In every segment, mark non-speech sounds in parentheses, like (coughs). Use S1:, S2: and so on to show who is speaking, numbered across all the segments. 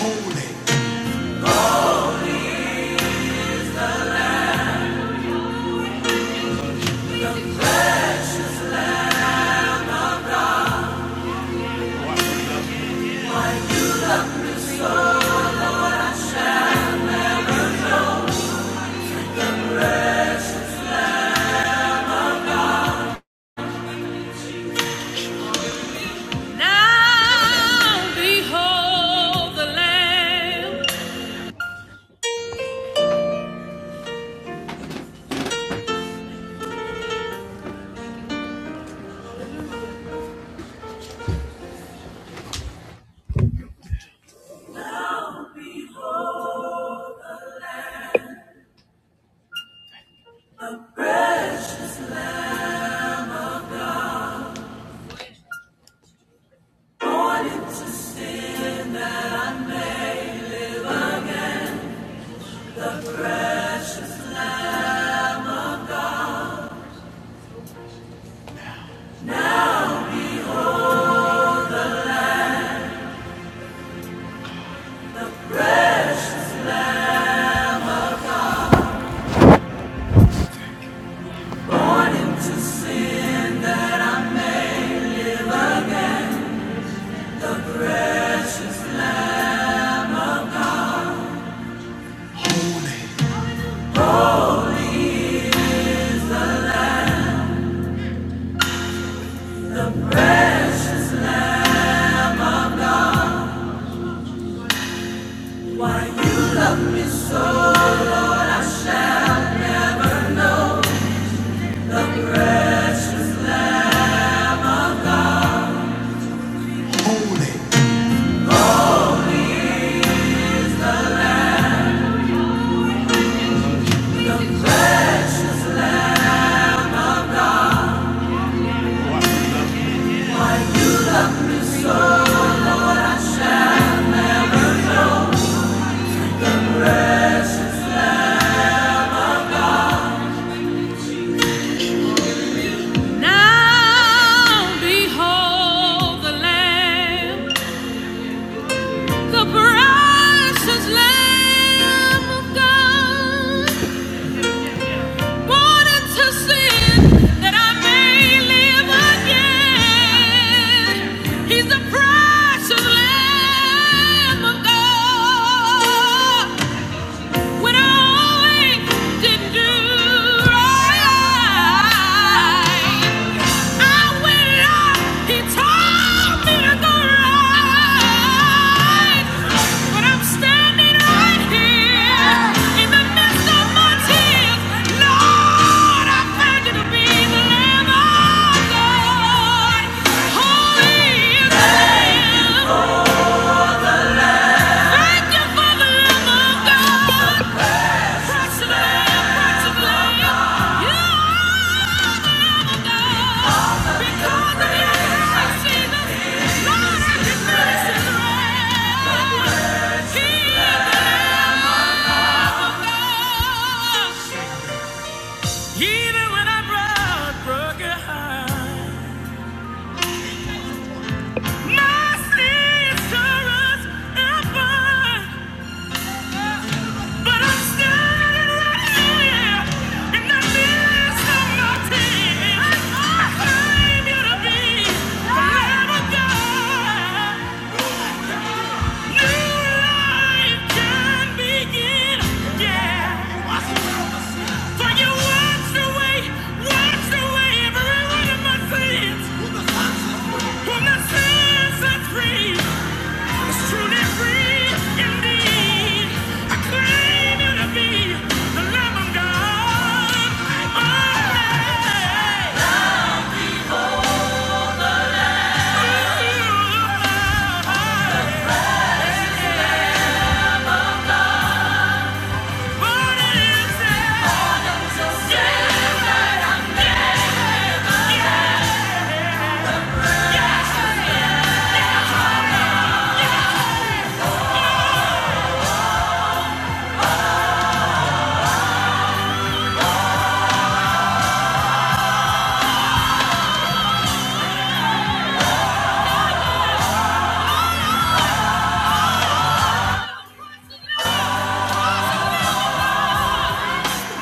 S1: holy, Now behold the Lamb. holy, holy, Now behold the Lamb. The precious Lamb of God. Born into sin that I may live again. He's the precious Lamb of God. When I didn't do right, I went out. He told me to go right, but I'm standing right here in the midst of my tears. Lord, I found you to be the Lamb of God, holy is the Lamb. Thank you for the Lamb of God. Even when I brought broken heart, my sister's But I'm standing right here in the midst of my tears. I came here to be, to never die. Yeah!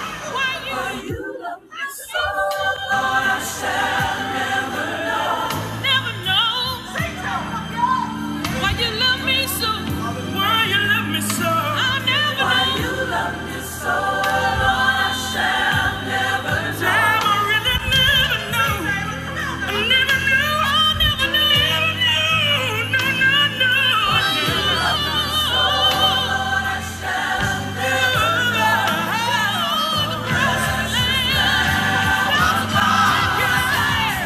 S1: Why you love me so, Lord, I shall. never know why you love me so. Why you love me so? I'll never why know. you love me so, Lord, I shall never know. Never really, never know. I never knew, I never knew, never knew, no, no, no. Why you love me so, Lord, I shall never know. Oh, the precious Lamb of God.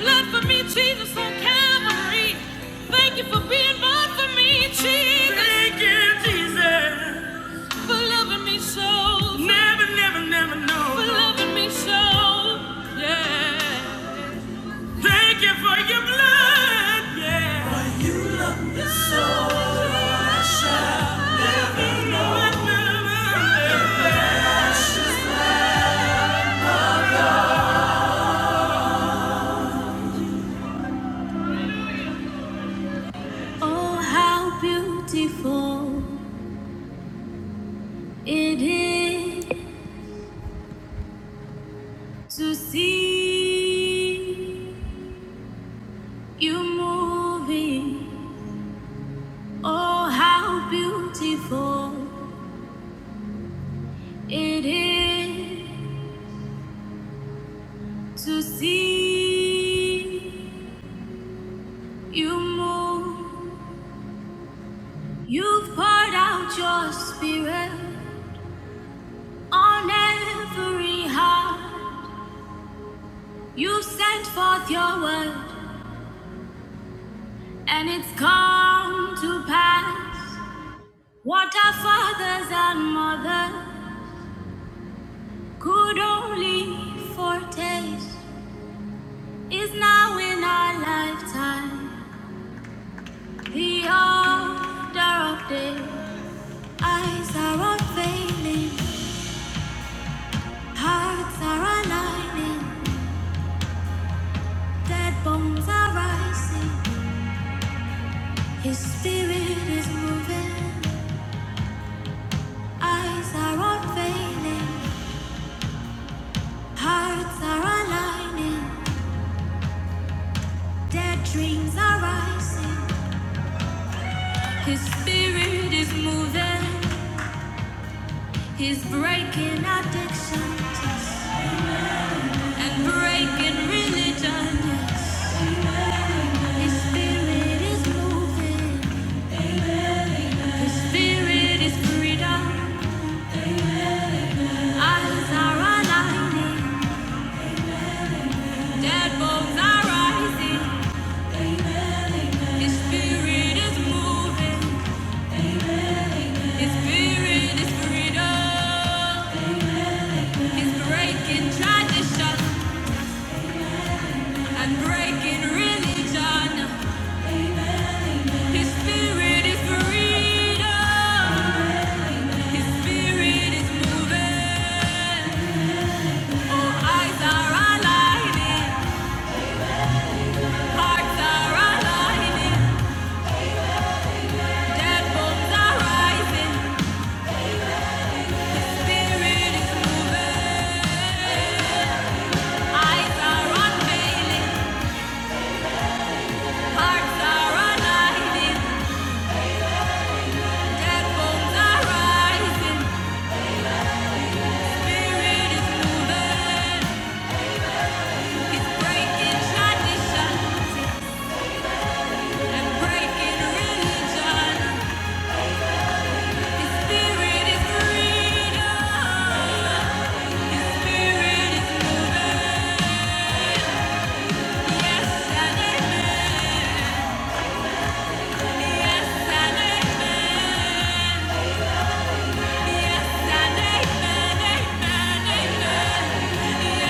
S1: Blood For me, Jesus on Calvary. Thank you for being born for me, Jesus. Thank you, Jesus. For loving me so. Never, never, never For loving me so. Yeah. Thank you for your blood. Yeah. Oh, how beautiful it is to see you moving. Oh, how beautiful it is to see you move. You've poured out your spirit on every heart. You sent forth your word, and it's come to pass. What our fathers and mothers could only foretaste is now in our lifetime. The order of day, eyes are unveiling, hearts are aligning, dead bones are rising. His spirit is moving, eyes are unveiling, hearts are aligning, dead dreams are rising. His spirit is moving, he's breaking addictions and breaking religion. His spirit is moving, his spirit is freedom, eyes are aligning, dead bones are rising, his spirit is moving. His spirit is freedom. He's breaking tradition and breaking religion. His spirit is freedom. His spirit is moving. All eyes are aligning, hearts are aligning, dead bones are rising. His spirit is moving. Eyes are unveiling, hearts are aligning. Yes, and amen. Yes, and amen. Yes and amen, amen,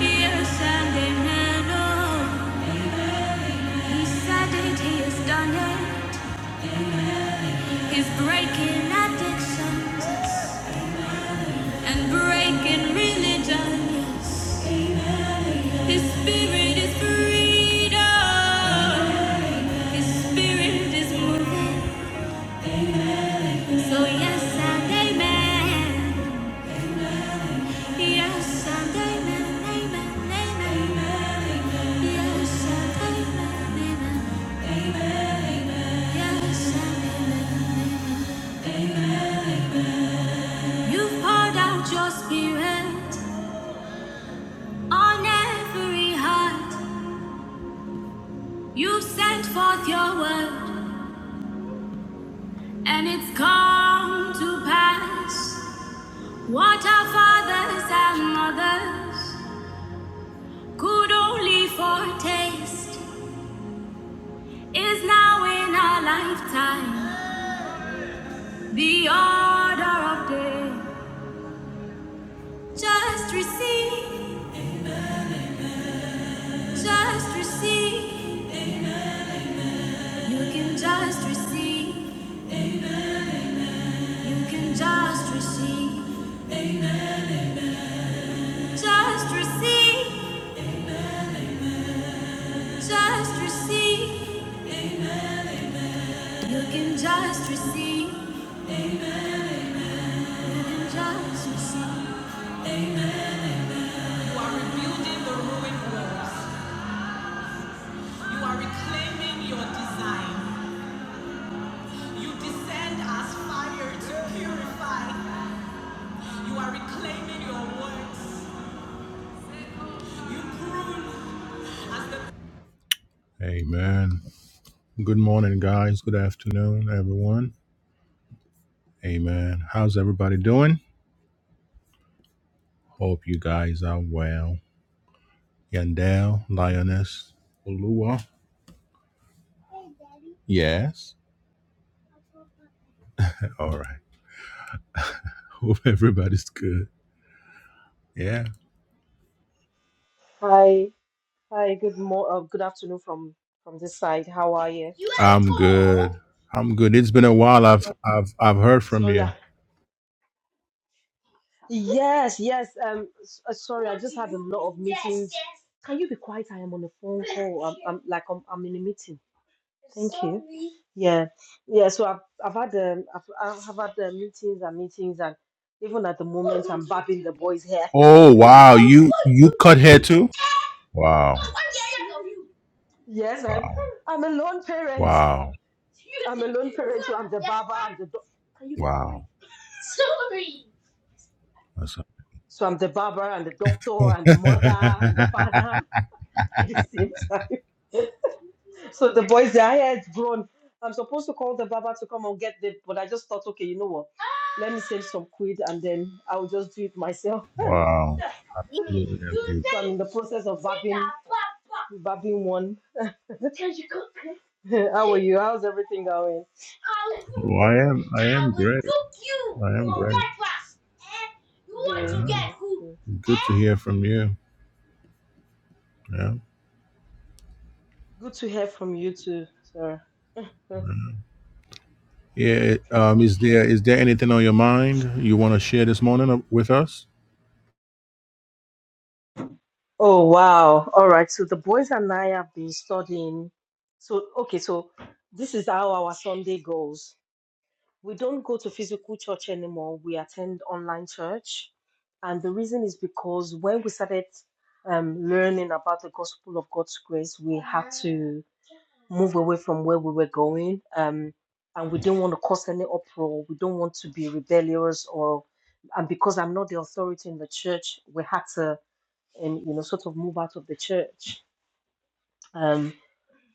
S1: Yes, and amen. oh. He said it, he has done it. He's breaking addictions and breaking religions. His spirit is freedom. His spirit is moving. So yes and amen. Yes and amen. Amen. Amen. Yes and amen. Amen. Yes and amen. Amen. Amen. You've poured out your spirit on every heart. You've sent forth your word, and it's come to pass. What our fathers and mothers could only foretaste is now in our lifetime the order of day. Just receive, just receive. You can just receive, you can just receive, just receive. just receive. You can just receive. You can just receive. Amen. Good morning, guys. Good afternoon, everyone. Amen. How's everybody doing? Hope you guys are well. Yandel, Lioness, Olua. Yes. All right. (laughs) Hope everybody's good. Yeah.
S2: Hi, hi. Good mo uh, good afternoon from from this side. How are you?
S1: I'm good. I'm good. It's been a while. I've I've I've heard from
S2: Sorry. I-
S1: you.
S2: Yes, yes. Um, s- uh, sorry. I just had a lot of meetings. Can you be quiet? I am on a phone call. I'm, I'm like I'm, I'm in a meeting. Thank you. Yeah, yeah. So I've I've had um I've I've I've had uh, meetings and meetings and even at the moment I'm babbing the boys' hair.
S1: Oh wow. You you cut hair too? Wow.
S2: Yes, I'm
S1: Wow.
S2: I'm a lone parent.
S1: Wow.
S2: I'm a lone parent, so I'm the barber, I'm the doc Can you be quiet?
S1: Wow.
S2: Sorry.
S1: That's a-
S2: So I'm the barber and the doctor and the mother and the
S1: (laughs)
S2: father (laughs) at the same time. (laughs) So the boys, their hair is grown. I'm supposed to call the barber to come and get them, but I just thought, okay, you know what? Let me save some quid and then I'll just do it myself.
S1: wow.
S2: (laughs)
S1: Absolutely. I mean,
S2: So I'm in the process of barbing, barbing one. (laughs) How are you? How's everything going? I
S1: well, I am. I
S2: I
S1: am
S2: will, will cook you I will
S1: great.
S2: cook You
S1: I am
S2: for
S1: great.
S2: breakfast. Eh? You want Yes, to get yes, good.
S1: Good
S2: yes.
S1: to hear from you. Yeah.
S2: Good to hear from you too, sir. (laughs)
S1: Yeah. Um. Is there is there anything on your mind you want to share this morning uh, with us?
S2: Oh wow. All right. So the boys and I have been studying. So okay, so this is how our Sunday goes. we don't go to physical church anymore. We attend online church. And the reason is because when we started um, learning about the gospel of God's grace, we had to move away from where we were going. Um, and we didn't want to cause any uproar. We don't want to be rebellious or, and because I'm not the authority in the church, we had to, um, you know, sort of move out of the church. Um,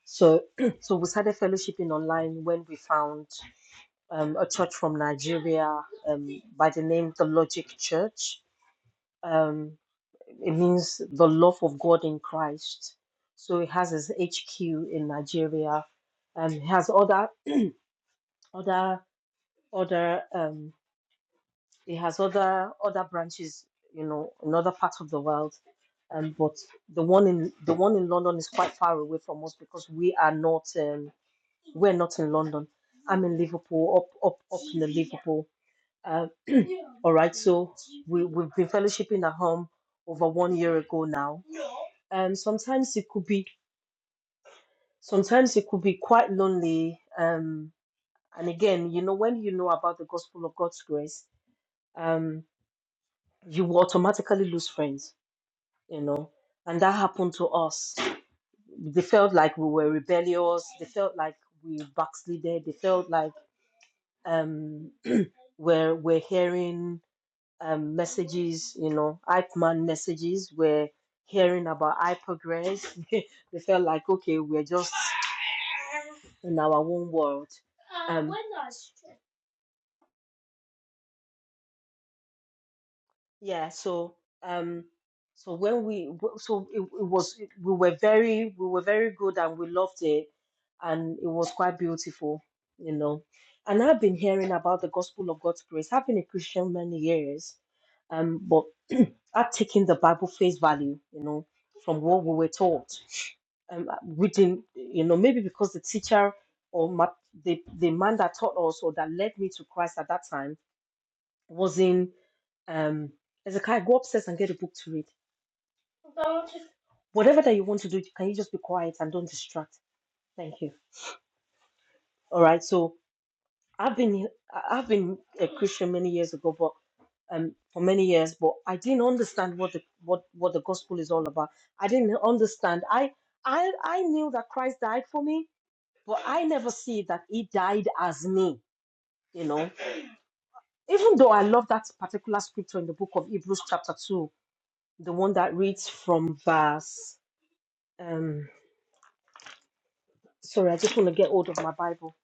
S2: so, (clears throat) so we started fellowshipping online when we found um, a church from Nigeria um, by the name the Logic Church. Um, it means the love of God in Christ. So it has its HQ in Nigeria. Um, it has other other other um, it has other other branches, you know, in other parts of the world. Um, but the one in the one in London is quite far away from us because we are not um, we're not in London. I'm in Liverpool, up up up in the Liverpool Uh, (clears throat) all right, so we, we've been fellowshipping at home over one year ago now. Um, sometimes it could be sometimes it could be quite lonely. Um, and again, you know, when you know about the gospel of God's grace, um, you will automatically lose friends, you know. And that happened to us. They felt like we were rebellious, they felt like we backslided, they felt like um (clears throat) we're we're hearing um, messages, you know, hype man messages. We're hearing about hypergrace. (laughs) they felt like, okay, we're just in our own world. Um, we're not. yeah, so um, so when we so it, it was we were very we were very good and we loved it, and it was quite beautiful, you know. And I've been hearing about the gospel of God's grace. I've been a Christian many years, um, but Are taking the Bible face value, you know, from what we were taught. Um, reading, you know, maybe because the teacher or my, the the man that taught us or that led me to Christ at that time was in um, Ezekiel, go upstairs and get a book to read. Whatever that you want to do, can you just be quiet and don't distract? Thank you. All right. So I've been I- I've been a Christian many years ago, but. um, for many years, but I didn't understand what the what what the gospel is all about. I didn't understand. I I I knew that Christ died for me, but I never see that He died as me. You know, even though I love that particular scripture in the book of Hebrews chapter two, the one that reads from verse. Um, sorry, I just want to get hold of my Bible.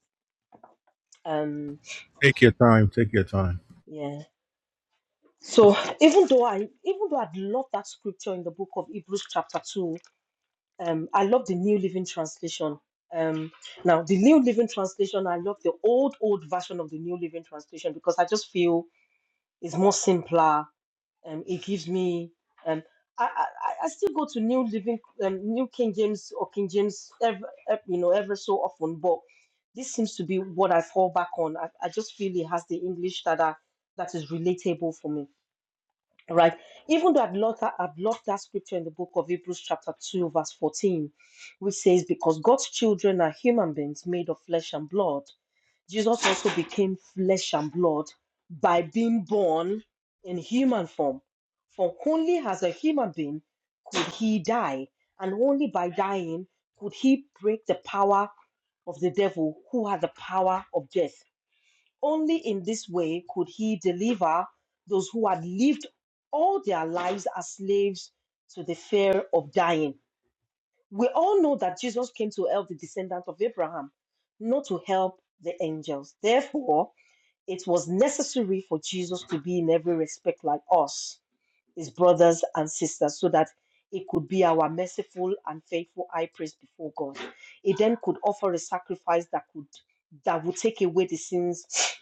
S2: Um,
S1: Take your time. Take your time.
S2: yeah. So even though I even though I'd love that scripture in the book of Hebrews chapter two, Um, I love the New Living Translation. Um, now, the New Living Translation, I love the old, old version of the New Living Translation because I just feel it's more simpler. Um, it gives me, um, I, I, I I still go to New Living, um, New King James or King James, ever, you know, ever so often, but this seems to be what I fall back on. I, I just feel it has the English that I, that is relatable for me right? Even though I've loved that, I've loved that scripture in the book of Hebrews, chapter 2, verse 14, which says, Because God's children are human beings made of flesh and blood, Jesus also became flesh and blood by being born in human form. For only as a human being could he die, and only by dying could he break the power of the devil who had the power of death. Only in this way could he deliver those who had lived all their lives as slaves to the fear of dying. We all know that Jesus came to help the descendants of Abraham, not to help the angels. Therefore, it was necessary for Jesus to be in every respect like us, his brothers and sisters, so that it could be our merciful and faithful high priest before God. He then could offer a sacrifice that could that would take away the sins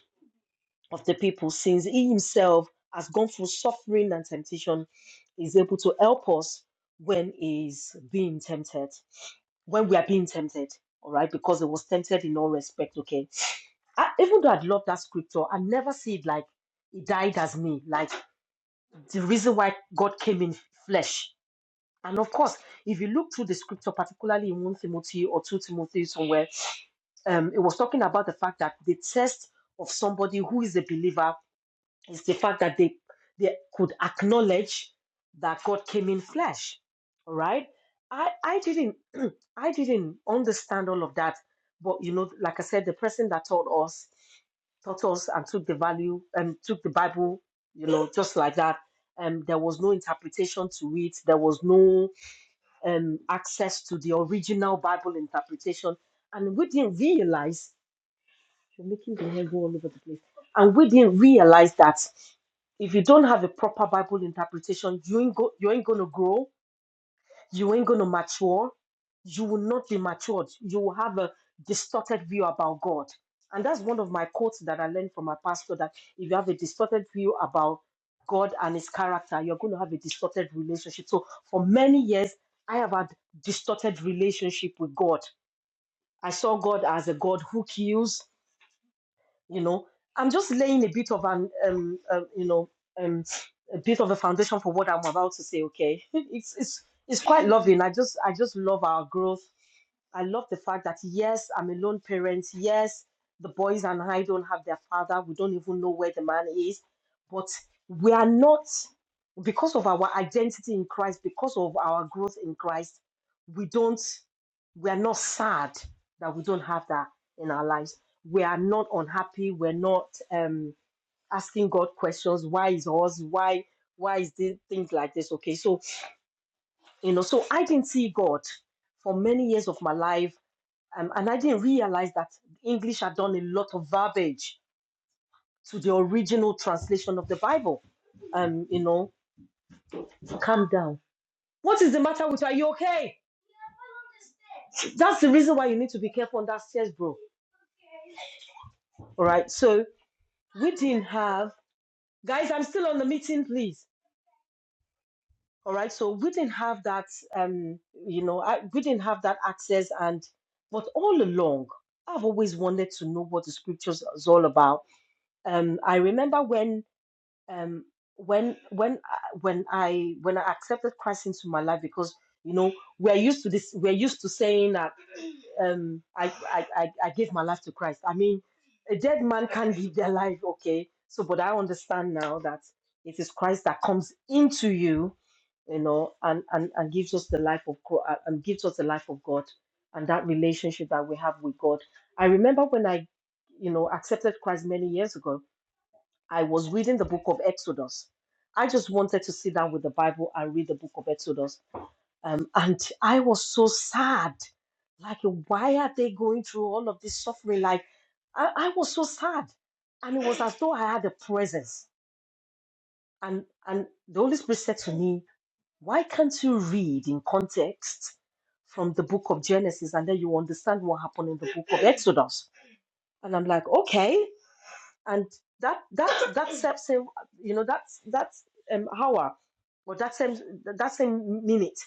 S2: of the people, since he himself has gone through suffering and temptation, is able to help us when he's being tempted, when we are being tempted, all right, because he was tempted in all respect, okay. I, even though I love that scripture, I never see it like he died as me, like the reason why God came in flesh. And of course, if you look through the scripture, particularly in 1 Timothy or 2 Timothy somewhere, um, it was talking about the fact that the test of somebody who is a believer it's the fact that they they could acknowledge that God came in flesh. All right. I, I didn't (clears throat) I didn't understand all of that. But you know, like I said, the person that taught us taught us and took the value and took the Bible, you know, just like that. Um, there was no interpretation to it. There was no um, access to the original Bible interpretation, and we didn't realize. You're making the hair go all over the place. And we didn't realize that if you don't have a proper Bible interpretation, you ain't go, you ain't gonna grow, you ain't gonna mature, you will not be matured. You will have a distorted view about God. And that's one of my quotes that I learned from my pastor that if you have a distorted view about God and his character, you're going to have a distorted relationship. So for many years, I have had distorted relationship with God. I saw God as a God who kills you know i'm just laying a bit of an um, um you know um a bit of a foundation for what i'm about to say okay (laughs) it's it's it's quite loving i just i just love our growth I love the fact that yes, I'm a lone parent. Yes, the boys and I don't have their father. We don't even know where the man is. But we are not, because of our identity in Christ, because of our growth in Christ, we don't, we are not sad that we don't have that in our lives. We are not unhappy. We're not um, asking God questions. Why is us? Why? Why is this things like this? Okay, so you know, so I didn't see God for many years of my life. Um, and I didn't realize that English had done a lot of verbiage to the original translation of the Bible. Um, you know, to calm down. What is the matter with you? Are you okay? That's the reason why you need to be careful on that stairs, bro. All right. So we didn't have guys. I'm still on the meeting, please. All right. So we didn't have that. Um, you know, I, we didn't have that access. And but all along, I've always wanted to know what the scriptures is all about. Um, I remember when um when when I- when i when i accepted christ into my life because you know we're used to this we're used to saying that um i i i, I gave my life to christ i mean a dead man can't give their life okay so but i understand now that it is christ that comes into you you know and and, and gives us the life of god and gives us the life of god and that relationship that we have with god i remember when i you know accepted christ many years ago I was reading the book of Exodus. I just wanted to sit down with the Bible and read the book of Exodus. Um, and I was so sad. Like, why are they going through all of this suffering? Like, I, I was so sad. And it was as though I had a presence. And, and the Holy Spirit said to me, Why can't you read in context from the book of Genesis and then you understand what happened in the book of Exodus? And I'm like, Okay and that that that self same you know that's that's um hour or that same that same minute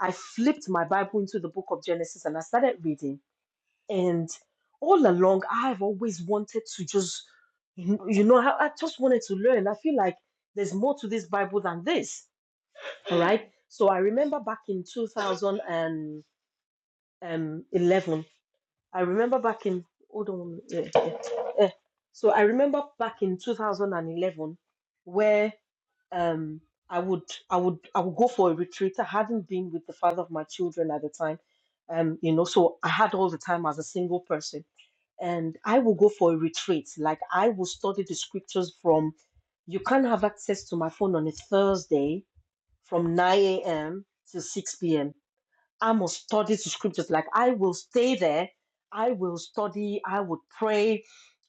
S2: i flipped my bible into the book of genesis and i started reading and all along i've always wanted to just you you know i, I just wanted to learn i feel like there's more to this bible than this all right so i remember back in 2011 I remember back in hold on, yeah, yeah. Eh, so I remember back in 2011 where um I would I would I would go for a retreat. I hadn't been with the father of my children at the time, um you know, so I had all the time as a single person, and I would go for a retreat. Like I will study the scriptures from. You can't have access to my phone on a Thursday from 9 a.m. to 6 p.m I must study the scriptures. Like I will stay there, I will study, I would pray,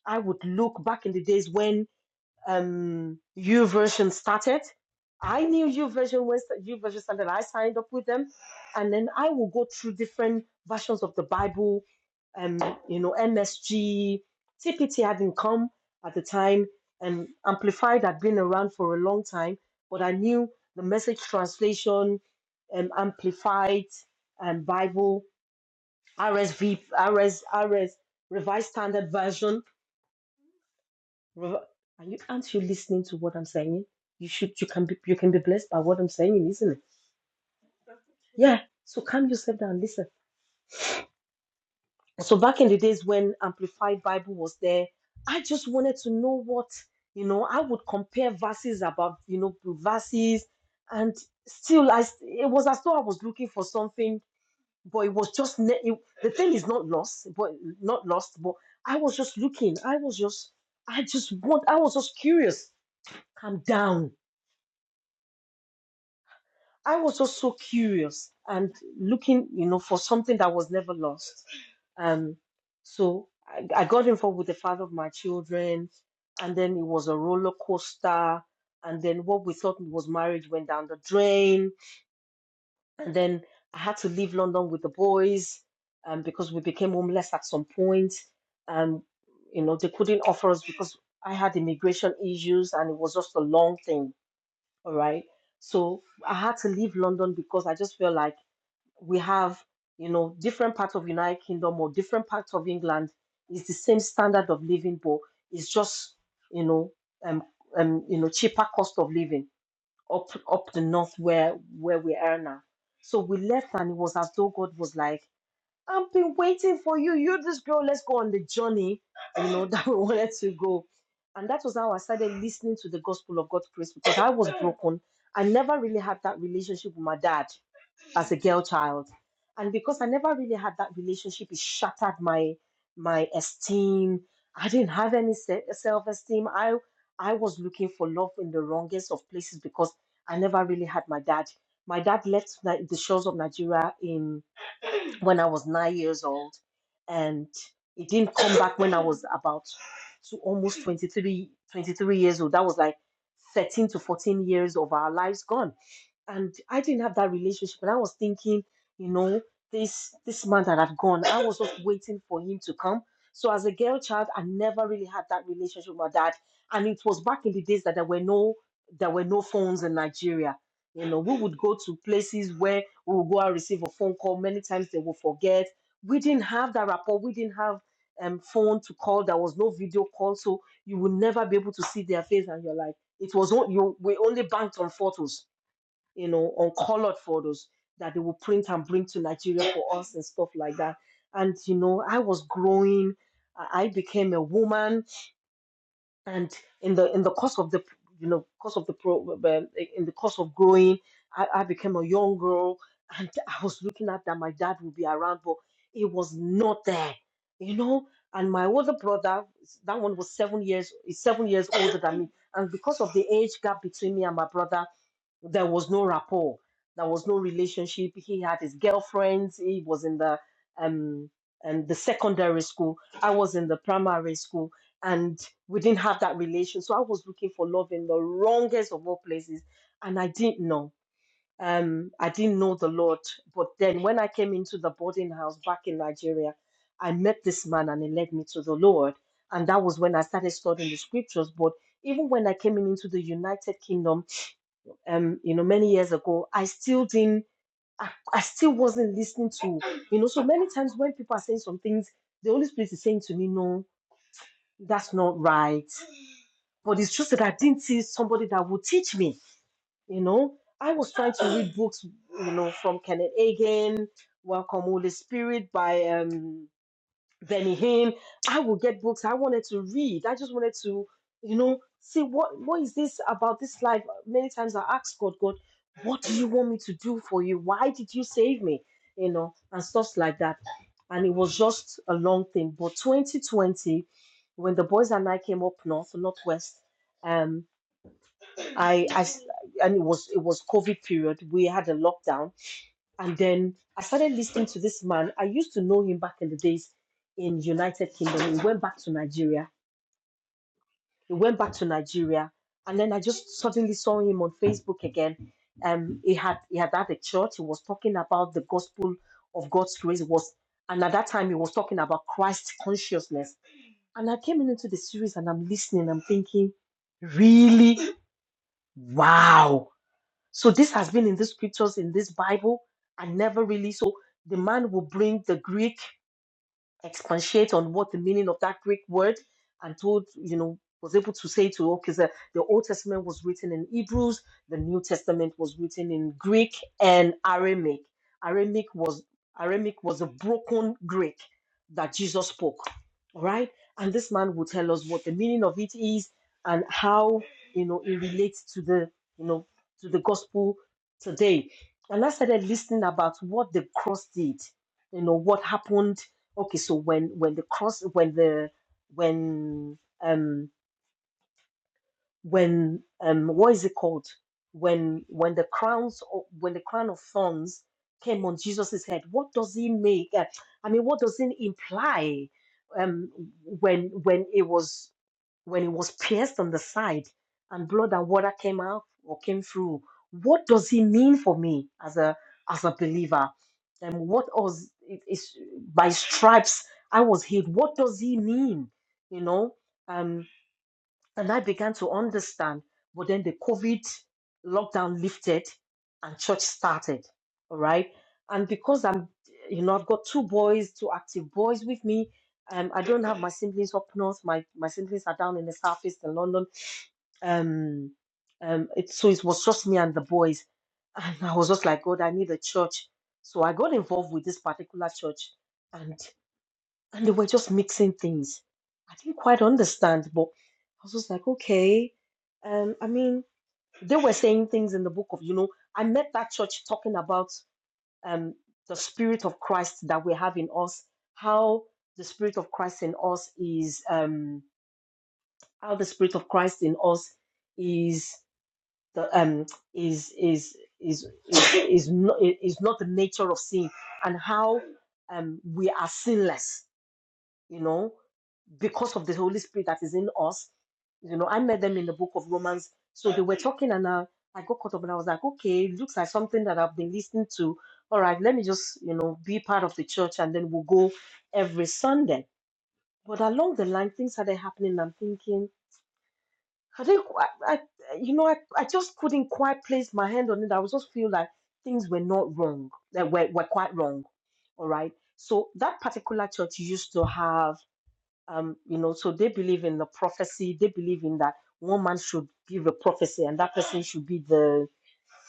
S2: I would look back in the days when um, U version started. I knew U version when sta- U version started. I signed up with them, and then I will go through different versions of the Bible. Um, you know, MSG, TPT hadn't come at the time, and Amplified had been around for a long time. But I knew the message translation, um, Amplified, and Bible, RSV, RS, Revised Standard Version Rev- Are you aren't you listening to what I'm saying? You should you can be you can be blessed by what I'm saying, isn't it? Yeah. So calm yourself down, listen. So back in the days when Amplified Bible was there, I just wanted to know what you know. I would compare verses about you know verses, and still I s- it was as though I was looking for something, but it was just ne- it, the thing is not lost, but not lost. But I was just looking. I was just I just want. I was just curious. Calm down I was just so curious and looking, you know, for something that was never lost. Um, so I, I got involved with the father of my children, and then it was a roller coaster. And then what we thought was marriage went down the drain. And then I had to leave London with the boys um, because we became homeless at some point. Um, you know, they couldn't offer us because I had immigration issues, and it was just a long thing all right. So I had to leave London because I just feel like we have, you know, different parts of United Kingdom or different parts of England is the same standard of living, but it's just, you know, um, um, you know, cheaper cost of living up up the north where where we are now. So we left and it was as though God was like. I've been waiting for you. You, this girl, let's go on the journey, you know, (laughs) that we wanted to go. And that was how I started listening to the gospel of God's grace because I was broken. I never really had that relationship with my dad as a girl child. And because I never really had that relationship, it shattered my my esteem. I didn't have any self esteem. I I was looking for love in the wrongest of places because I never really had my dad. My dad left Ni- the shores of Nigeria when I was nine years old, and it didn't come back when I was about to almost 23, twenty-three years old. That was like 13 to 14 years of our lives gone and I didn't have that relationship. And I was thinking, you know, this this man that had gone, I was just waiting for him to come. So as a girl child, I never really had that relationship with my dad. And it was back in the days that there were no there were no phones in Nigeria. You know, we would go to places where we would go and receive a phone call. Many times they would forget. We didn't have that rapport. We didn't have um phone to call. There was no video call, so you would never be able to see their face. And you're like, it was on- you. We only banked on photos you know, uncolored photos that they will print and bring to Nigeria for us and stuff like that. And you know, I was growing. I I became a woman, and in the in the course of the you know course of the pro um, in the course of growing, I, I became a young girl, and I was looking at that my dad would be around, but it was not there, you know. And my older brother, that one was seven years, is seven years older than me, and because of the age gap between me and my brother, there was no rapport there was no relationship he had his girlfriends he was in the um and the secondary school i was in the primary school and we didn't have that relation so i was looking for love in the wrongest of all places and i didn't know um i didn't know the lord but then when i came into the boarding house back in nigeria i met this man and he led me to the lord and that was when i started studying the scriptures but even when i came in into the united kingdom um, you know, many years ago, I still didn't, I, I still wasn't listening to, you know, so many times when people are saying some things, the Holy Spirit is saying to me, no, that's not right. But it's just that I didn't see somebody that would teach me, you know. I was trying to read books, you know, from Kenneth Hagin, Welcome Holy Spirit by um, Benny Hinn. I would get books I wanted to read. I just wanted to, you know, see what what is this about this life. Many times I ask God, God, what do you want me to do for you? Why did you save me? You know, and stuff like that. And it was just a long thing. But 2020, when the boys and I came up north, northwest, um, I, I, and it was it was COVID period. We had a lockdown and then I started listening to this man. I used to know him back in the days in United Kingdom. He went back to Nigeria. He went back to Nigeria, and then I just suddenly saw him on Facebook again. Um, he had he had had a church. He was talking about the gospel of God's grace. He was and at that time he was talking about Christ consciousness. And I came into the series and I'm listening. I'm thinking, really, wow. So this has been in the scriptures in this Bible and never really. So the man will bring the Greek expatiate on what the meaning of that Greek word and told, you know, was able to say to, okay, the, the Old Testament was written in Hebrews, the New Testament was written in Greek and Aramaic. Aramaic was Aramaic was a broken Greek that Jesus spoke. All right. And this man will tell us what the meaning of it is and how you know it relates to the you know to the gospel today. And I started listening about what the cross did, you know, what happened Okay, so when when the cross when the when um when um what is it called when when the crowns o- when the crown of thorns came on Jesus's head what does he make uh, i mean what does it imply um when when it was when it was pierced on the side and blood and water came out or came through what does he mean for me as a as a believer and what was it is by stripes i was healed what does he mean you know Um, and I began to understand. But then the COVID lockdown lifted and church started. All right. And because I'm, you know, I've got two boys, two active boys with me. Um, I don't have my siblings up north. My my siblings are down in the southeast in London. Um, um, it, so it was just me and the boys, and I was just like, God, I need a church. So I got involved with this particular church, and and they were just mixing things. I didn't quite understand, but I was just like, okay. Um, I mean, they were saying things in the book of, you know, I met that church talking about um, the spirit of Christ that we have in us, how the spirit of Christ in us is, um, how the spirit of Christ in us is the um is is is is is not is not the nature of sin, and how um we are sinless you know, because of the Holy Spirit that is in us. You know, I met them in the book of Romans. So they were talking and I, I got caught up and I was like, okay, it looks like something that I've been listening to. All right, let me just, you know, be part of the church and then we'll go every Sunday. But along the line, things started happening. and I'm thinking, I didn't, qu- I, I, you know, I, I just couldn't quite place my hand on it. I was just feel like things were not wrong, that were, were quite wrong. All right. So that particular church used to have um, you know, so they believe in the prophecy. They believe in that one man should give a prophecy, and that person should be the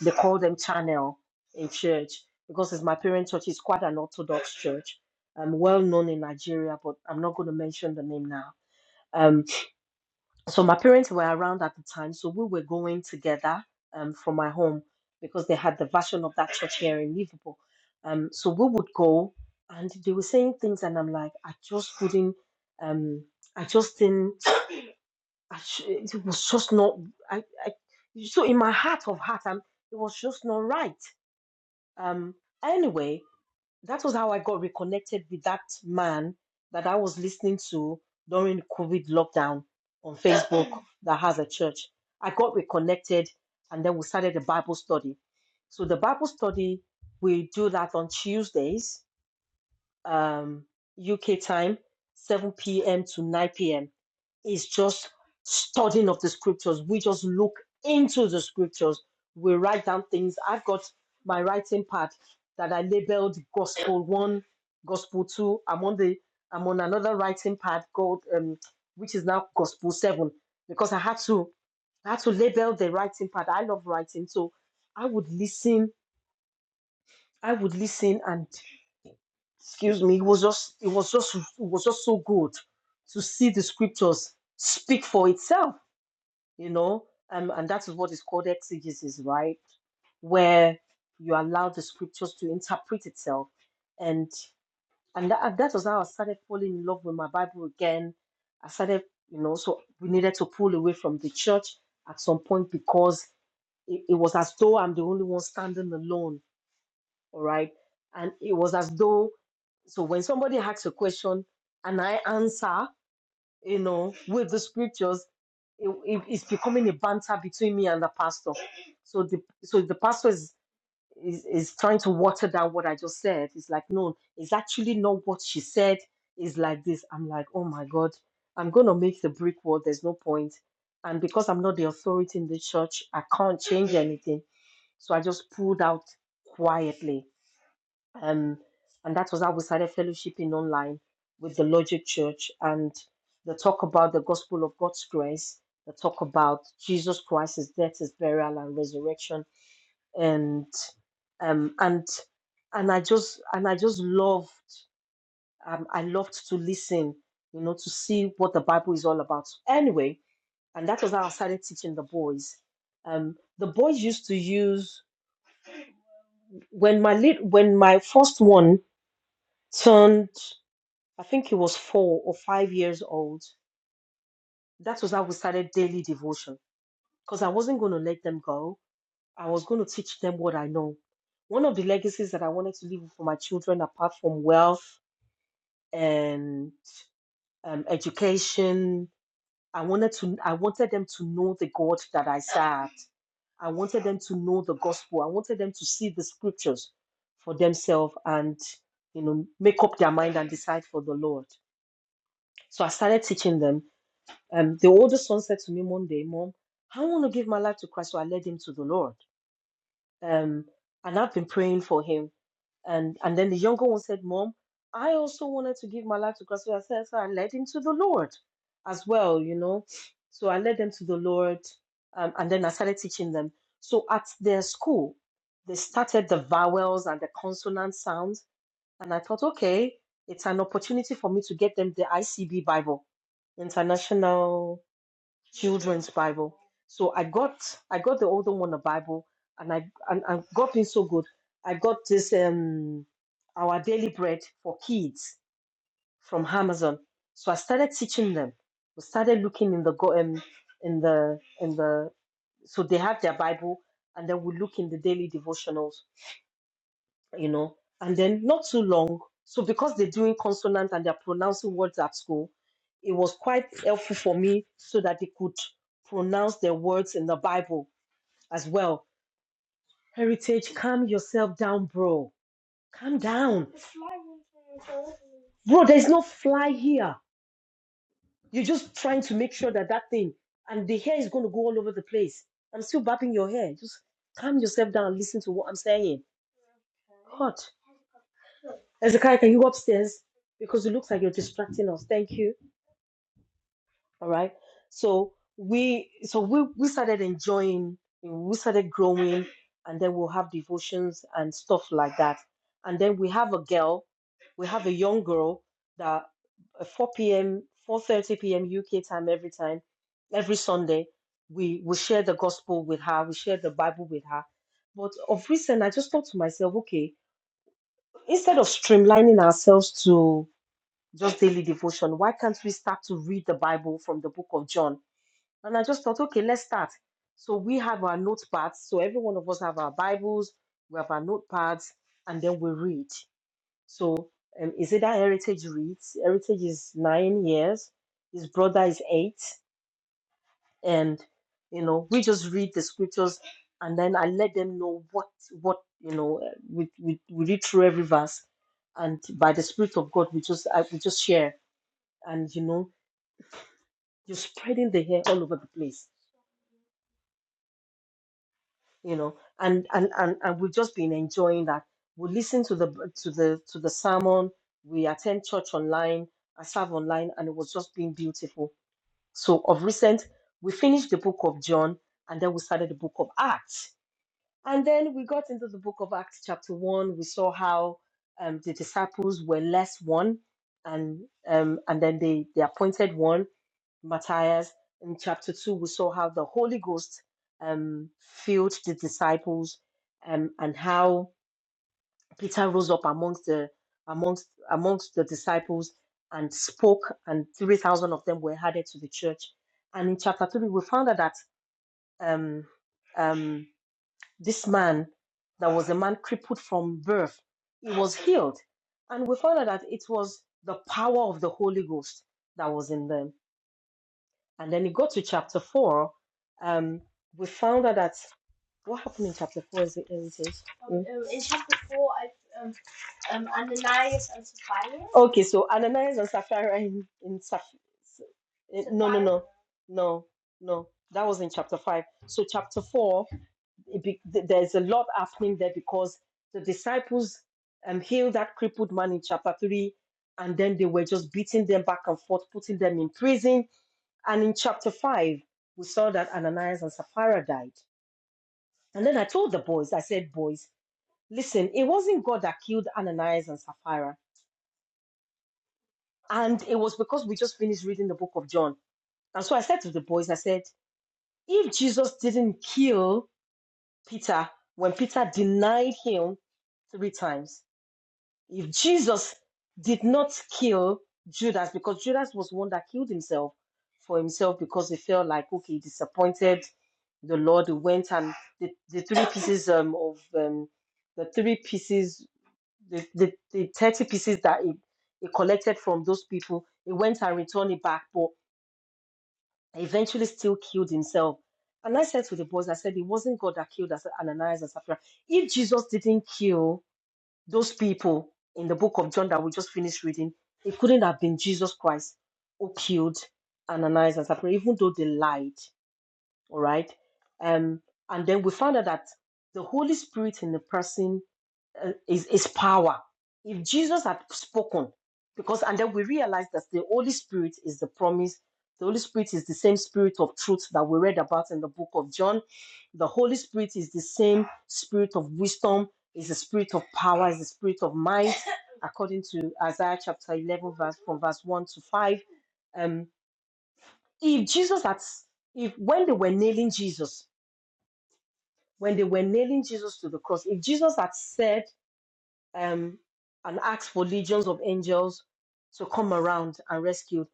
S2: they call them channel in church because it's my parents' church. It's quite an orthodox church, um, well known in Nigeria, but I'm not going to mention the name now. Um so my parents were around at the time so we were going together um, from my home because they had the version of that church here in liverpool um, so we would go and they were saying things and i'm like i just couldn't um, i just didn't I sh- it was just not I, I so in my heart of heart I'm, it was just not right um, anyway that was how I got reconnected with that man that I was listening to during the COVID lockdown on Facebook (coughs) (clears throat) that has a church. I got reconnected and then we started a Bible study. So the Bible study, we do that on Tuesdays, um, UK time, 7 p.m. to 9 p.m is just studying of the scriptures. We just look into the scriptures. We write down things. I've got my writing pad that I labeled Gospel One, Gospel Two. I'm on the I'm on another writing pad called um, which is now Gospel Seven because I had to I had to label the writing pad. I love writing, so I would listen. I would listen, and excuse me, it was just it was just it was just so good to see the scriptures speak for itself you know, um, and that is what is called exegesis, right? Where you allow the scriptures to interpret itself. And and that, that was how I started falling in love with my Bible again. I started, you know, so we needed to pull away from the church at some point because it, it was as though I'm the only one standing alone, all right? And it was as though, so when somebody asks a question and I answer, you know, with the scriptures, it, it- it's becoming a banter between me and the pastor. So the so the pastor is, is is trying to water down what I just said. It's like, no, it's actually not what she said. It's like this. I'm like, oh my God, I'm gonna make the brick wall. There's no point. And because I'm not the authority in the church, I can't change anything. So I just pulled out quietly um, and that was how we started fellowshipping online with the Logic Church and the talk about the gospel of God's grace, the talk about Jesus Christ's death, his burial, and resurrection, and um, and and I just and I just loved um, I loved to listen, you know, to see what the Bible is all about. Anyway, and that was how I started teaching the boys. Um, the boys used to use when my lit when my first one turned. I think he was four or five years old. That was how we started daily devotion because I wasn't going to let them go. I was going to teach them what I know. One of the legacies that I wanted to leave for my children, apart from wealth and um, education, I wanted to I wanted them to know the God that I served. I wanted them to know the gospel. I wanted them to see the scriptures for themselves and you know make up their mind and decide for the Lord. So I started teaching them Um, the oldest one said to me one day, Mom, I want to give my life to Christ, so I led him to the Lord. Um, and I've been praying for him. And and then the younger one said, Mom, I also wanted to give my life to Christ, so I said, so I led him to the Lord as well, you know. So I led them to the Lord, um, and then I started teaching them. So at their school, they started the vowels and the consonant sounds, and I thought, okay, it's an opportunity for me to get them the ICB Bible, International children's Bible. So I got I got the older one a Bible, and I and I got it so good. I got this um our daily bread for kids from Amazon. So I started teaching them. We started looking in the go um, in the in the so they have their Bible, and then we look in the daily devotionals you know, and then not too long. So because they're doing consonants and they're pronouncing words at school, it was quite helpful for me so that they could pronounce their words in the Bible as well. Heritage, calm yourself down, bro. Calm down. Bro, there's no fly here. You're just trying to make sure that that thing and the hair is going to go all over the place. I'm still bapping your hair. Just calm yourself down. and Listen to what I'm saying. God. Ezekiah, can you go upstairs? Because it looks like you're distracting us. Thank you. All right. So we so we, we started enjoying, we started growing, and then we'll have devotions and stuff like that. And then we have a girl, we have a young girl that at 4 p.m., 4:30 p.m. UK time every time, every Sunday, we we share the gospel with her, we share the Bible with her. But of recent, I just thought to myself, okay, instead of streamlining ourselves to just daily devotion. Why can't we start to read the Bible from the book of John? And I just thought, okay, let's start. So we have our notepads. So every one of us have our Bibles, we have our notepads, and then we read. So um, is it that Heritage reads? Heritage is nine years, his brother is eight, and you know we just read the scriptures, and then I let them know what what you know. uh, We we, we read through every verse, and by the Spirit of God, we just I, we just share and you know You're spreading the hair all over the place, you know. And and and, and we've just been enjoying that. We listen to the to the to the sermon. We attend church online. I serve online, and it was just being beautiful. So of recent, we finished the book of John, and then we started the book of Acts, and then we got into the book of Acts, chapter one. We saw how um, the disciples were less one, and um, and then they they appointed one Matthias, in chapter 2, we saw how the Holy Ghost um, filled the disciples um, and how Peter rose up amongst the amongst amongst the disciples and spoke, and 3,000 of them were added to the church. And in chapter 3, we found out that um, um, this man, that was a man crippled from birth, he was healed. And we found out that it was the power of the Holy Ghost that was in them and then you go to chapter four. Um, we found out that what happened in chapter four is it? Is it Um, Mm. um, in chapter four, I um, um Ananias and Sapphira. Okay, so Ananias and Sapphira in, in Saph- eh, no, no, no, no, no. That was in chapter five. So chapter four, it be, th- there's a lot happening there because the disciples um, healed that crippled man in chapter three, and then they were just beating them back and forth, putting them in prison. And in chapter 5, we saw that Ananias and Sapphira died. And then I told the boys, I said, boys, listen, it wasn't God that killed Ananias and Sapphira. And it was because we just finished reading the book of John. And so I said to the boys, I said, if Jesus didn't kill Peter when Peter denied him three times, If Jesus did not kill Judas, because Judas was one that killed himself for himself because he felt like, okay, he disappointed the Lord, he went and the, the three pieces um, of um, the three pieces, the, the, the 30 pieces that he, he collected from those people, he went and returned it back, but eventually still killed himself. And I said to the boys, I said, it wasn't God that killed us, Ananias and Sapphira. If Jesus didn't kill those people in the book of John that we just finished reading, it couldn't have been Jesus Christ who killed Ananias and Sapphira, even though they lied. All right. Um, and then we found out that the Holy Spirit in the person uh, is, is power. If Jesus had spoken, because and then we realize that the Holy Spirit is the promise. The Holy Spirit is the same spirit of truth that we read about in the book of John. The Holy Spirit is the same spirit of wisdom, is the spirit of power, is the spirit of might, (coughs) according to Isaiah chapter 11, verse from verse 1 to 5. Um, if Jesus had, if when they were nailing Jesus, when they were nailing Jesus to the cross, if Jesus had said um, and asked for legions of angels to come around and rescue.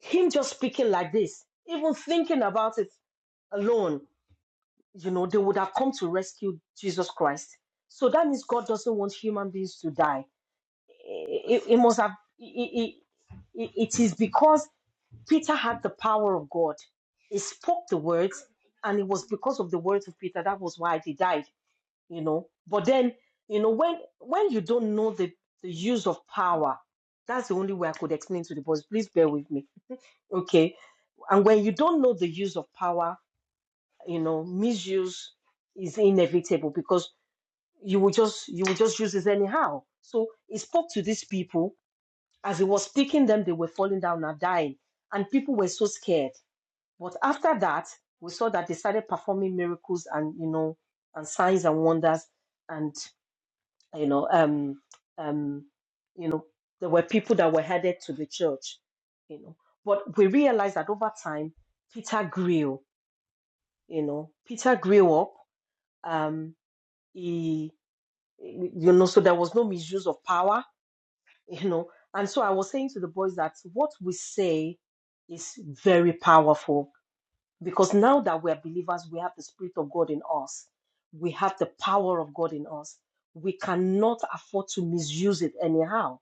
S2: Him just speaking like this, even thinking about it alone, you know, they would have come to rescue Jesus Christ. So that means God doesn't want human beings to die. It, it must have, it, it, it is because Peter had the power of God. He spoke the words, and it was because of the words of Peter that was why they died you know but then you know when when you don't know the the use of power that's the only way i could explain to the boys please bear with me okay and when you don't know the use of power you know misuse is inevitable because you will just you will just use it anyhow so he spoke to these people as he was speaking them they were falling down and dying and people were so scared but after that we saw that they started performing miracles and you know and signs and wonders and you know um um you know there were people that were headed to the church you know but we realized that over time peter grew you know peter grew up um he you know so there was no misuse of power (laughs) you know and so i was saying to the boys that what we say is very powerful because now that we are believers we have the spirit of god in us we have the power of god in us we cannot afford to misuse it anyhow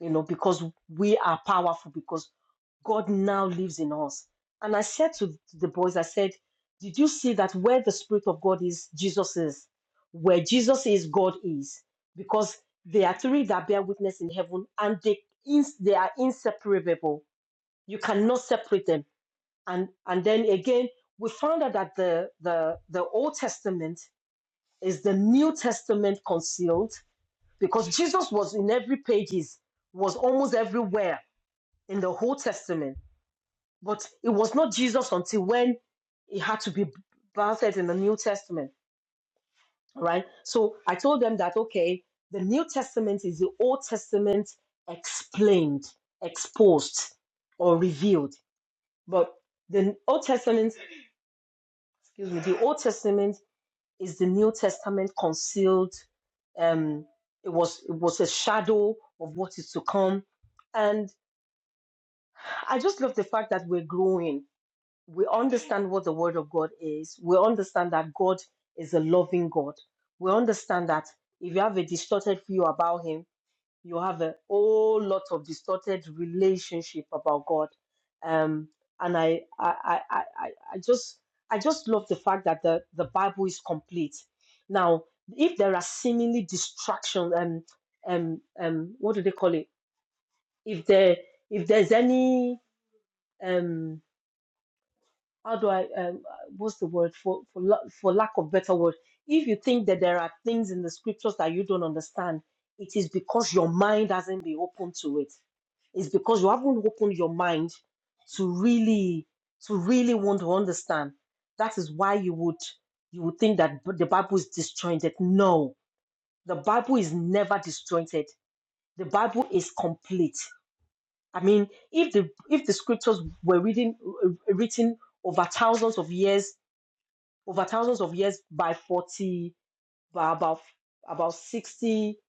S2: you know, because we are powerful, because God now lives in us. And I said to the boys, I said, Did you see that where the Spirit of God is, Jesus is? Where Jesus is, God is. Because there are three that bear witness in heaven and they, ins- they are inseparable. You cannot separate them. And, and then again, we found out that the, the, the Old Testament is the New Testament concealed because Jesus was in every pages, was almost everywhere in the Old Testament, but it was not Jesus until when he had to be birthed in the New Testament, right? So I told them that, okay, the New Testament is the Old Testament explained, exposed, or revealed. But the Old Testament, excuse me, the Old Testament is the New Testament concealed. Um, it was it was a shadow of what is to come, and I just love the fact that we're growing we understand what the word of God is. We understand that God is a loving God. We understand that if you have a distorted view about Him, you have a whole lot of distorted relationship about God. Um, and I, I, I, I, I I just, I just love the fact that the, the Bible is complete. Now, if there are seemingly distractions, and um, um, um, what do they call it? If there, if there's any, um how do I um, uh, what's the word for for la- for lack of better word? If you think that there are things in the scriptures that you don't understand, it is because your mind hasn't been open to it. It's because you haven't opened your mind to really to really want to understand. That is why you would you would think that b- the Bible is disjointed. No, the Bible is never disjointed. The Bible is complete. I mean, if the if the scriptures were reading uh, written over thousands of years over thousands of years by 40, by about about 60,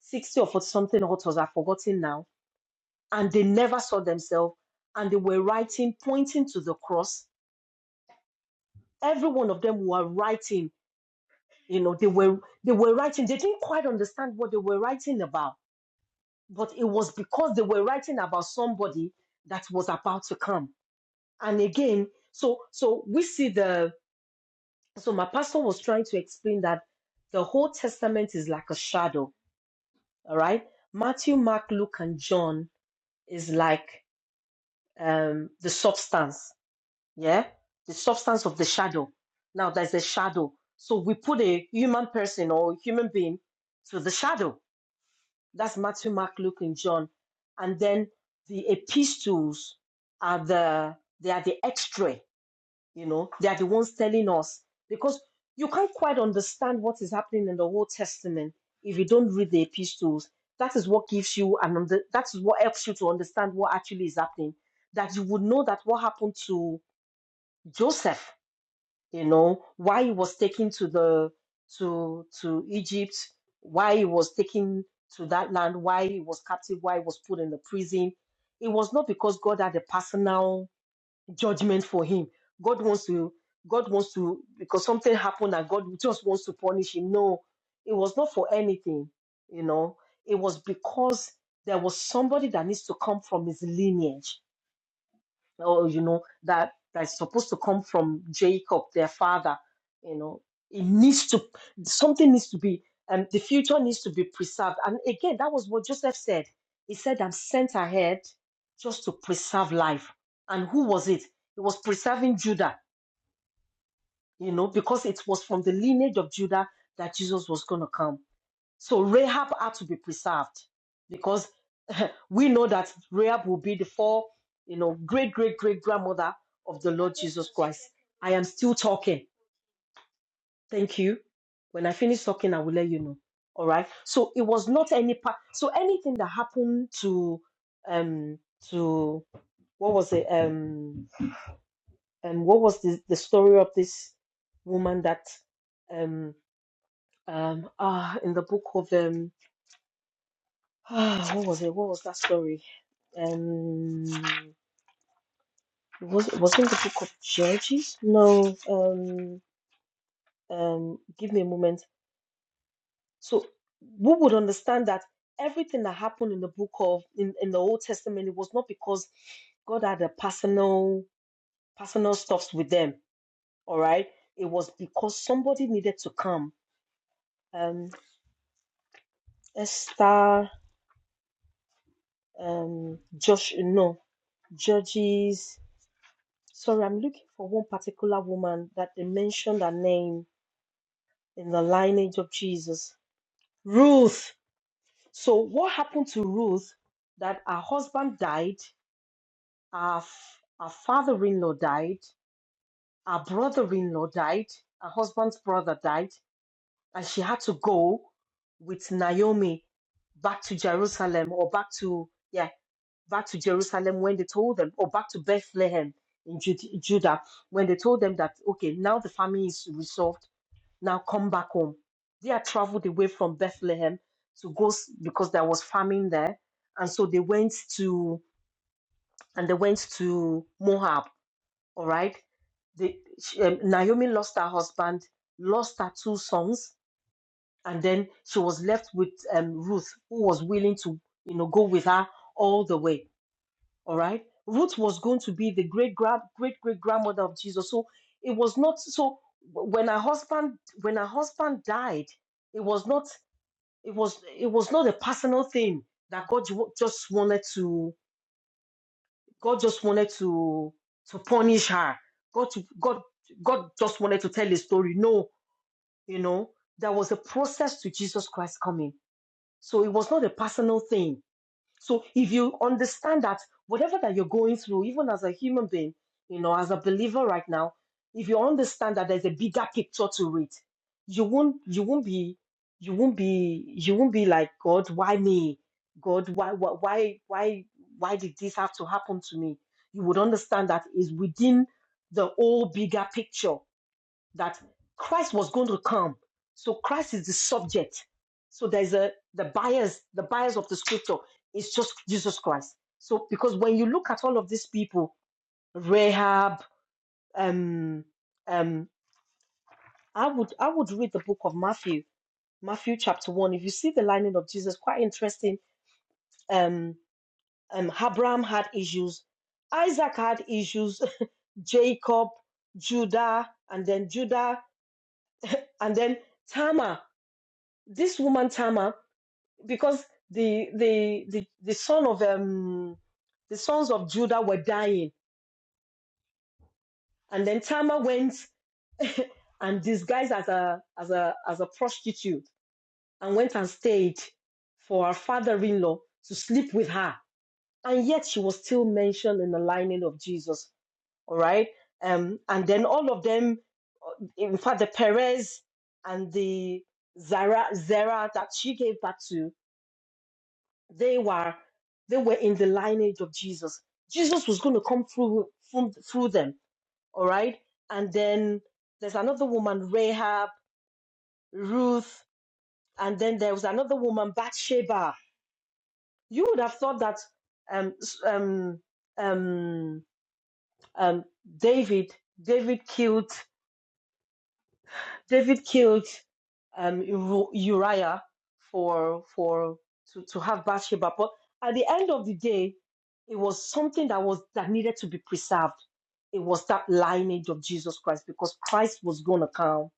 S2: 60 or 40 something authors, I've forgotten now, and they never saw themselves, and they were writing, pointing to the cross. Every one of them were writing, you know, they were they were writing, they didn't quite understand what they were writing about, but it was because they were writing about somebody that was about to come. And again, so so we see the so my pastor was trying to explain that the whole testament is like a shadow All right. Matthew, Mark, Luke, and John is like um, the substance. Yeah. The substance of the shadow. Now there's a shadow. So we put a human person or human being to the shadow. That's Matthew, Mark, Luke, and John. And then the epistles are the they are the extra. You know, they are the ones telling us because you can't quite understand what is happening in the Old Testament if you don't read the epistles. That is what gives you and under, that is what helps you to understand what actually is happening. That you would know that what happened to Joseph, you know, why he was taken to the to to Egypt, why he was taken to that land, why he was captive, why he was put in the prison. It was not because God had a personal judgment for him. God wants to, God wants to, because something happened and God just wants to punish him. No, it was not for anything, you know. It was because there was somebody that needs to come from his lineage or you know that that's supposed to come from Jacob, their father. You know, it needs to something needs to be, and the future needs to be preserved. And again, that was what Joseph said. He said, "I'm sent ahead just to preserve life." And who was it? It was preserving Judah. You know, because it was from the lineage of Judah that Jesus was going to come. So Rahab had to be preserved because (laughs) we know that Rahab will be the four, you know, great great great grandmother of the Lord Jesus Christ. I am still talking. Thank you. When I finish talking, I will let you know. All right. So it was not any part. So anything that happened to um to what was it um and what was the, the story of this woman that um um ah in the book of um Ah, what was it? What was that story? Um, was it was it in the book of Judges? No. Um, um, give me a moment. So, we would understand that everything that happened in the book of in, in the Old Testament it was not because God had a personal personal stuffs with them. All right, it was because somebody needed to come. Um, Esther. Um, Josh. No, Judges. Sorry, I'm looking for one particular woman that they mentioned her name in the lineage of Jesus. Ruth. So, what happened to Ruth that her husband died, her, f- her father in law died, her brother in law died, her husband's brother died, and she had to go with Naomi back to Jerusalem or back to, yeah. back to Jerusalem when they told them, or back to Bethlehem in Jud- Judah when they told them that, okay, now the famine is resolved, now come back home. They had traveled away from Bethlehem to go s- because there was famine there. And so they went to, and they went to Moab, all right? They, she, um, Naomi lost her husband, lost her two sons, and then she was left with um, Ruth, who was willing to, you know, go with her all the way all right. Ruth was going to be the great grand great great grandmother of Jesus. So it was not so when her husband when her husband died, it was not it was it was not a personal thing that God ju- just wanted to God just wanted to to punish her. God God God just wanted to tell a story. No, you know, there was a process to Jesus Christ coming. So it was not a personal thing so if you understand that whatever that you're going through, even as a human being, you know, as a believer right now, if you understand that there's a bigger picture to it, you won't you won't be you won't be you won't be like God, why me? God, why why why why why did this have to happen to me? You would understand that is within the whole bigger picture that Christ was going to come. So Christ is the subject. So there's a the bias, the bias of the scripture is just Jesus Christ. So because when you look at all of these people, Rahab, um, um, I would I would read the book of Matthew, Matthew chapter one. If you see the lining of Jesus, quite interesting. Um, um, Abraham had issues, Isaac had issues, (laughs) Jacob, Judah, and then Judah, and then Tamar. This woman Tamar because the the the, the son of um the sons of Judah were dying, and then Tamar went (laughs) and disguised as a as a as a prostitute and went and stayed for her father-in-law to sleep with her, and yet she was still mentioned in the lining of Jesus. All right, um, and then all of them, uh, in fact, the Perez and the Zara Zara that she gave birth to they were they were in the lineage of Jesus. Jesus was going to come through from, through them, all right. And then there's another woman, Rahab, Ruth, and then there was another woman, Bathsheba. You would have thought that um s- um um um David David killed David killed um, Uriah for for to, to have Bathsheba, but at the end of the day, it was something that was that needed to be preserved. It was that lineage of Jesus Christ because Christ was going to come.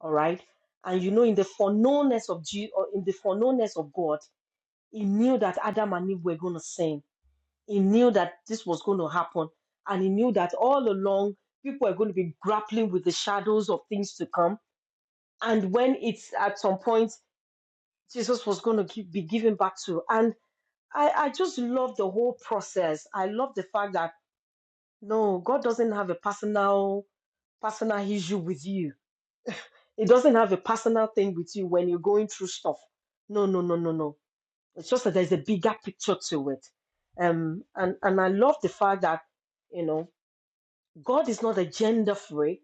S2: All right, and you know, in the foreknownness of Je- or in the foreknownness of God, He knew that Adam and Eve were going to sin. He knew that this was going to happen, and He knew that all along people are going to be grappling with the shadows of things to come and when it's at some point jesus was going to be given back to and i i just love the whole process i love the fact that no god doesn't have a personal personal issue with you he doesn't have a personal thing with you when you're going through stuff no no no no no it's just that there's a bigger picture to it um and and i love the fact that you know god is not a gender freak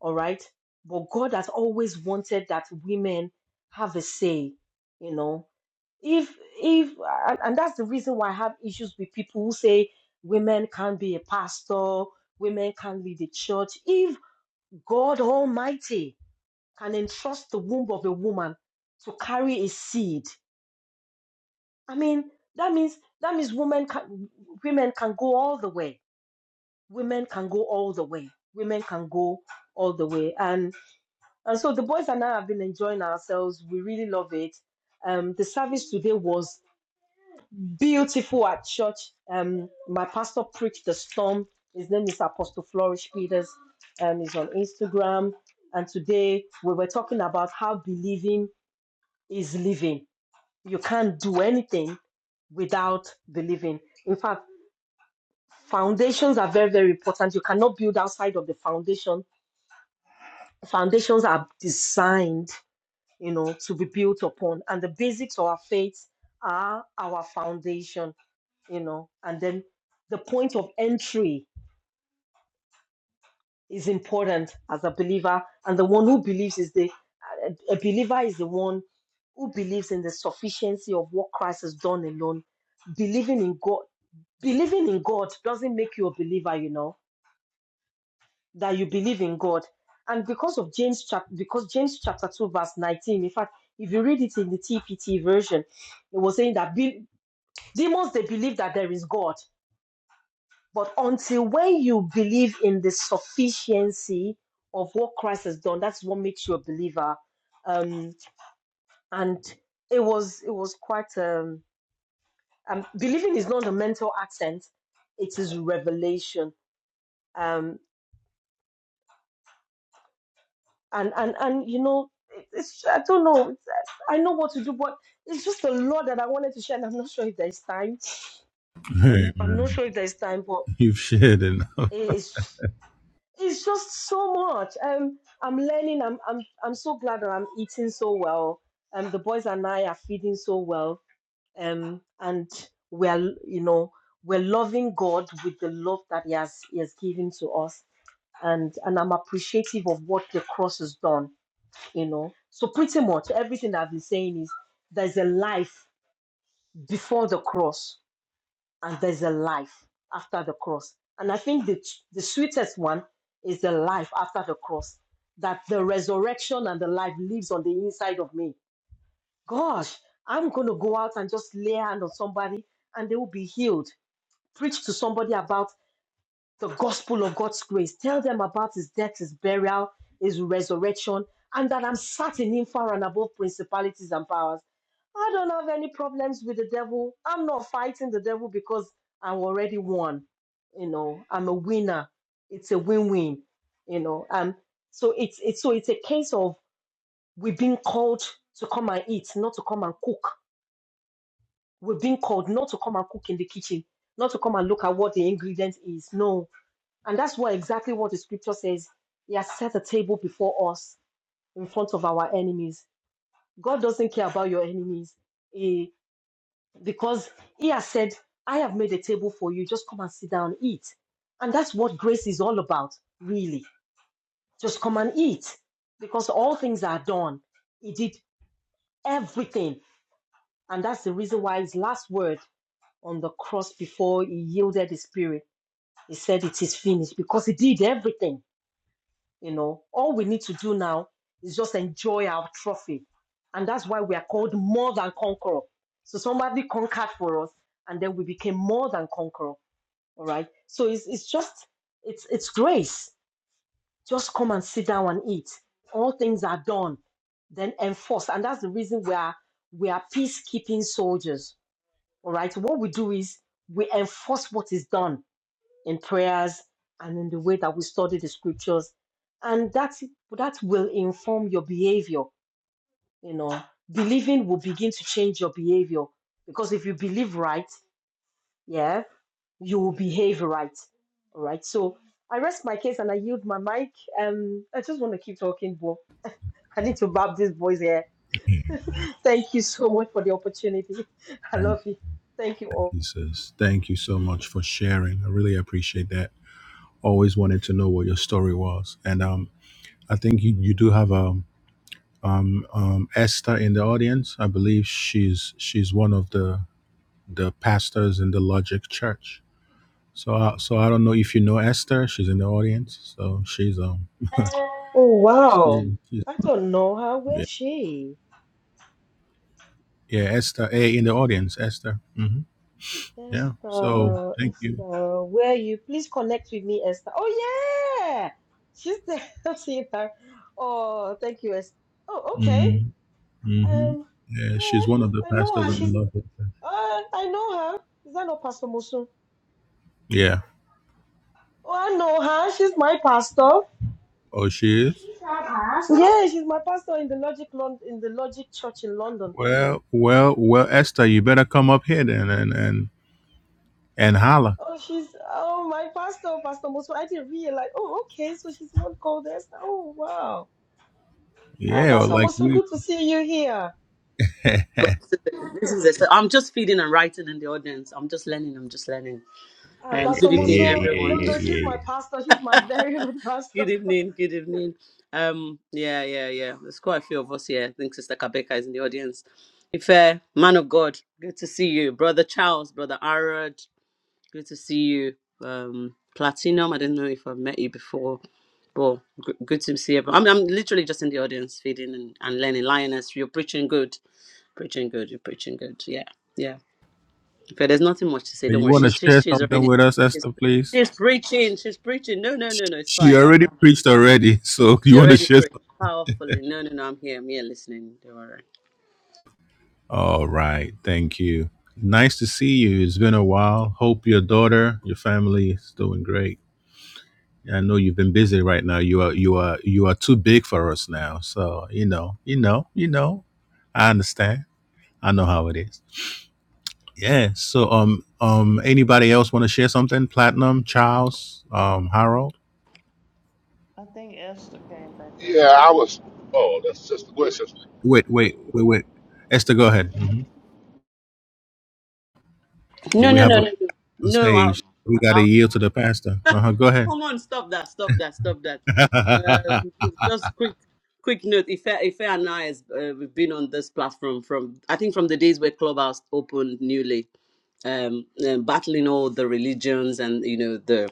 S2: all right but god has always wanted that women have a say you know if if and and that's the reason why I have issues with people who say women can't be a pastor, women can't lead a church. If God Almighty can entrust the womb of a woman to carry a seed, I mean that means that means women can women can go all the way. Women can go all the way. Women can go all the way. And and so the boys and I have been enjoying ourselves. We really love it. Um, the service today was beautiful at church. Um, my pastor preached the storm. His name is Apostle Flourish Peters. and he's on Instagram. And today we were talking about how believing is living. You can't do anything without believing. In fact, foundations are very, very important. You cannot build outside of the foundation. Foundations are designed, you know, to be built upon. And the basics of our faith are our foundation you know, and then the point of entry is important as a believer, and the one who believes is the a believer is the one who believes in the sufficiency of what Christ has done alone. Believing in God, believing in God doesn't make you a believer, you know, that you believe in God. And because of James chapter, because James chapter two verse nineteen, in fact, if you read it in the TPT version, it was saying that be- demons they believe that there is God But until when you believe in the sufficiency of what Christ has done, that's what makes you a believer. Um, and it was it was quite um, um believing is not a mental accent; it is revelation. Um, and and and you know, it's I don't know. It's, I know what to do, but it's just a lot that I wanted to share, and I'm not sure if there's time.
S1: Hey,
S2: I'm
S1: man.
S2: not sure if there's time, but
S1: (laughs) You've shared enough. (laughs)
S2: it is. it's just so much. Um, I'm learning. I'm I'm I'm so glad that I'm eating so well. Um, the boys and I are feeding so well. Um, and we're you know we're loving God with the love that He has He has given to us. And and I'm appreciative of what the cross has done. You know, so pretty much everything I've been saying is there's a life before the cross and there's a life after the cross. And I think the, the sweetest one is the life after the cross, that the resurrection and the life lives on the inside of me. Gosh, I'm going to go out and just lay hand on somebody and they will be healed. Preach to somebody about the gospel of God's grace. Tell them about his death, his burial, his resurrection, and that I'm sat in him far and above principalities and powers. I don't have any problems with the devil. I'm not fighting the devil because I'm already won. You know, I'm a winner. It's a win-win. You know, um, so it's it's so it's a case of we've been called to come and eat, not to come and cook. we are being called not to come and cook in the kitchen, not to come and look at what the ingredient is. No, and that's what exactly what the scripture says. He has set a table before us in front of our enemies. God doesn't care about your enemies. He, because he has said, I have made a table for you. Just come and sit down, eat. And that's what grace is all about, really. Just come and eat. Because all things are done. He did everything. And that's the reason why his last word on the cross before he yielded his spirit, he said, It is finished. Because he did everything You know, all we need to do now is just enjoy our trophy. And that's why we are called more than conqueror. So somebody conquered for us and then we became more than conqueror. All right. So it's, it's just, it's, it's grace. Just come and sit down and eat. All things are done, then enforced. And that's the reason we are, we are peacekeeping soldiers. All right. What we do is we enforce what is done in prayers and in the way that we study the scriptures. And that, that will inform your behavior. You know, believing will begin to change your behavior because if you believe right, yeah, you will behave right. All right. So I rest my case and I yield my mic. Um, I just want to keep talking, but I need to bab these boys here. (laughs) Thank you so much for the opportunity. (laughs) I
S1: Thank
S2: love you. Thank you all.
S1: you, sis. Thank you so much for sharing. I really appreciate that. Always wanted to know what your story was, and um, I think you you do have a. um, um, Esther in the audience. I believe she's she's one of the the pastors in the Logic Church. So I, so I don't know if you know Esther. She's in the audience. So she's um (laughs)
S2: Oh wow.
S1: she, she's,
S2: I don't know her.
S1: yeah
S2: Where's she?
S1: yeah Esther A in the audience Esther. hmm Yeah. So
S2: Esther,
S1: thank you.
S2: Esther, where are you? Please connect with me, Esther. Oh yeah, she's there. (laughs) I see her. (laughs) Oh, thank you, Esther. Oh, okay.
S1: Mm-hmm. Mm-hmm.
S2: Um,
S1: Yeah,
S2: yeah,
S1: she's one of the
S2: I know
S1: pastors
S2: her.
S1: in the
S2: She's.
S1: Logic Church.
S2: Uh, I know her. Is that not Pastor Musu?
S1: Yeah.
S2: Oh, I know her. She's my pastor.
S1: Oh, she is.
S2: She's our pastor. Yeah, she's my pastor in the Logic Lon- in the Logic Church in London.
S1: Well, well, well, Esther, you better come up here then and and and holla.
S2: Oh, she's oh my pastor, Pastor Musu. I didn't realize. Oh, okay. So she's not called Esther. Oh, wow. Uh,
S1: Yeah, or
S2: Pastor
S1: like
S2: Mosu,
S1: we.
S2: good to see you here.
S1: (laughs)
S3: God, this is it. I'm just feeding and writing in the audience. I'm just learning. I'm just learning.
S2: Uh,
S3: Um,
S2: Pastor
S3: good evening,
S1: Yeah,
S2: Mosu,
S1: yeah,
S2: no,
S3: everyone.
S1: yeah,
S2: no, she's
S1: yeah,
S2: my
S1: yeah.
S2: pastor.
S3: (laughs)
S2: She's
S3: good
S2: my (laughs) very good pastor.
S3: evening. Good evening. Um, yeah, yeah, yeah. There's quite a few of us here. I think Sister Kabeka is in the audience. If uh, man of God, good to see you, brother Charles, brother Arad. Good to see you. Um, Platinum. I don't know if I've met you before. Well, g- good to see everyone. I'm, I'm literally just in the audience feeding and, and learning. Lioness, you're preaching good. Preaching good, you're preaching good. Yeah, yeah. But there's nothing much to say.
S1: Uh,
S3: Don't
S1: You
S3: worry.
S1: want to
S3: She's she's
S1: share
S3: she's
S1: something
S3: already
S1: with us,
S3: she's,
S1: Esther, please?
S3: she's preaching. She's preaching. No, no, no, no. It's
S1: She
S3: fine. I'm
S1: already
S3: not.
S1: preached already, (laughs) so you
S3: She
S1: want to
S3: already
S1: share?
S3: preached
S1: some-
S3: powerfully. No, no, no. I'm here. I'm here listening. Don't worry.
S1: All right. Thank you. Nice to see you. It's been a while. Hope your daughter, your family is doing great. I know you've been busy right now. You are you are you are too big for us now. So, you know, you know, you know. I understand. I know how it is. Yeah. So um um anybody else want to share something? Platinum, Charles, um, Harold?
S4: I think Esther came back up.
S5: Yeah, I
S4: because-
S5: was. Oh, that's sister. What sister?
S1: Wait, wait, wait, wait. Esther, go ahead. hmm
S3: No,
S1: We
S3: no,
S1: have
S3: no,
S1: a
S3: no, no.
S1: on
S3: No, I'll,
S1: stage. We got to
S3: I'll,
S1: yield to the pastor. Uh huh. Go ahead.
S3: come on. Stop that. Stop that. Stop that.
S1: (laughs)
S3: Um, just quick. Quick note, Ife, Ife and I has uh, we've been on this platform from I think from the days where Clubhouse opened newly, um, uh, battling all the religions and you know the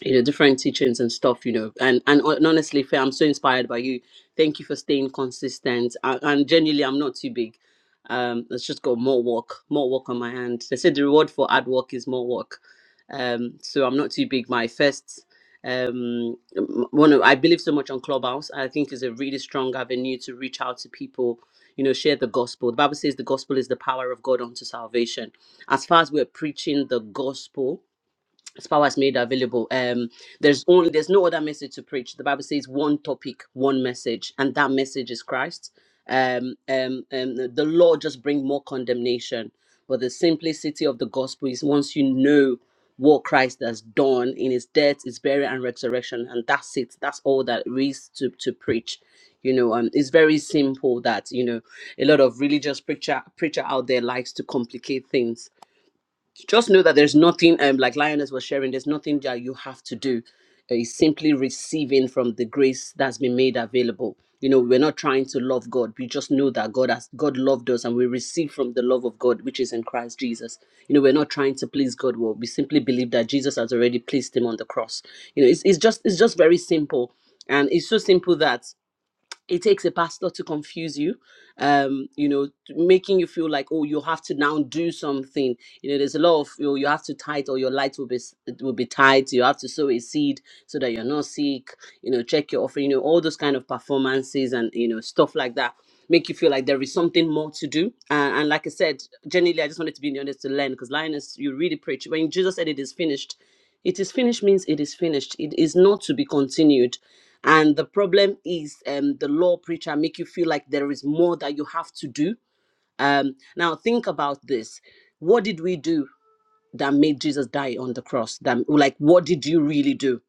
S3: you know different teachings and stuff you know and and hon- honestly Faye, i'm so inspired by you thank you for staying consistent and, and genuinely i'm not too big um it's just got more work more work on my hand they said the reward for hard work is more work um so i'm not too big my first um m- one of i believe so much on clubhouse i think is a really strong avenue to reach out to people you know share the gospel the bible says the gospel is the power of god unto salvation as far as we're preaching the gospel as power is made available um there's only there's no other message to preach the bible says one topic one message and that message is christ um um, um the the law just bring more condemnation but the simplicity of the gospel is once you know what christ has done in his death his burial and resurrection and that's it that's all that there is to to preach you know um it's very simple that you know a lot of religious preacher preacher out there likes to complicate things just know that there's nothing um like lioness was sharing there's nothing that you have to do Uh, it's simply receiving from the grace that's been made available you know we're not trying to love god we just know that god has god loved us and we receive from the love of god which is in christ jesus you know we're not trying to please god well we simply believe that jesus has already pleased him on the cross you know it's, it's just it's just very simple and it's so simple that it takes a pastor to confuse you um you know making you feel like oh you have to now do something you know there's a lot of you know, you have to tithe or your light will be s- it will be tight you have to sow a seed so that you're not sick you know check your offering you know all those kind of performances and you know stuff like that make you feel like there is something more to do and, and like i said generally i just wanted to be in the honest to learn because linus you really preach when jesus said it is finished it is finished means it is finished. It is not to be continued. And the problem is um, the law preacher make you feel like there is more that you have to do. Um, now think about this. What did we do that made Jesus die on the cross? That like what did you really do?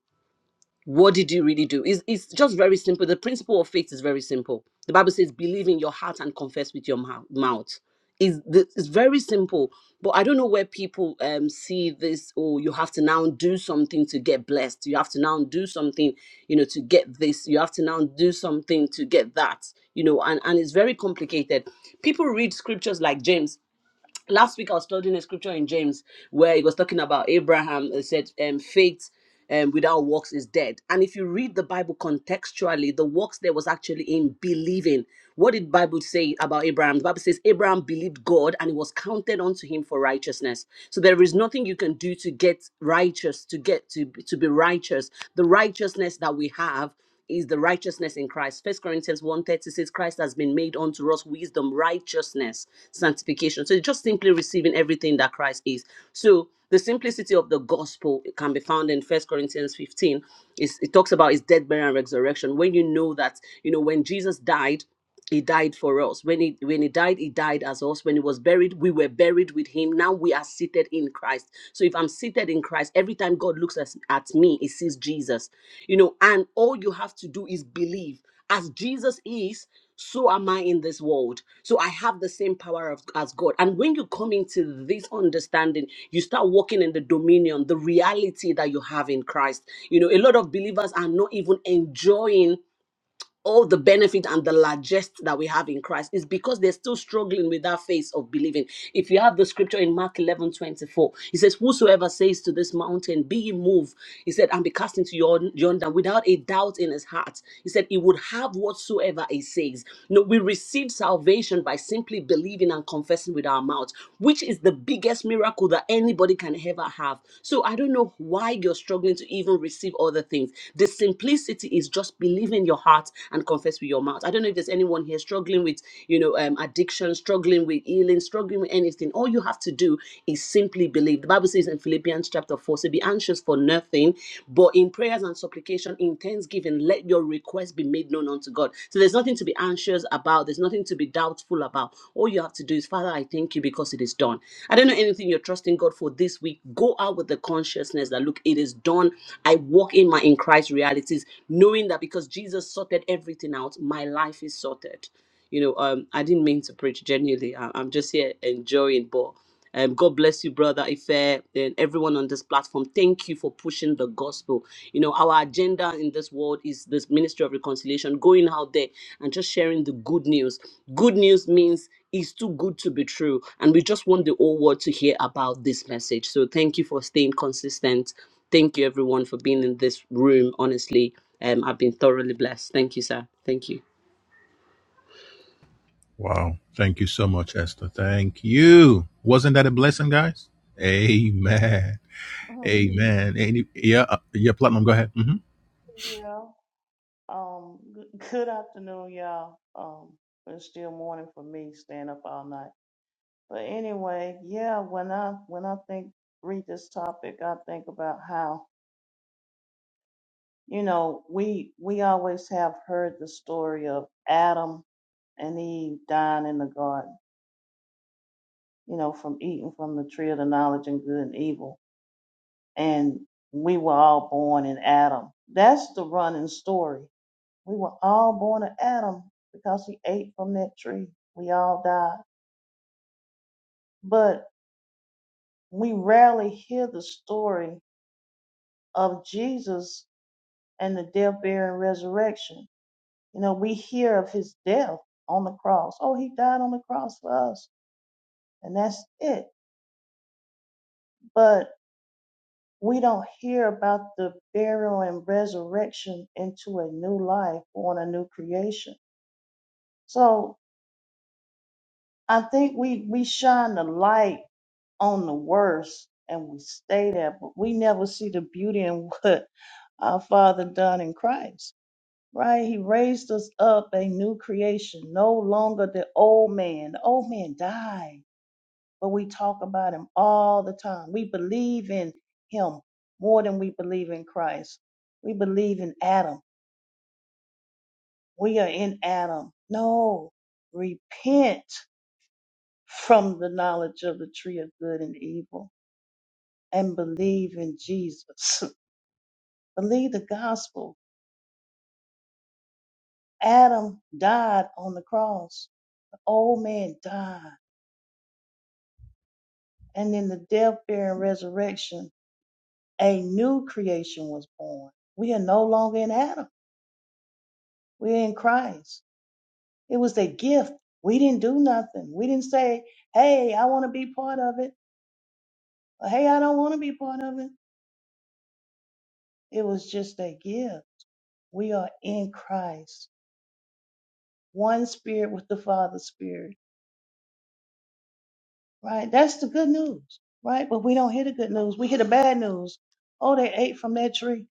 S3: what did you really do? It's, it's just very simple. The principle of faith is very simple. The Bible says, believe in your heart and confess with your mou- mouth. Is it's very simple, but I don't know where people um see this. Oh, you have to now do something to get blessed. You have to now do something, you know, to get this. You have to now do something to get that. You know, and and it's very complicated. People read scriptures like James last week I was studying a scripture in James where it was talking about Abraham and said, um, faith um, without works is dead. And if you read the Bible contextually, the works there was actually in believing. What did Bible say about Abraham? The Bible says Abraham believed God and it was counted unto him for righteousness. So there is nothing you can do to get righteous, to get to, to be righteous. The righteousness that we have is the righteousness in Christ. First Corinthians one thirty says, Christ has been made unto us wisdom, righteousness, sanctification. So it's just simply receiving everything that Christ is. So the simplicity of the gospel can be found in First Corinthians 15. It's, it talks about his death, burial, and resurrection. When you know that, you know, when Jesus died, he died for us when he when he died he died as us when he was buried we were buried with him now we are seated in christ so if i'm seated in christ every time god looks at, at me he sees jesus you know and all you have to do is believe as jesus is so am i in this world so i have the same power of, as god and when you come into this understanding you start walking in the dominion the reality that you have in christ you know a lot of believers are not even enjoying all the benefit and the largest that we have in Christ is because they're still struggling with that phase of believing. If you have the scripture in Mark 11 24, it says, Whosoever says to this mountain, Be ye moved, he said, and be cast into yon- yonder without a doubt in his heart, he said, He would have whatsoever he says. No, we receive salvation by simply believing and confessing with our mouths, which is the biggest miracle that any anybody can ever have. So I don't know why you're struggling to even receive other things. The simplicity is just believe in your heart and confess with your mouth. I don't know if there's anyone here struggling with, you know, um, addiction, struggling with healing, struggling with anything. All you have to do is simply believe. The Bible says in Philippians chapter 4, so be anxious for nothing, but in prayers and supplication, in thanksgiving, let your requests be made known unto God. God. So there's nothing to be anxious about. There's nothing to be doubtful about. All you have to do is, Father, I thank you because it is done. I don't know anything you're trusting God for this week. Go out with the consciousness that, look, it is done. I walk in my in Christ realities, knowing that because Jesus sorted everything out, my life is sorted. You know, um, I didn't mean to preach genuinely. I- I'm just here enjoying, but um, God bless you, brother Ife, and everyone on this platform. Thank you for pushing the gospel. You know, our agenda in this world is this ministry of reconciliation, going out there and just sharing the good news. Good news means it's too good to be true, and we just want the whole world to hear about this message. So, thank you for staying consistent. Thank you, everyone, for being in this room. Honestly, um, I've been thoroughly blessed. Thank you, sir. Thank you.
S1: wow. Thank you so much, Esther. Thank you. Wasn't that a blessing, guys? Amen.
S4: Mhm.
S1: Amen. Any, yeah, uh, yeah, Platinum, go ahead. hmm
S4: yeah. Um. Good, (laughs) good afternoon, y'all. Um. It's still morning for me, staying up all night. But anyway, yeah. When I when I think read this topic, I think about how you know we we always have heard the story of Adam and Eve dying in the garden, you know, from eating from the tree of the knowledge and good and evil. And we were all born in Adam. That's the running story. We were all born of Adam because he ate from that tree. We all died. But we rarely hear the story of Jesus and the death, burial, and resurrection. You know, we hear of his death on the cross. Oh, he died on the cross for us. And that's it. But we don't hear about the burial and resurrection into a new life, born a new creation. So I think we, we shine the light on the worst and we stay there, but we never see the beauty in (laughs) what our Father done in Christ. Right? He raised us up a new creation, no longer the old man. The old man died, but we talk about him all the time. We believe in him more than we believe in Christ. We believe in Adam. We are in Adam. No, repent from the knowledge of the tree of good and evil and believe in Jesus. (laughs) Believe the gospel. Adam died on the cross. The old man died. And in the death, burial, and resurrection, a new creation was born. We are no longer in Adam. We're in Christ. It was a gift. We didn't do nothing. We didn't say, hey, I want to be part of it. Or, hey, I don't want to be part of it. It was just a gift. We are in Christ. One spirit with the Father's spirit right? That's the good news, right? But we don't hear the good news. We hear the bad news. Oh, they ate from that tree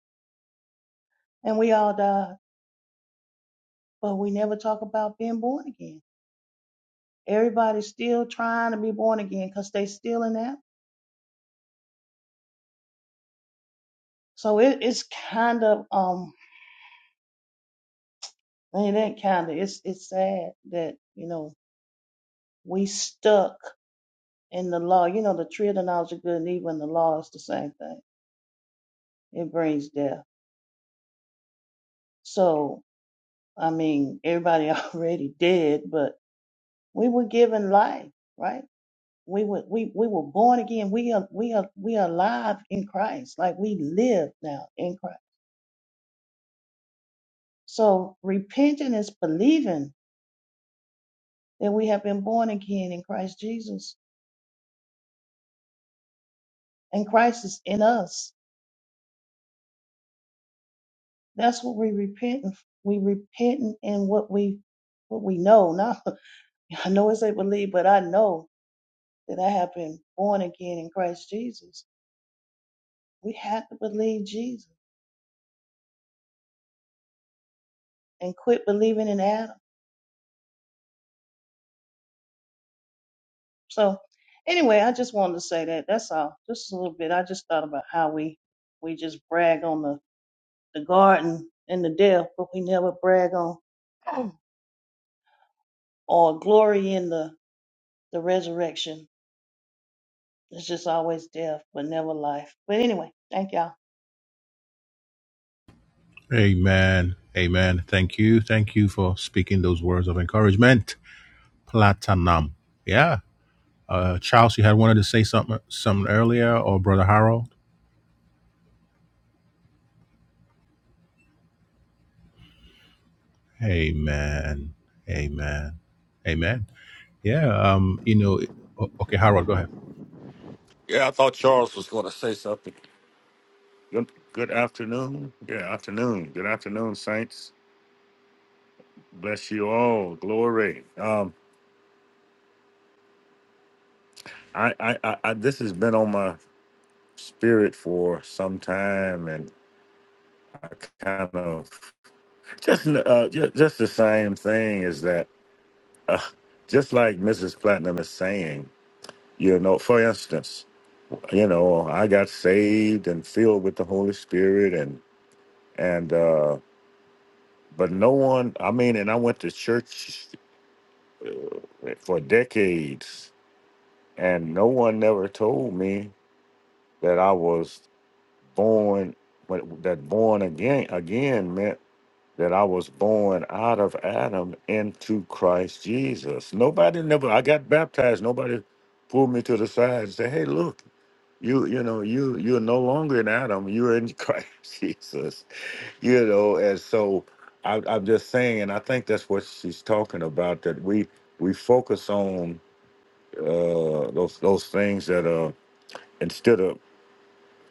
S4: and we all died. But we never talk about being born again. Everybody's still trying to be born again because they still in that. So it, it's kind of um, I mean, it ain't kind of. It's it's sad that you know we stuck in the law. You know, the tree of the knowledge of good and evil and the law is the same thing. It brings death. So I mean, everybody (laughs) already dead, but We were given life, right? We were we we were born again. We are we are we are alive in Christ. Like we live now in Christ. So repenting is believing that we have been born again in Christ Jesus, and Christ is in us. That's what we repent. of. We repenting in what we what we know. Now (laughs) I know it's a believe, but I know that I have been born again in Christ Jesus. We have to believe Jesus and quit believing in Adam So anyway, I just wanted to say that. That's all. Just a little bit. I just thought about how we we just brag on the the garden and the death, but we never brag on (clears throat) or glory in the the resurrection. It's just always death, but never life. But anyway, thank y'all.
S1: Amen. Amen. Thank you. Thank you for speaking those words of encouragement. Platinum. Yeah. Uh, Charles, you had wanted to say something, something earlier, or Brother Harold? Amen. Amen. Amen. Yeah. Um. You know. o- Okay, Harold, go ahead.
S6: Yeah, I thought Charles was going to say something. Good, good afternoon. Yeah, afternoon. Good afternoon, Saints. Bless you all. Glory. Um, I, I, I, I this has been on my spirit for some time, and I kind of just, uh, just, just the same thing is that, uh, just like Mrs. Platinum is saying, you know, for instance, you know, I got saved and filled with the Holy Spirit, and and. uh, but no one i mean and i went to church uh, for decades and no one never told me that i was born but that born again again meant that i was born out of adam into christ jesus nobody never i got baptized nobody pulled me to the side and said hey look you you know you you're no longer in adam you're in (laughs) christ jesus you know and so I, i'm just saying and i think that's what she's talking about that we we focus on uh those those things that are instead of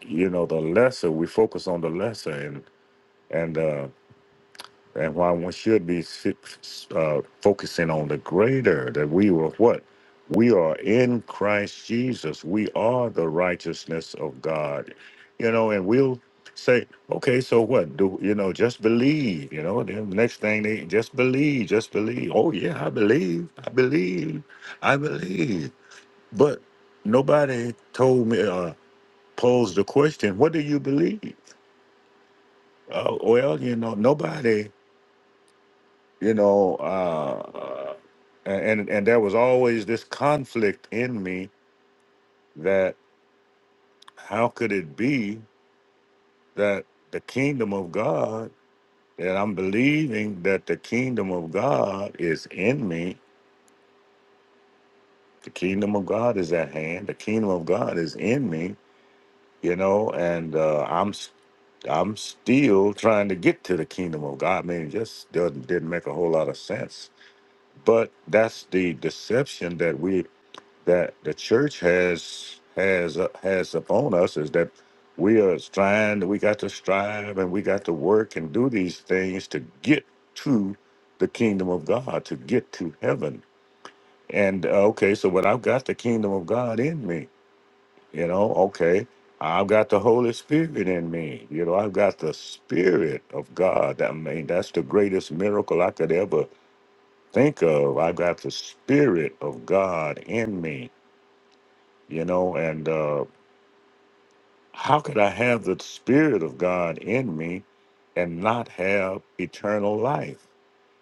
S6: you know the lesser we focus on the lesser and and uh and why one should be si- uh, focusing on the greater that we were what? We are in Christ Jesus. We are the righteousness of God. You know, and we'll say, okay, so what? Do you know, just believe, you know, then the next thing they just believe, just believe. Oh yeah, I believe, I believe, I believe. But nobody told me uh posed the question, what do you believe? Uh, well, you know, nobody you know uh uh, and and there was always this conflict in me that how could it be that the kingdom of god that i'm believing that the kingdom of god is in me the kingdom of god is at hand the kingdom of god is in me you know and uh i'm s- i'm still trying to get to the kingdom of god i mean it just doesn't didn't make a whole lot of sense but that's the deception that we that the church has has uh, has upon us is that we are striving, we got to strive and we got to work and do these things to get to the kingdom of God, to get to heaven. And uh, okay, so when I've got the kingdom of God in me, you know, okay, I've got the Holy Spirit in me. You know, I've got the Spirit of God. I mean, that's the greatest miracle I could ever think of. I've got the Spirit of God in me you know, and uh, How could I have the Spirit of God in me and not have eternal life?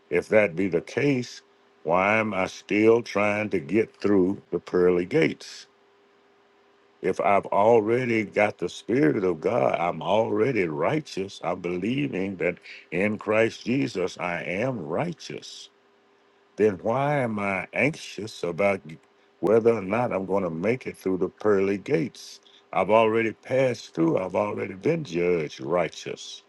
S6: If that be the case, why am I still trying to get through the pearly gates? If I've already got the Spirit of God, I'm already righteous. I'm believing that in Christ Jesus, I am righteous then why am I anxious about whether or not I'm going to make it through the pearly gates? I've already passed through. I've already been judged righteous.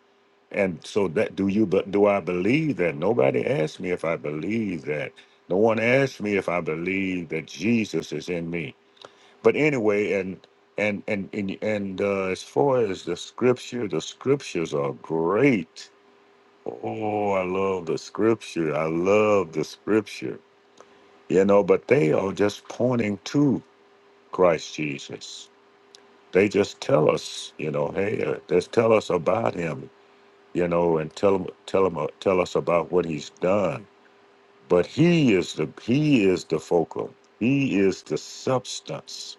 S6: And so that do you but do I believe that? Nobody asked me if I believe that. No one asked me if I believe that Jesus is in me. But anyway, and and and and, and uh, as far as the scripture, the scriptures are great. Oh, I love the scripture. I love the scripture you know, but they are just pointing to Christ Jesus. They just tell us, you know, hey, uh, just tell us about him, you know, and tell him, tell him, tell us about what he's done. But he is the he is the focal. He is the substance.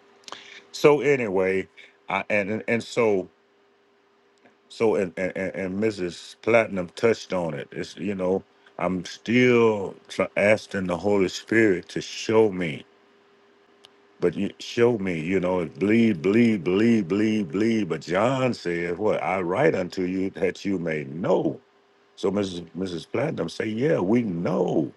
S6: So anyway, I and and and so so and and, and and Mrs. Platinum touched on it. It's you know, I'm still tr- asking the Holy Spirit to show me But you show me, you know, it bleed, bleed, bleed, bleed, bleed. But John said, What I write unto you that you may know. So Mrs. Mrs. Platinum say, Yeah, we know,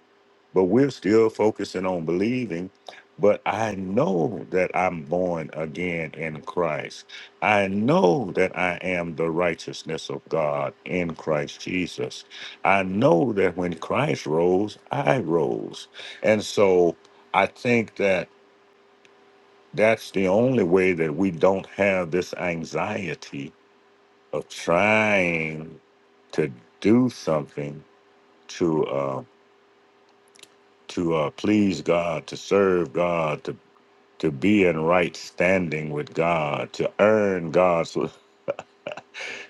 S6: but we're still focusing on believing. But I know that I'm born again in Christ. I know that I am the righteousness of God in Christ Jesus. I know that when Christ rose, I rose. And so I think that. That's the only way that we don't have this anxiety of trying to do something to uh, to uh, please God, to serve God, to to be in right standing with God, to earn God's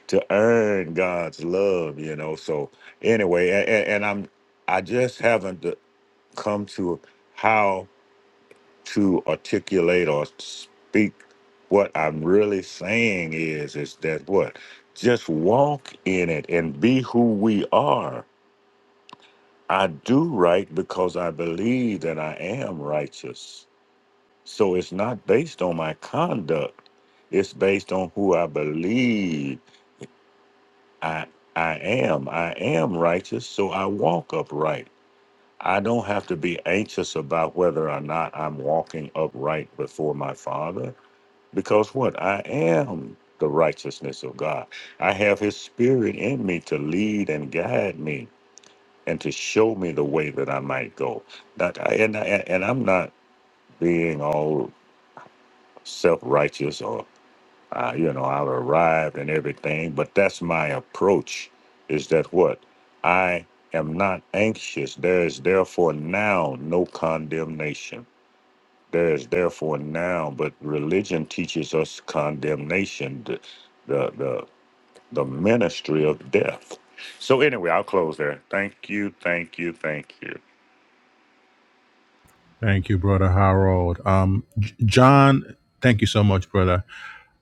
S6: to earn God's love. You know. So anyway, and, and I'm I just haven't come to how to articulate or speak what I'm really saying is is that what just walk in it and be who we are. I do right because I believe that I am righteous. So it's not based on my conduct. It's based on who I believe I I am. I am righteous, so I walk upright. I don't have to be anxious about whether or not I'm walking upright before my father. Because what? I am the righteousness of God. I have his spirit in me to lead and guide me and to show me the way that I might go. That I, and I, and I'm not being all self-righteous or uh, you know, I've arrived and everything, but that's my approach is that what? I am not anxious. There is therefore now no condemnation there is therefore now, but religion teaches us condemnation, the the the, the ministry of death. So anyway, I'll close there. Thank you, thank you, thank you.
S1: Thank you, brother Harold. Um, J- John, thank you so much, brother.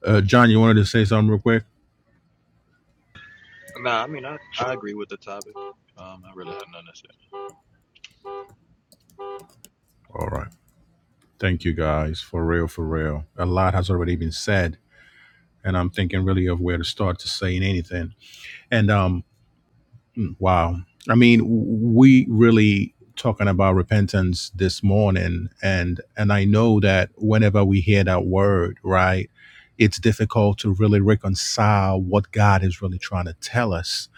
S1: Uh, John, you wanted to say something real quick?
S7: Nah, I mean, I, I agree with the topic. Um, I really had nothing to say.
S1: All right. Thank you, guys. For real, for real. A lot has already been said, and I'm thinking really of where to start to saying anything. And um, Mm, Wow. I mean, we really talking about repentance this morning and and I know that whenever we hear that word, right, it's difficult to really reconcile what God is really trying to tell us.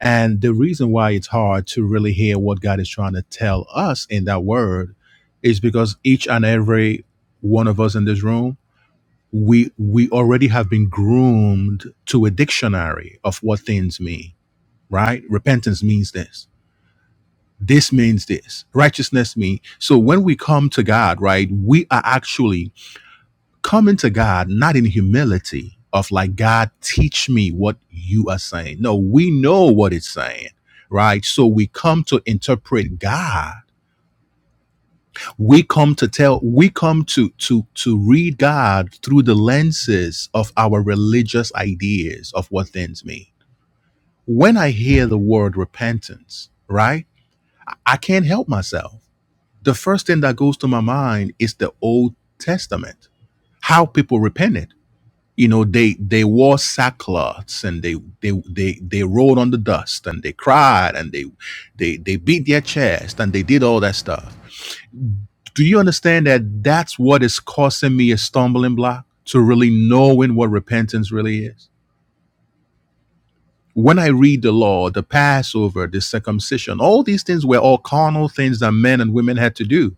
S1: And the reason why it's hard to really hear what God is trying to tell us in that word is because each and every one of us in this room, we we already have been groomed to a dictionary of what things mean, right? Repentance means this this means this. Righteousness means. So when we come to God, right, we are actually coming to God not in humility of like, God, teach me what you are saying. No, we know what it's saying, right? So we come to interpret God. We come to tell, we come to to to read God through the lenses of our religious ideas of what things mean. When I hear the word repentance, right? I can't help myself. the first thing that goes to my mind is the Old Testament. How people repented. You know, they they wore sackcloths and they they they they rolled on the dust and they cried and they they they beat their chest and they did all that stuff. Do you understand that that's what is causing me a stumbling block to really knowing what repentance really is? When I read the law, the Passover, the circumcision, all these things were all carnal things that men and women had to do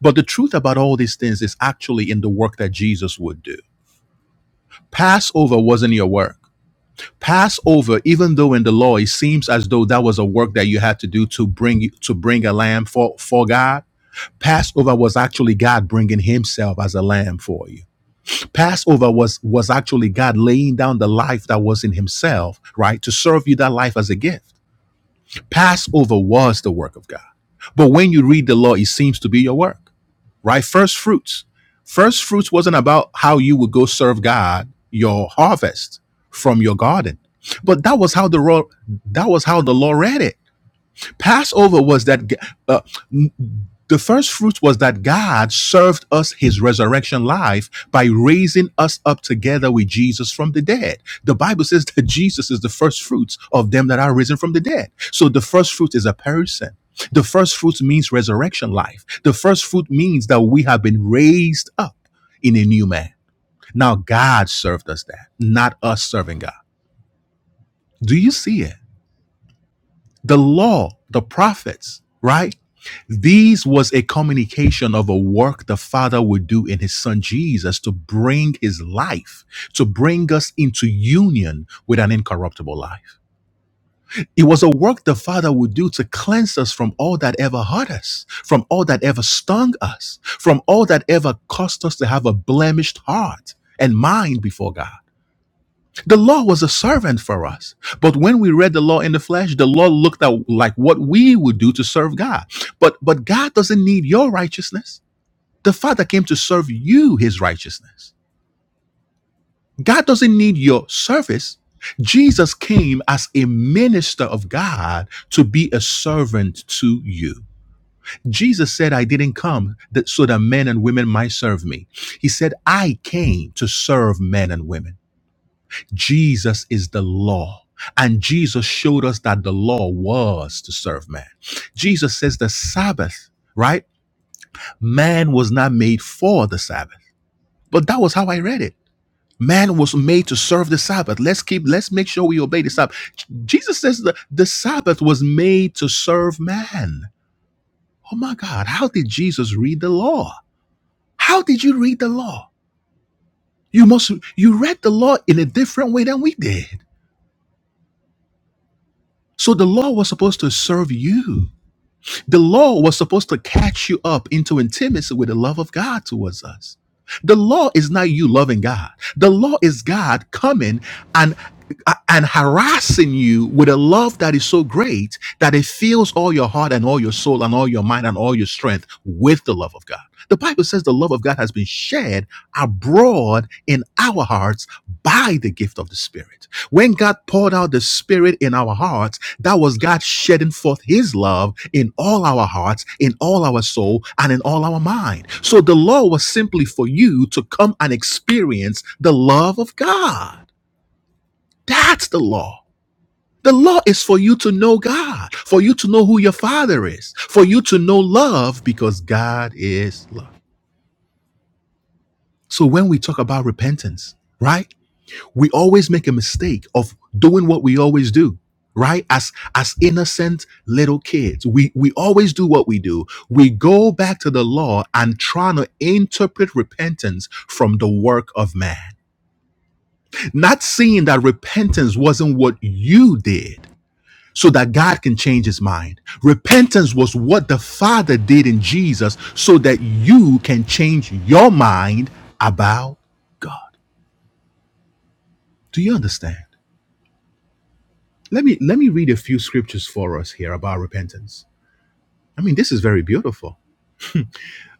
S1: But the truth about all these things is actually in the work that Jesus would do. Passover wasn't your work. Passover, even though in the law it seems as though that was a work that you had to do to bring to bring a lamb for, for God, Passover was actually God bringing Himself as a lamb for you. Passover was was actually God laying down the life that was in Himself, right, to serve you that life as a gift. Passover was the work of God. But when you read the law, it seems to be your work, right? First fruits. First fruits wasn't about how you would go serve God your harvest from your garden. But that was how the law, that was how the law read it. Passover was that uh, the first fruit was that God served us his resurrection life by raising us up together with Jesus from the dead. The Bible says that (laughs) Jesus is the first fruits of them that are risen from the dead. So the first fruit is a person. The first fruit means resurrection life. The first fruit means that we have been raised up in a new man. Now God served us that, not us serving God. Do you see it? the law, the prophets, right? These was a communication of a work the Father would do in his son Jesus to bring his life, to bring us into union with an incorruptible life. It was a work the Father would do to cleanse us from all that ever hurt us, from all that ever stung us, from all that ever caused us to have a blemished heart and mind before God. The law was a servant for us. But when we read the law in the flesh, the law looked at like what we would do to serve God. But but God doesn't need your righteousness. The Father came to serve you his righteousness. God doesn't need your service. Jesus came as a minister of God to be a servant to you. Jesus said, I didn't come that so that men and women might serve me. He said, I came to serve men and women. Jesus is the law. And Jesus showed us that the law was to serve man. Jesus says the Sabbath, right? Man was not made for the Sabbath. But that was how I read it. Man was made to serve the Sabbath. Let's keep, let's make sure we obey the Sabbath. J- Jesus says the, the Sabbath was made to serve man. Oh my God, how did Jesus read the law? How did you read the law? You must, you read the law in a different way than we did. So the law was supposed to serve you. The law was supposed to catch you up into intimacy with the love of God towards us. The law is not you loving God. The law is God coming and and harassing you with a love that is so great that it fills all your heart and all your soul and all your mind and all your strength with the love of God. The Bible says the love of God has been shed abroad in our hearts by the gift of the Spirit. When God poured out the Spirit in our hearts, that was God shedding forth His love in all our hearts, in all our soul, and in all our mind. So the law was simply for you to come and experience the love of God. That's the law. The law is for you to know God, for you to know who your Father is, for you to know love because God is love. So when we talk about repentance, right? we always make a mistake of doing what we always do right as as innocent little kids we we always do what we do we go back to the law and trying to interpret repentance from the work of man not seeing that repentance wasn't what you did so that God can change his mind. Repentance was what the Father did in Jesus so that you can change your mind about God. Do you understand? let me let me read a few scriptures for us here about repentance i mean this is very beautiful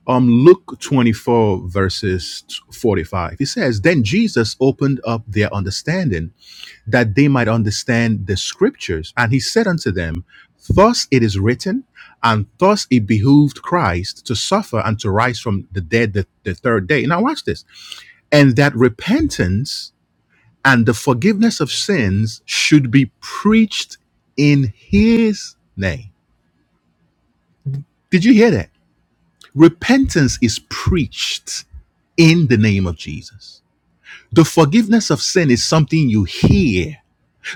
S1: um luke 24 verses 45 it says then jesus opened up their understanding that they might understand the scriptures and he said unto them thus it is written and thus it behooved christ to suffer and to rise from the dead the, the third day now watch this and that repentance and the forgiveness of sins should be preached in his name. Did you hear that? Repentance is preached in the name of Jesus. The forgiveness of sin is something you hear.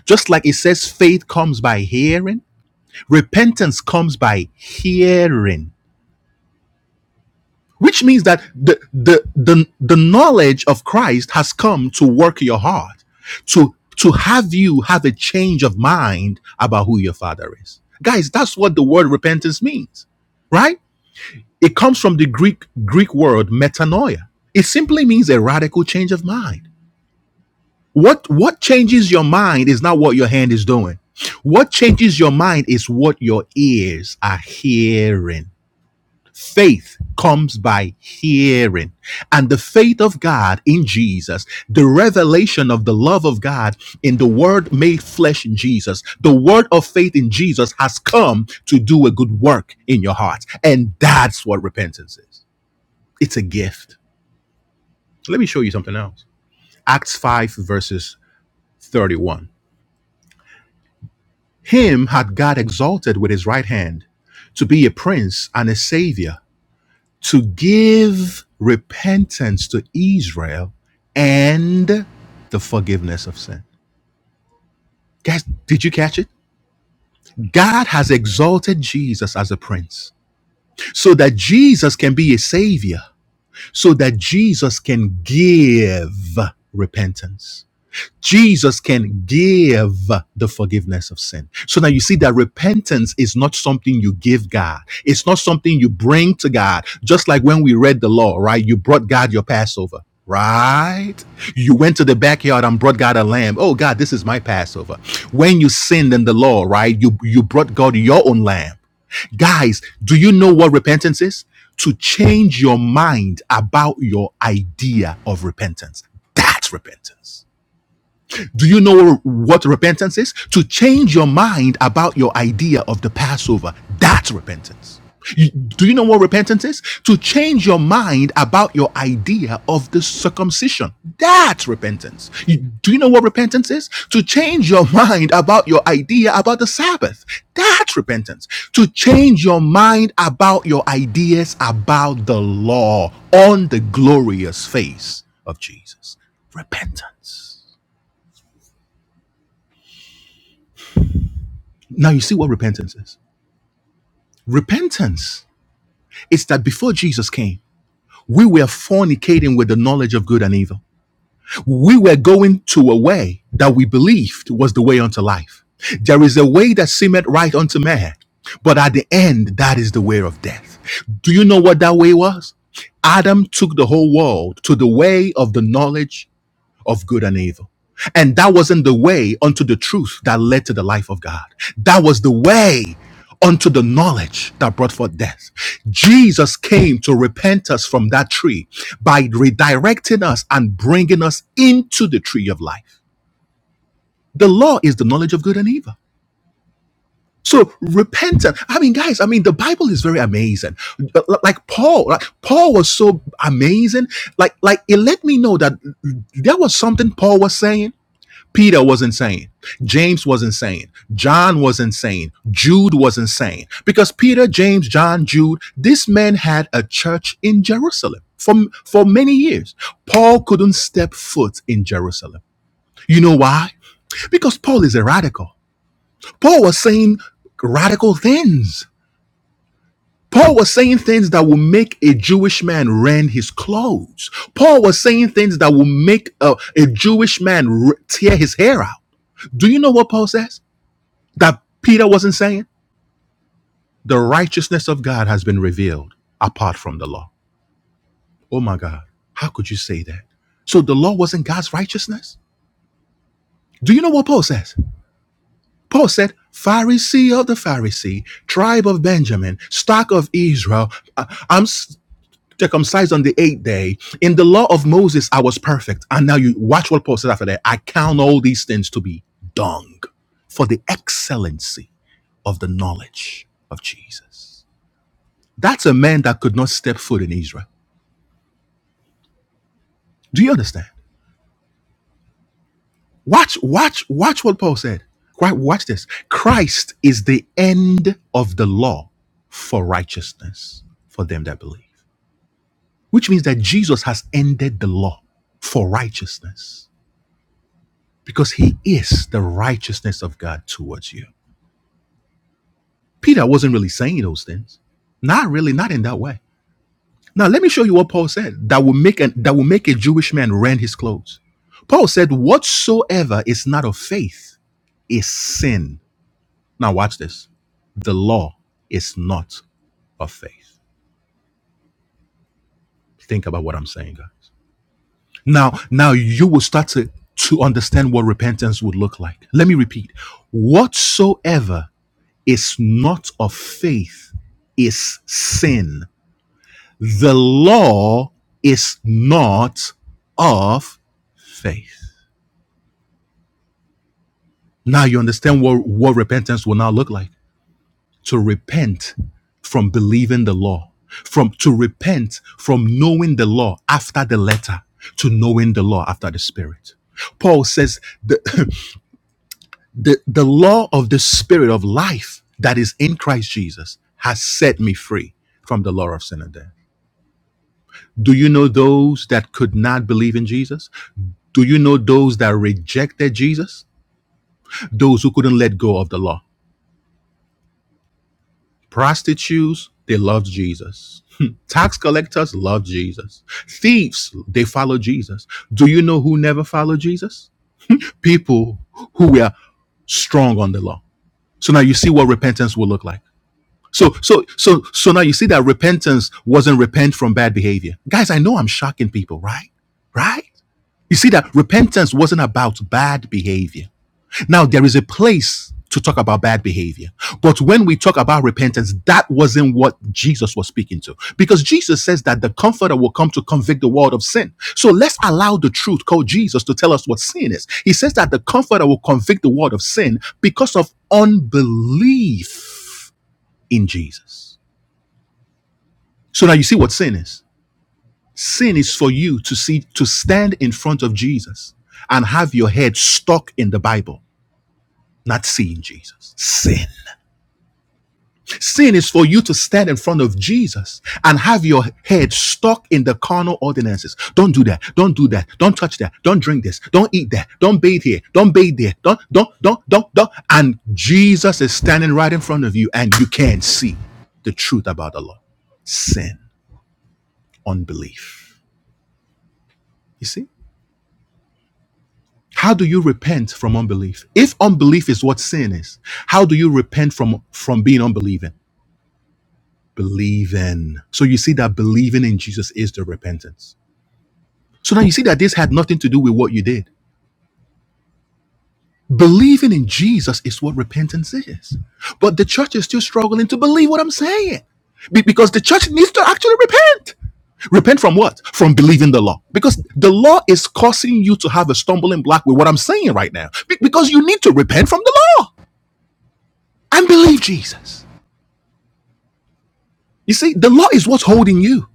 S1: Just like it says faith comes by hearing, repentance comes by hearing which means that the, the the the knowledge of Christ has come to work your heart to to have you have a change of mind about who your father is guys that's what the word repentance means right it comes from the greek greek word metanoia it simply means a radical change of mind what what changes your mind is not what your hand is doing what changes your mind is what your ears are hearing Faith comes by hearing. And the faith of God in Jesus, the revelation of the love of God in the word made flesh in Jesus, the word of faith in Jesus has come to do a good work in your heart. And that's what repentance is it's a gift. Let me show you something else. Acts 5, verses 31. Him had God exalted with his right hand to be a prince and a savior to give repentance to Israel and the forgiveness of sin. Guys, did you catch it? God has exalted Jesus as a prince so that Jesus can be a savior, so that Jesus can give repentance. Jesus can give the forgiveness of sin. So now you see that repentance is not something you give God. It's not something you bring to God. Just like when we read the law, right? You brought God your Passover, right? You went to the backyard and brought God a lamb. Oh God, this is my Passover. When you sinned in the law, right? You you brought God your own lamb. Guys, do you know what repentance is? To change your mind about your idea of repentance. That's repentance. Do you know what repentance is? To change your mind about your idea of the Passover. That's repentance. You- do you know what repentance is? To change your mind about your idea of the circumcision. That's repentance. You- do you know what repentance is? To change your (laughs) mind about your idea about the Sabbath. That's repentance. To change your mind about your ideas about the law on the glorious face of Jesus. Repentance. Now you see what repentance is. Repentance is that before Jesus came, we were fornicating with the knowledge of good and evil. We were going to a way that we believed was the way unto life. There is a way that seemeth right unto man, but at the end, that is the way of death. Do you know what that way was? Adam took the whole world to the way of the knowledge of good and evil. And that wasn't the way unto the truth that led to the life of God. That was the way unto the knowledge that brought forth death. Jesus came to repent us from that tree by redirecting us and bringing us into the tree of life. The law is the knowledge of good and evil. So repentance. I mean, guys. I mean, the Bible is very amazing. Like Paul, like Paul was so amazing. Like, like it let me know that there was something Paul was saying Peter was insane. James was insane. John was insane. Jude was insane. Because Peter, James, John, Jude, this man had a church in Jerusalem for, for many years. Paul couldn't step foot in Jerusalem. You know why? Because Paul is a radical. Paul was saying radical things. Paul was saying things that will make a Jewish man rend his clothes. Paul was saying things that will make a, a Jewish man tear his hair out. Do you know what Paul says? that Peter wasn't saying? The righteousness of God has been revealed apart from the law. Oh my God, how could you say that? So the law wasn't God's righteousness? Do you know what Paul says? Paul said, Pharisee of the Pharisee, tribe of Benjamin, stock of Israel, I- am circumcised on the eighth day. In the law of Moses, I was perfect. And now you watch what Paul says after that. I count all these things to be dung for the excellency of the knowledge of Jesus. That's a man that could not step foot in Israel. Do you understand? Watch, watch, watch what Paul said. Wa- Watch this. Christ is the end of the law for righteousness for them that believe, which means that Jesus has ended the law for righteousness because he is the righteousness of God towards you. Peter wasn't really saying those things. Not really, not in that way Now let me show you what Paul said that will make an, that will make a Jewish man rend his clothes. Paul said, "Whatsoever is not of faith is sin." Now watch this. The law is not of faith. Think about what I'm saying, guys. Now, now you will start to to understand what repentance would look like. Let me repeat. Whatsoever is not of faith is sin. The law is not of faith. Now you understand what, what repentance will now look like. To repent from believing the law, from to repent from knowing the law after the letter to knowing the law after the spirit. Paul says the, (laughs) the, the law of the spirit of life that is in Christ Jesus has set me free from the law of sin and death. Do you know those that could not believe in Jesus? Do you know those that rejected Jesus? Those who couldn't let go of the law. Prostitutes, they loved Jesus. (laughs) Tax collectors loved Jesus. Thieves, they followed Jesus. Do you know who never followed Jesus? People who were strong on the law. So now you see what repentance will look like. So so so so now you see that repentance wasn't repent from bad behavior. Guys, I know I'm shocking people, right? Right? You see that repentance wasn't about bad behavior. Now, there is a place to talk about bad behavior. But when we talk about repentance, that wasn't what Jesus was speaking to. Because Jesus says that the comforter will come to convict the world of sin. So let's allow the truth called Jesus to tell us what sin is. He says that the comforter will convict the world of sin because of unbelief in Jesus. So now you see what sin is. Sin is for you to see to stand in front of Jesus and have your head stuck in the Bible, not seeing Jesus. Sin. Sin is for you to stand in front of Jesus and have your head stuck in the carnal ordinances. Don't do that. Don't do that. Don't touch that. Don't drink this. Don't eat that. Don't bathe here. Don't bathe there. Don't don't don't don't don't. And Jesus is standing right in front of you, and you can't see the truth about the Lord. Sin, unbelief. You see? How do you repent from unbelief? If unbelief is what sin is, how do you repent from from being unbelieving? Believing. So you see that believing in Jesus is the repentance. So now you see that this had nothing to do with what you did. Believing in Jesus is what repentance is. But the church is still struggling to believe what I'm saying. Be- because the church needs to actually repent. Repent from what? From believing the law. Because the law is causing you to have a stumbling block with what I'm saying right now. Be- because you need to repent from the law. and believe Jesus. You see, the law is what's holding you.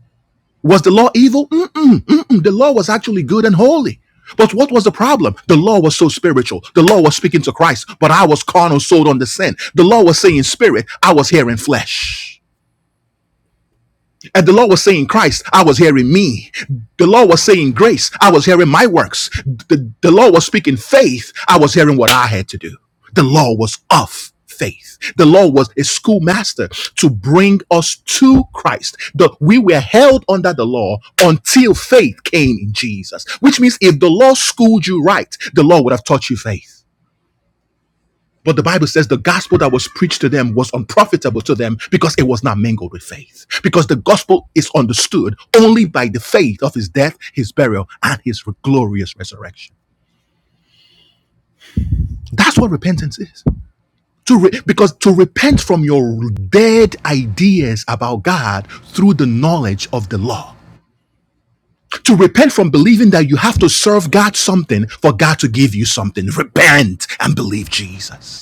S1: Was the law evil? Mm-mm, mm-mm. The law was actually good and holy. But what was the problem? The law was so spiritual. The law was speaking to Christ, but I was carnal, sold on the sin. The law was saying spirit, I was hearing flesh. And the Lord was saying, Christ, I was hearing me. The Lord was saying, Grace, I was hearing my works. The, the Lord was speaking faith, I was hearing what I had to do. The law was of faith. The law was a schoolmaster to bring us to Christ. The, we were held under the law until faith came in Jesus, which means if the law schooled you right, the law would have taught you faith. But the Bible says the gospel that was preached to them was unprofitable to them because it was not mingled with faith. Because the gospel is understood only by the faith of his death, his burial, and his glorious resurrection. That's what repentance is. To re- because to repent from your dead ideas about God through the knowledge of the law. To repent from believing that you have to serve God something for God to give you something. Repent and believe Jesus.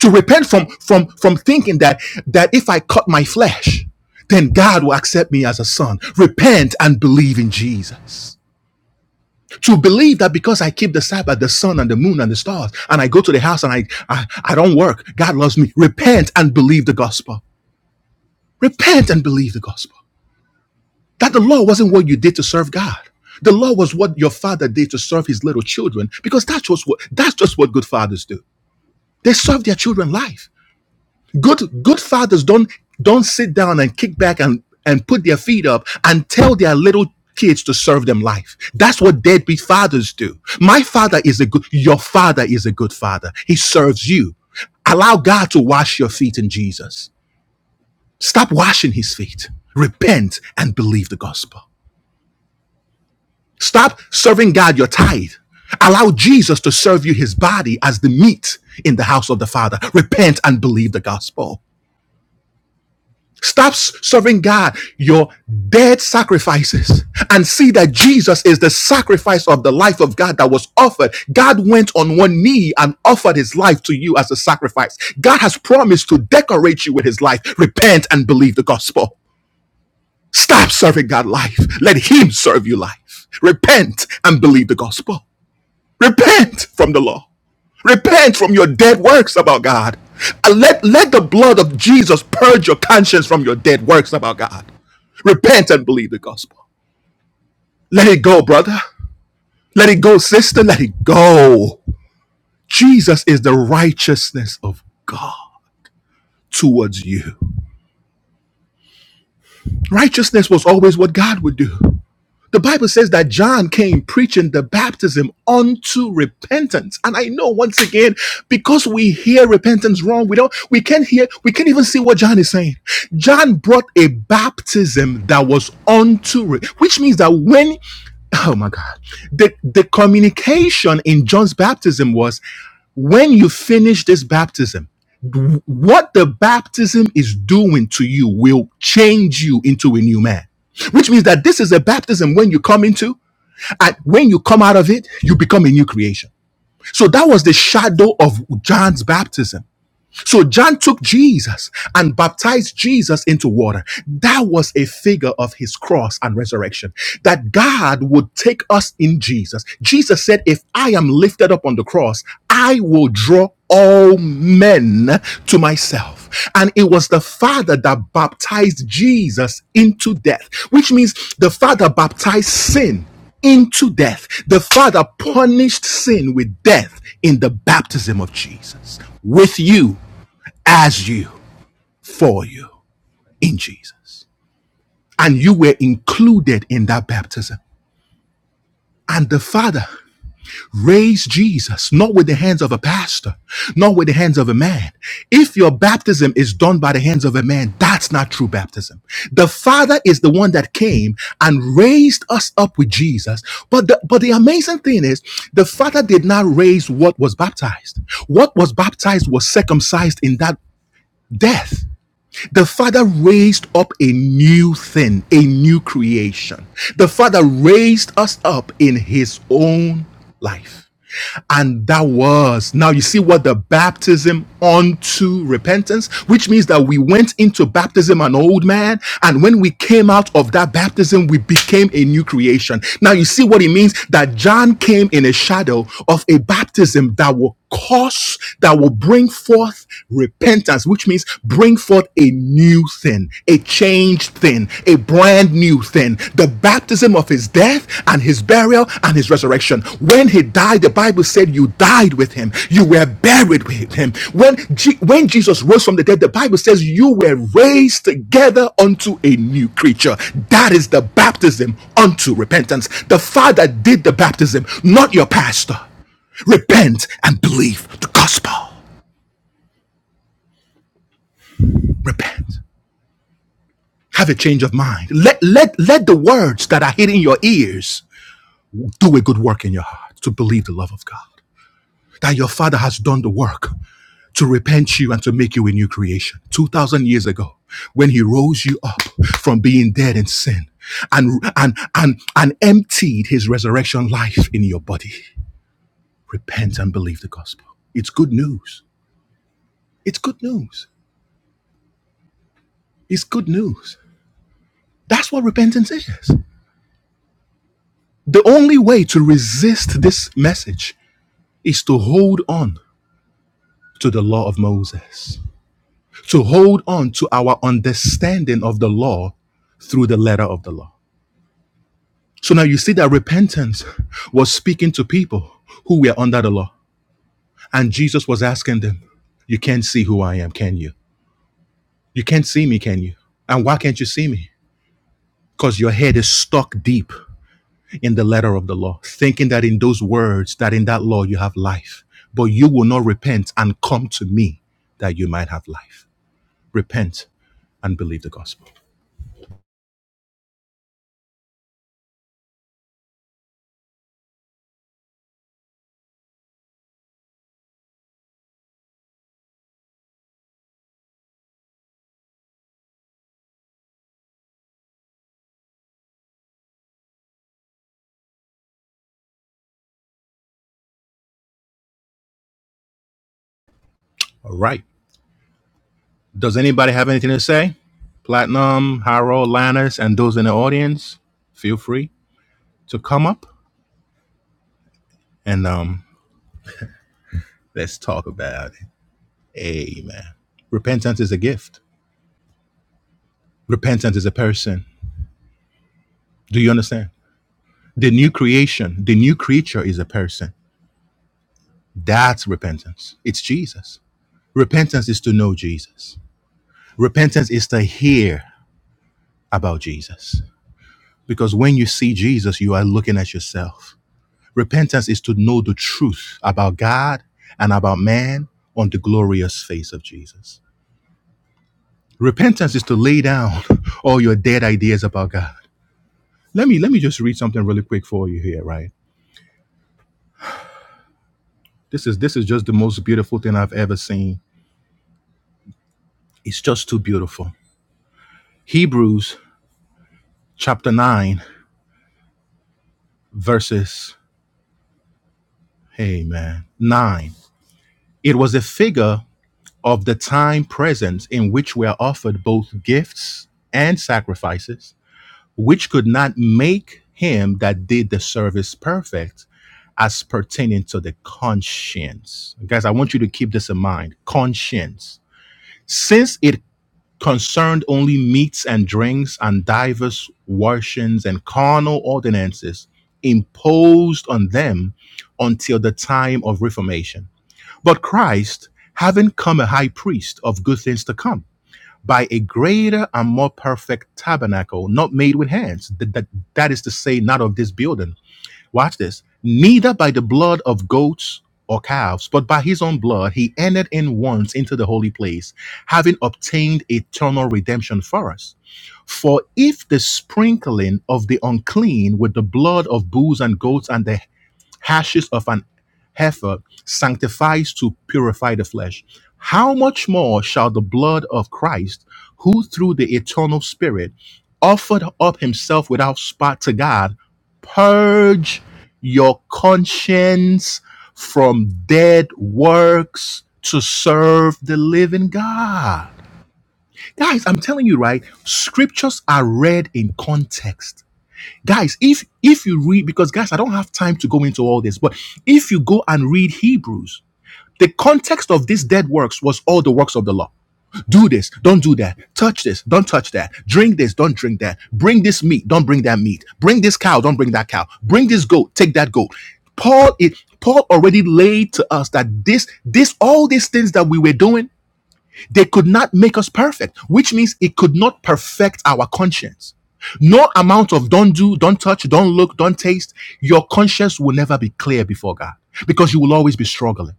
S1: to repent from from from thinking that that if i cut my flesh then god will accept me as a son repent and believe in jesus to believe that because i keep the sabbath the sun and the moon and the stars and i go to the house and i i, I don't work god loves me repent and believe the gospel repent and believe the gospel that the law wasn't what you did to serve god the law was what your father did to serve his little children because that's just what that's just what good fathers do they serve their children life Good good fathers don't don't sit down and kick back and and put their feet up and tell their little kids to serve them life. That's what deadbeat fathers do. My father is a good your father is a good father. He serves you. Allow God to wash your feet in Jesus. Stop washing his feet. Repent and believe the gospel. Stop serving God your tithe. Allow Jesus to serve you his body as the meat in the house of the Father. Repent and believe the gospel. Stop serving God your dead sacrifices and see that Jesus is the sacrifice of the life of God that was offered. God went on one knee and offered his life to you as a sacrifice. God has promised to decorate you with his life. Repent and believe the gospel. Stop serving God life. Let him serve you life. Repent and believe the gospel. Repent from the law. Repent from your dead works about God. And let, let the blood of Jesus purge your conscience from your dead works about God. Repent and believe the gospel. Let it go, brother. Let it go, sister. Let it go. Jesus is the righteousness of God towards you. Righteousness was always what God would do. The Bible says that John came preaching the baptism unto repentance. And I know once again, because we hear repentance wrong, we don't we can't hear, we can't even see what John is saying. John brought a baptism that was unto which means that when oh my God. The, the communication in John's baptism was when you finish this baptism, what the baptism is doing to you will change you into a new man. Which means that this is a baptism when you come into, and when you come out of it, you become a new creation. So that was the shadow of John's baptism so John took Jesus and baptized Jesus into water. That was a figure of his cross and resurrection. That God would take us in Jesus. Jesus said, If I am lifted up on the cross, I will draw all men to myself. And it was the Father that baptized Jesus into death, which means the Father baptized sin into death. The Father punished sin with death in the baptism of Jesus with you as you for you in Jesus. And you were included in that baptism. And the Father raised Jesus, not with the hands of a pastor, not with the hands of a man. If your baptism is done by the hands of a man, that's not true baptism. The Father is the one that came and raised us up with Jesus. But the, but the amazing thing is, the Father did not raise what was baptized. What was baptized was circumcised in that death. The Father raised up a new thing, a new creation. The Father raised us up in His own life. And that was, now you see what the baptism unto repentance, which means that we went into baptism an old man. And when we came out of that baptism, we became a new creation. Now you see what it means that John came in a shadow of a baptism that will cause that will bring forth repentance, which means bring forth a new thing, a changed thing, a brand new thing. The baptism of his death and his burial and his resurrection. When he died, the Bible said you died with him, you were buried with him. When, Je- when Jesus rose from the dead, the Bible says you were raised together unto a new creature. That is the baptism unto repentance. The Father did the baptism, not your pastor. Repent and believe the gospel. Repent. Have a change of mind. Let, let, let the words that are hitting your ears do a good work in your heart to believe the love of God. That your Father has done the work to repent you and to make you a new creation. 2,000 years ago, when He rose you up from being dead in sin and, and, and, and emptied His resurrection life in your body. Repent and believe the gospel. It's good news. It's good news. It's good news. That's what repentance is. The only way to resist this message is to hold on to the law of Moses, to hold on to our understanding of the law through the letter of the law. So now you see that repentance was speaking to people who were under the law. And Jesus was asking them, You can't see who I am, can you? You can't see me, can you? And why can't you see me? Because your head is stuck deep in the letter of the law, thinking that in those words, that in that law you have life. But you will not repent and come to me that you might have life. Repent and believe the gospel. All right. Does anybody have anything to say? Platinum, Harold, Lannis, and those in the audience, feel free to come up and um, let's talk about it. Amen. Repentance is a gift. Repentance is a person. Do you understand? The new creation, the new creature is a person. That's repentance. It's Jesus. Repentance is to know Jesus. Repentance is to hear about Jesus. Because when you see Jesus, you are looking at yourself. Repentance is to know the truth about God and about man on the glorious face of Jesus. Repentance is to lay down (laughs) all your dead ideas about God. Let me let me just read something really quick for you here, right? This is this is just the most beautiful thing I've ever seen. It's just too beautiful. Hebrews chapter 9 verses, hey man, 9. It was a figure of the time present in which were offered both gifts and sacrifices, which could not make him that did the service perfect as pertaining to the conscience. Guys, I want you to keep this in mind conscience. Since it concerned only meats and drinks and divers washings and carnal ordinances imposed on them until the time of reformation. But Christ, having come a high priest of good things to come, by a greater and more perfect tabernacle, not made with hands, that, that, that is to say, not of this building, Watch this. Neither by the blood of goats or calves, but by his own blood, he entered in once into the holy place, having obtained eternal redemption for us. For if the sprinkling of the unclean with the blood of bulls and goats and the hashes of an heifer sanctifies to purify the flesh, how much more shall the blood of Christ, who through the eternal Spirit offered up himself without spot to God, purge your conscience from dead works to serve the living God? Guys, I'm telling you, right? Scriptures are read in context guys if if you read because guys i don't have time to go into all this but if you go and read hebrews the context of these dead works was all the works of the law do this don't do that touch this don't touch that drink this don't drink that bring this meat don't bring that meat bring this cow don't bring that cow bring this goat take that goat paul it paul already laid to us that this this all these things that we were doing they could not make us perfect, which means it could not perfect our conscience. No amount of don't do, don't touch, don't look, don't taste, your conscience will never be clear before God because you will always be struggling.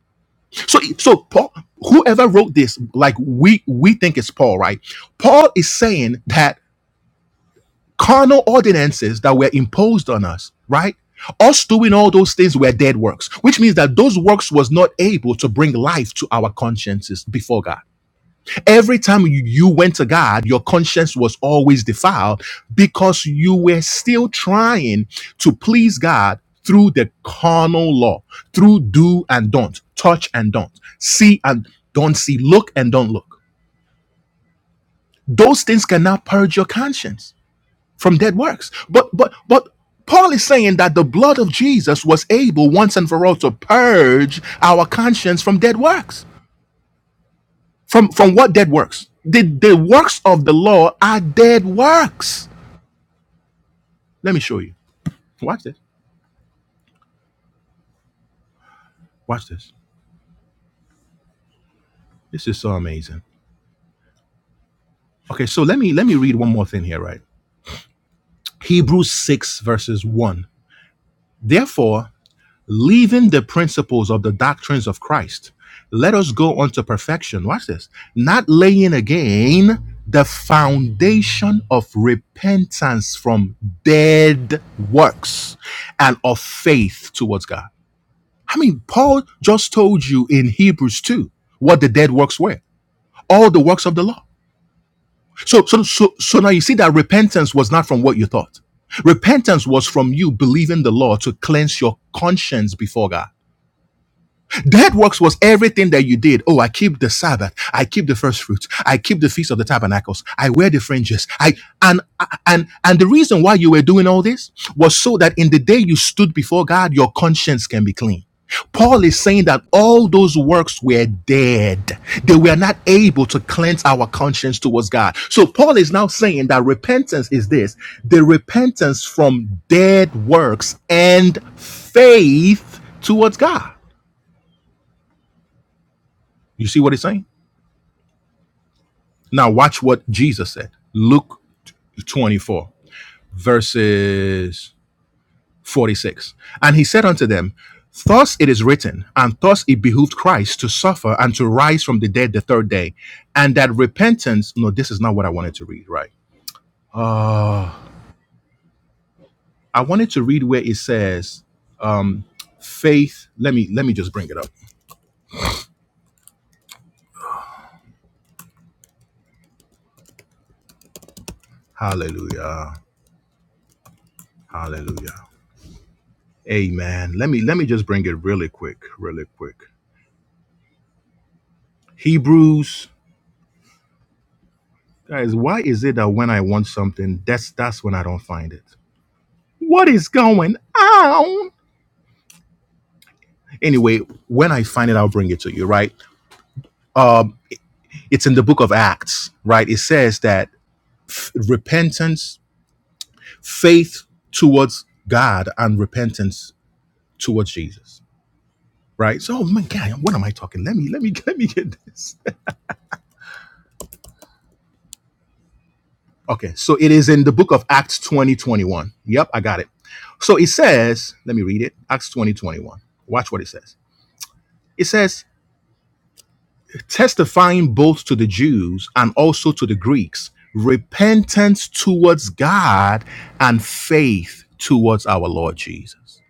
S1: So, so Paul, whoever wrote this, like we we think it's Paul, right? Paul is saying that carnal ordinances that were imposed on us, right? Us doing all those things were dead works, which means that those works was not able to bring life to our consciences before God. Every time you, you went to God, your conscience was always defiled because you were still trying to please God through the carnal law, through do and don't, touch and don't, see and don't see, look and don't look. Those things cannot purge your conscience from dead works. But but but Paul is saying that the blood of Jesus was able once and for all to purge our conscience from dead works. From from what dead works? The the works of the law are dead works. Let me show you. Watch this. Watch this. This is so amazing. Okay, so let me let me read one more thing here, right? Hebrews 6 verses 1. Therefore, leaving the principles of the doctrines of Christ, let us go unto perfection. Watch this. Not laying again the foundation of repentance from dead works and of faith towards God. I mean, Paul just told you in Hebrews 2 what the dead works were, all the works of the law. So, so, so, so now you see that repentance was not from what you thought. Repentance was from you believing the law to cleanse your conscience before God. Dead works was everything that you did. Oh, I keep the Sabbath. I keep the first fruits. I keep the feast of the tabernacles. I wear the fringes. I and and and the reason why you were doing all this was so that in the day you stood before God, your conscience can be clean. Paul is saying that all those works were dead. They were not able to cleanse our conscience towards God. So Paul is now saying that repentance is this the repentance from dead works and faith towards God. You see what he's saying? Now watch what Jesus said. Luke 24, verses 46. And he said unto them, Thus it is written, and thus it behooved Christ to suffer and to rise from the dead the third day, and that repentance. No, this is not what I wanted to read, right? Uh, I wanted to read where it says, um, faith. Let me let me just bring it up. Hallelujah. Hallelujah. Amen. Let me let me just bring it really quick, really quick. Hebrews, guys, why is it that when I want something, that's that's when I don't find it? What is going on? Anyway, when I find it, I'll bring it to you, right? Um, it's in the book of Acts, right? It says that f- repentance, faith towards God, and repentance towards Jesus, right? So, oh my God, what am I talking? Let me, let me, (laughs) let me get this. Okay, so it is in the book of Acts 20 21. Yep, I got it. So it says, let me read it Acts 20 21. Watch what it says. It says, testifying both to the Jews and also to the Greeks, repentance towards God and faith towards our Lord Jesus.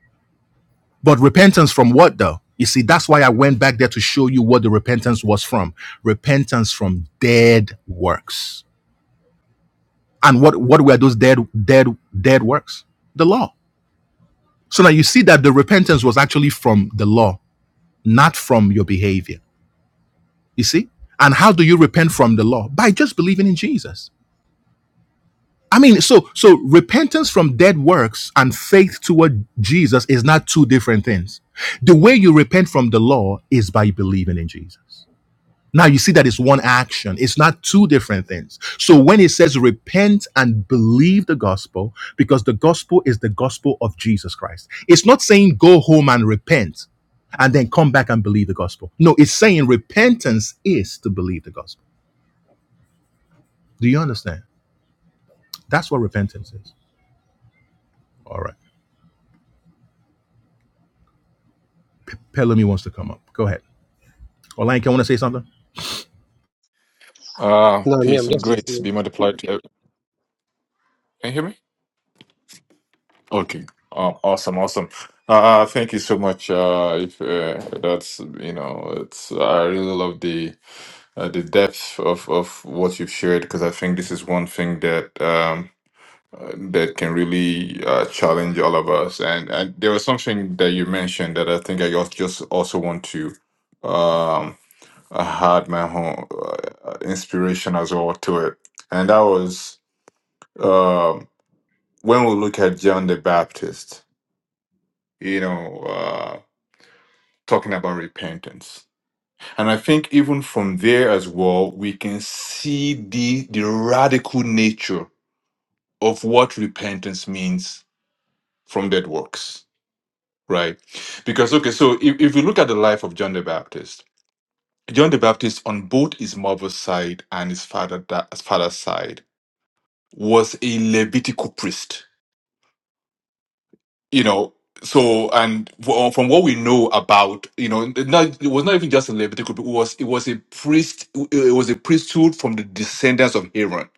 S1: But repentance from what though? You see, that's why I went back there to show you what the repentance was from. Repentance from dead works. And what, what were those dead, dead, dead works? The law So now you see that the repentance was actually from the law, not from your behavior. You see? And how do you repent from the law? By just believing in Jesus. I mean, so so repentance from dead works and faith toward Jesus is not two different things. The way you repent from the law is by believing in Jesus. Now you see that it's one action. It's not two different things. So when it says repent and believe the gospel, because the gospel is the gospel of Jesus Christ, it's not saying go home and repent and then come back and believe the gospel. No, it's saying repentance is to believe the gospel. Do you understand? That's what repentance is. All right. Pelumi wants to come up. Go ahead. Olanke, want to say something?
S8: Uh,
S9: No, me,
S8: peace
S9: I'm
S8: and
S9: just
S8: grace be
S9: listening.
S8: multiplied. to ev- Can you hear me? Okay. Oh, awesome, awesome. Uh, uh, thank you so much. Uh, if uh, that's you know, it's I really love the uh, the depth of of what you've shared because I think this is one thing that um uh, that can really uh, challenge all of us. And and there was something that you mentioned that I think I als- just also want to um had my own uh, inspiration as well to it, and that was. um, when we look at John the Baptist, you know, uh, talking about repentance. And I think even from there as well, we can see the, the radical nature of what repentance means from dead works, right? Because, okay, so if, if we look at the life of John the Baptist, John the Baptist, on both his mother's side and his father, da- father's side, was a Levitical priest you know so and fro- from what we know about you know not, it was not even just in Leviticus it was it was a priest it was a priesthood from the descendants of Aaron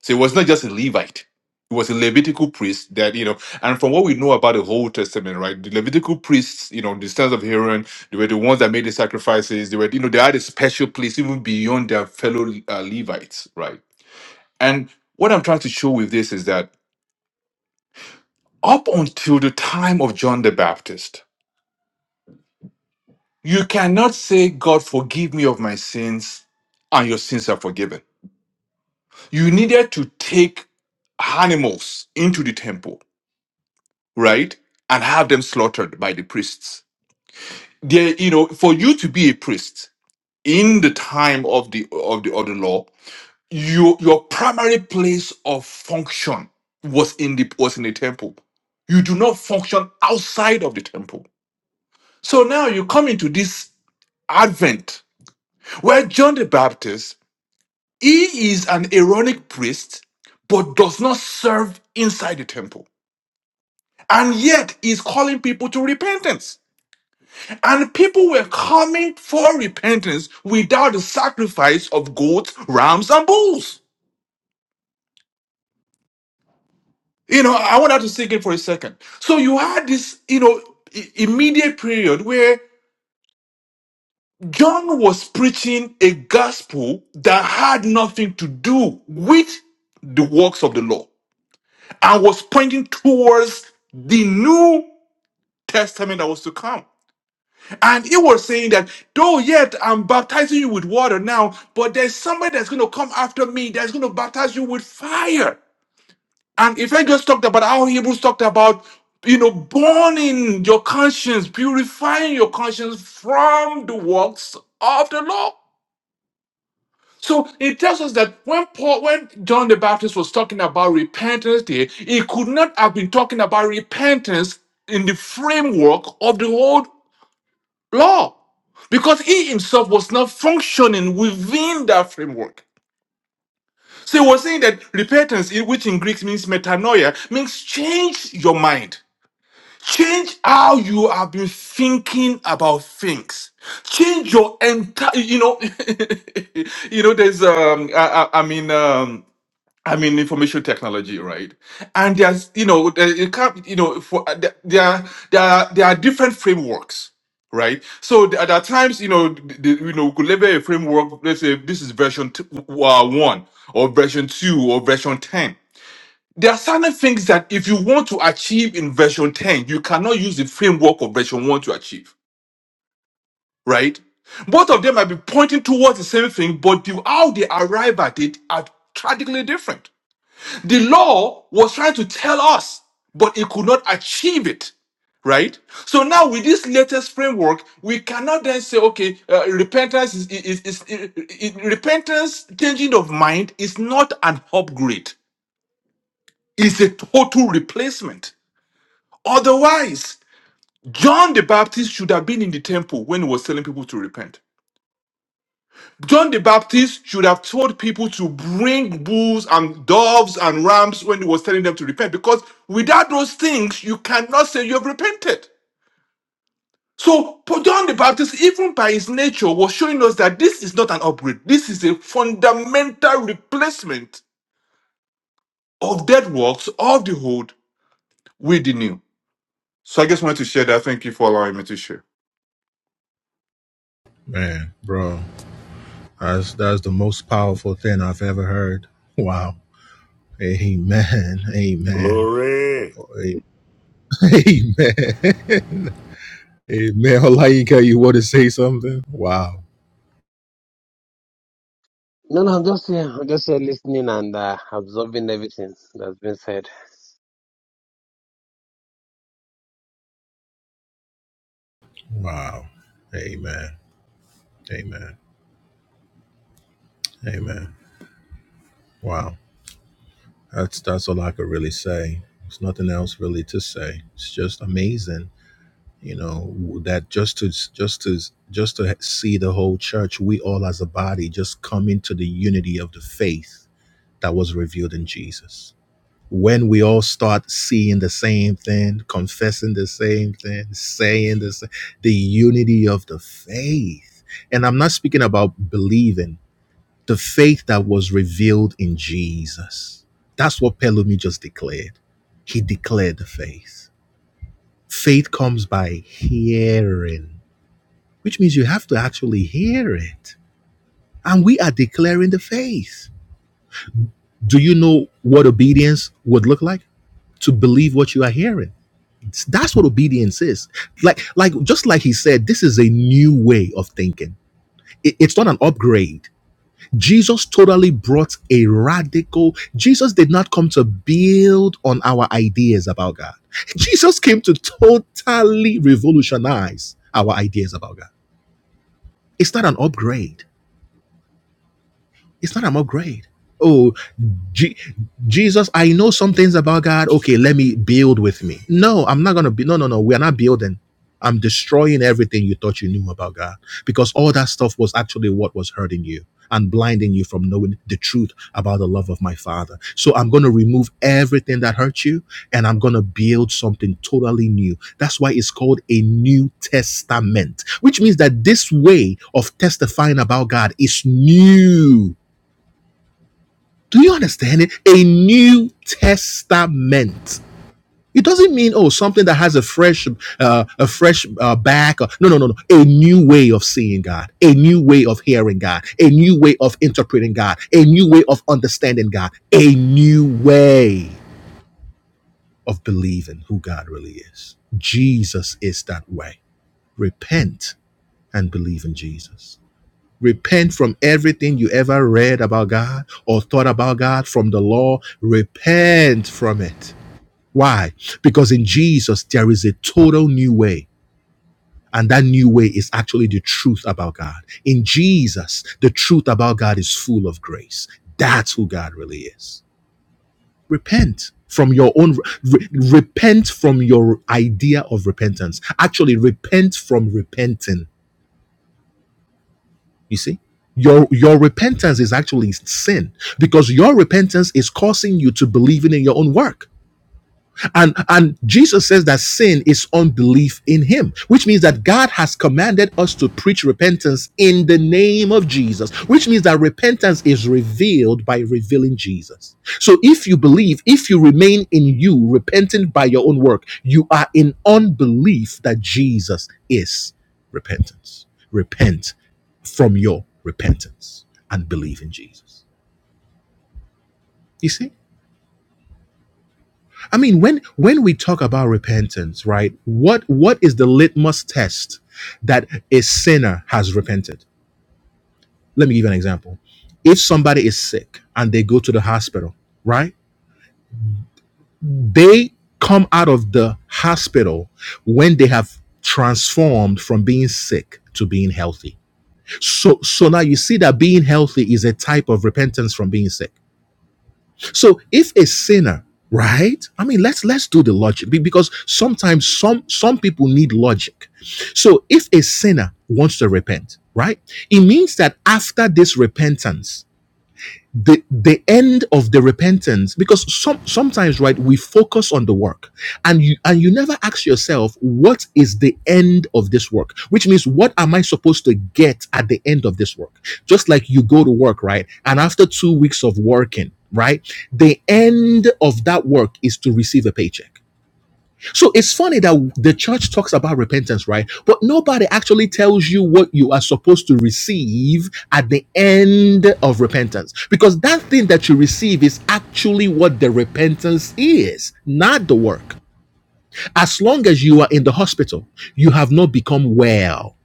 S8: so it was not just a Levite it was a Levitical priest that you know and from what we know about the whole testament right the Levitical priests you know the sons of Aaron they were the ones that made the sacrifices they were you know they had a special place even beyond their fellow uh, Levites right and what I'm trying to show with this is that up until the time of John the Baptist You cannot say, God, forgive me of my sins, and your sins are forgiven. You needed to take animals into the temple, right? And have them slaughtered by the priests. There, you know, for you to be a priest in the time of the of the of the law, you your primary place of function was in the was in the temple. You do not function outside of the temple. So now you come into this advent where John the Baptist He is an Aaronic priest, but does not serve inside the temple. And yet he's calling people to repentance. And people were coming for repentance without the sacrifice of goats, rams, and bulls. You know, I want us to sink in for a second. So you had this, you know, i- immediate period where John was preaching a gospel that had nothing to do with the works of the law and was pointing towards the new testament that was to come. And he was saying that, though yet I'm baptizing you with water now, but there's somebody that's going to come after me that's going to baptize you with fire. And if I just talked about how Hebrews talked about, you know, burning your conscience, purifying your conscience from the works of the law. So it tells us that when Paul, when John the Baptist was talking about repentance, there, he could not have been talking about repentance in the framework of the old law because he himself was not functioning within that framework. So he was saying that repentance, in- which in Greek means metanoia, means change your mind. Change how you have been thinking about things. Change your entire, you know, (laughs) you know. There's, um, I, I I mean, um, I mean, information technology, right? And there's, you know, there- you can't, you know, for uh, there, there are there are there are different frameworks, right? So there, are there are times, you know, the, the- you know, we could level a framework. Let's say this is version two, uh, one, or version two, or version ten. There are certain things that if you want to achieve in version ten, you cannot use the framework of version one to achieve, right? Both of them might be pointing towards the same thing, but the, how they arrive at it are tragically different the law was trying to tell us, but it could not achieve it, right? So now, with this latest framework, we cannot then say, okay, uh, repentance is, is, is, is- i- repentance, changing of mind is not an upgrade, it's a total replacement. Otherwise, John the Baptist should have been in the temple when he was telling people to repent. John the Baptist should have told people to bring bulls and doves and rams when he was telling them to repent, because without those things, you cannot say you have repented. So, Paul- John the Baptist, even by his nature, was showing us that this is not an upgrade. This is a fundamental replacement of dead works of the old with the new. So, I just wanted to share that. Thank you for allowing me to share.
S1: Man, bro, that's that's the most powerful thing I've ever heard. Wow. Amen. Amen.
S6: Glory.
S1: Amen. (laughs) Amen. Halayika, you got you want to say something? Wow.
S9: No, no, I'm just, yeah, I'm just uh, listening and uh, absorbing everything that's been said.
S1: Wow. Amen. Amen. Amen. Wow. That's that's all I could really say. There's nothing else really to say. It's just amazing, you know, that just to just to just to see the whole church, we all as a body, just come into the unity of the faith that was revealed in Jesus. when we all start seeing the same thing, confessing the same thing, saying the same, the unity of the faith. And I'm not speaking about believing, the faith that was revealed in Jesus. That's what Pelumi just declared. He declared the faith. Faith comes by hearing, which means you have to actually hear it. And we are declaring the faith. Do you know what obedience would look like? To believe what you are hearing That's what obedience is. Like, like just like he said, this is a new way of thinking. It- it's not an upgrade. Jesus totally brought a radical. Jesus did not come to build on our ideas about God. Jesus came to totally revolutionize our ideas about God. It's not an upgrade. It's not an upgrade. Oh, Je- Jesus, I know some things about God. Okay, let me build with me. No, I'm not going to be. No, no, no. We are not building. I'm destroying everything you thought you knew about God because all that stuff was actually what was hurting you and blinding you from knowing the truth about the love of my Father. So I'm going to remove everything that hurt you and I'm going to build something totally new. That's why it's called a New Testament, which means that this way of testifying about God is new do you understand it? A New Testament. It doesn't mean oh something that has a fresh uh, a fresh uh, back. Or, no, no, no, no. A new way of seeing God, a new way of hearing God, a new way of interpreting God, a new way of understanding God, a new way of believing who God really is. Jesus is that way. Repent and believe in Jesus. Repent from everything you ever read about God or thought about God from the law. Repent from it. Why? Because in Jesus, there is a total new way. And that new way is actually the truth about God. In Jesus, the truth about God is full of grace. That's who God really is. Repent from your own, re- repent from your idea of repentance. Actually, repent from repenting You see, your your repentance is actually sin because your repentance is causing you to believe in your own work. And and Jesus says that sin is unbelief in him, which means that God has commanded us to preach repentance in the name of Jesus, which means that repentance is revealed by revealing Jesus. So if you believe, if you remain in you repentant by your own work, you are in unbelief that Jesus is repentance. Repent from your repentance and believe in Jesus. You see? I mean, when when we talk about repentance, right? What what is the litmus test that a sinner has repented? Let me give you an example. If somebody is sick and they go to the hospital, right? They come out of the hospital when they have transformed from being sick to being healthy. So so now you see that being healthy is a type of repentance from being sick. So if a sinner, right? I mean, let's let's do the logic because sometimes some some people need logic. So if a sinner wants to repent, right? It means that after this repentance, the the end of the repentance because some sometimes right we focus on the work and you and you never ask yourself what is the end of this work which means what am i supposed to get at the end of this work just like you go to work right and after 2 weeks of working right the end of that work is to receive a paycheck so it's funny that the church talks about repentance, right? But nobody actually tells you what you are supposed to receive at the end of repentance. Because that thing that you receive is actually what the repentance is, not the work. As long as you are in the hospital, you have not become well.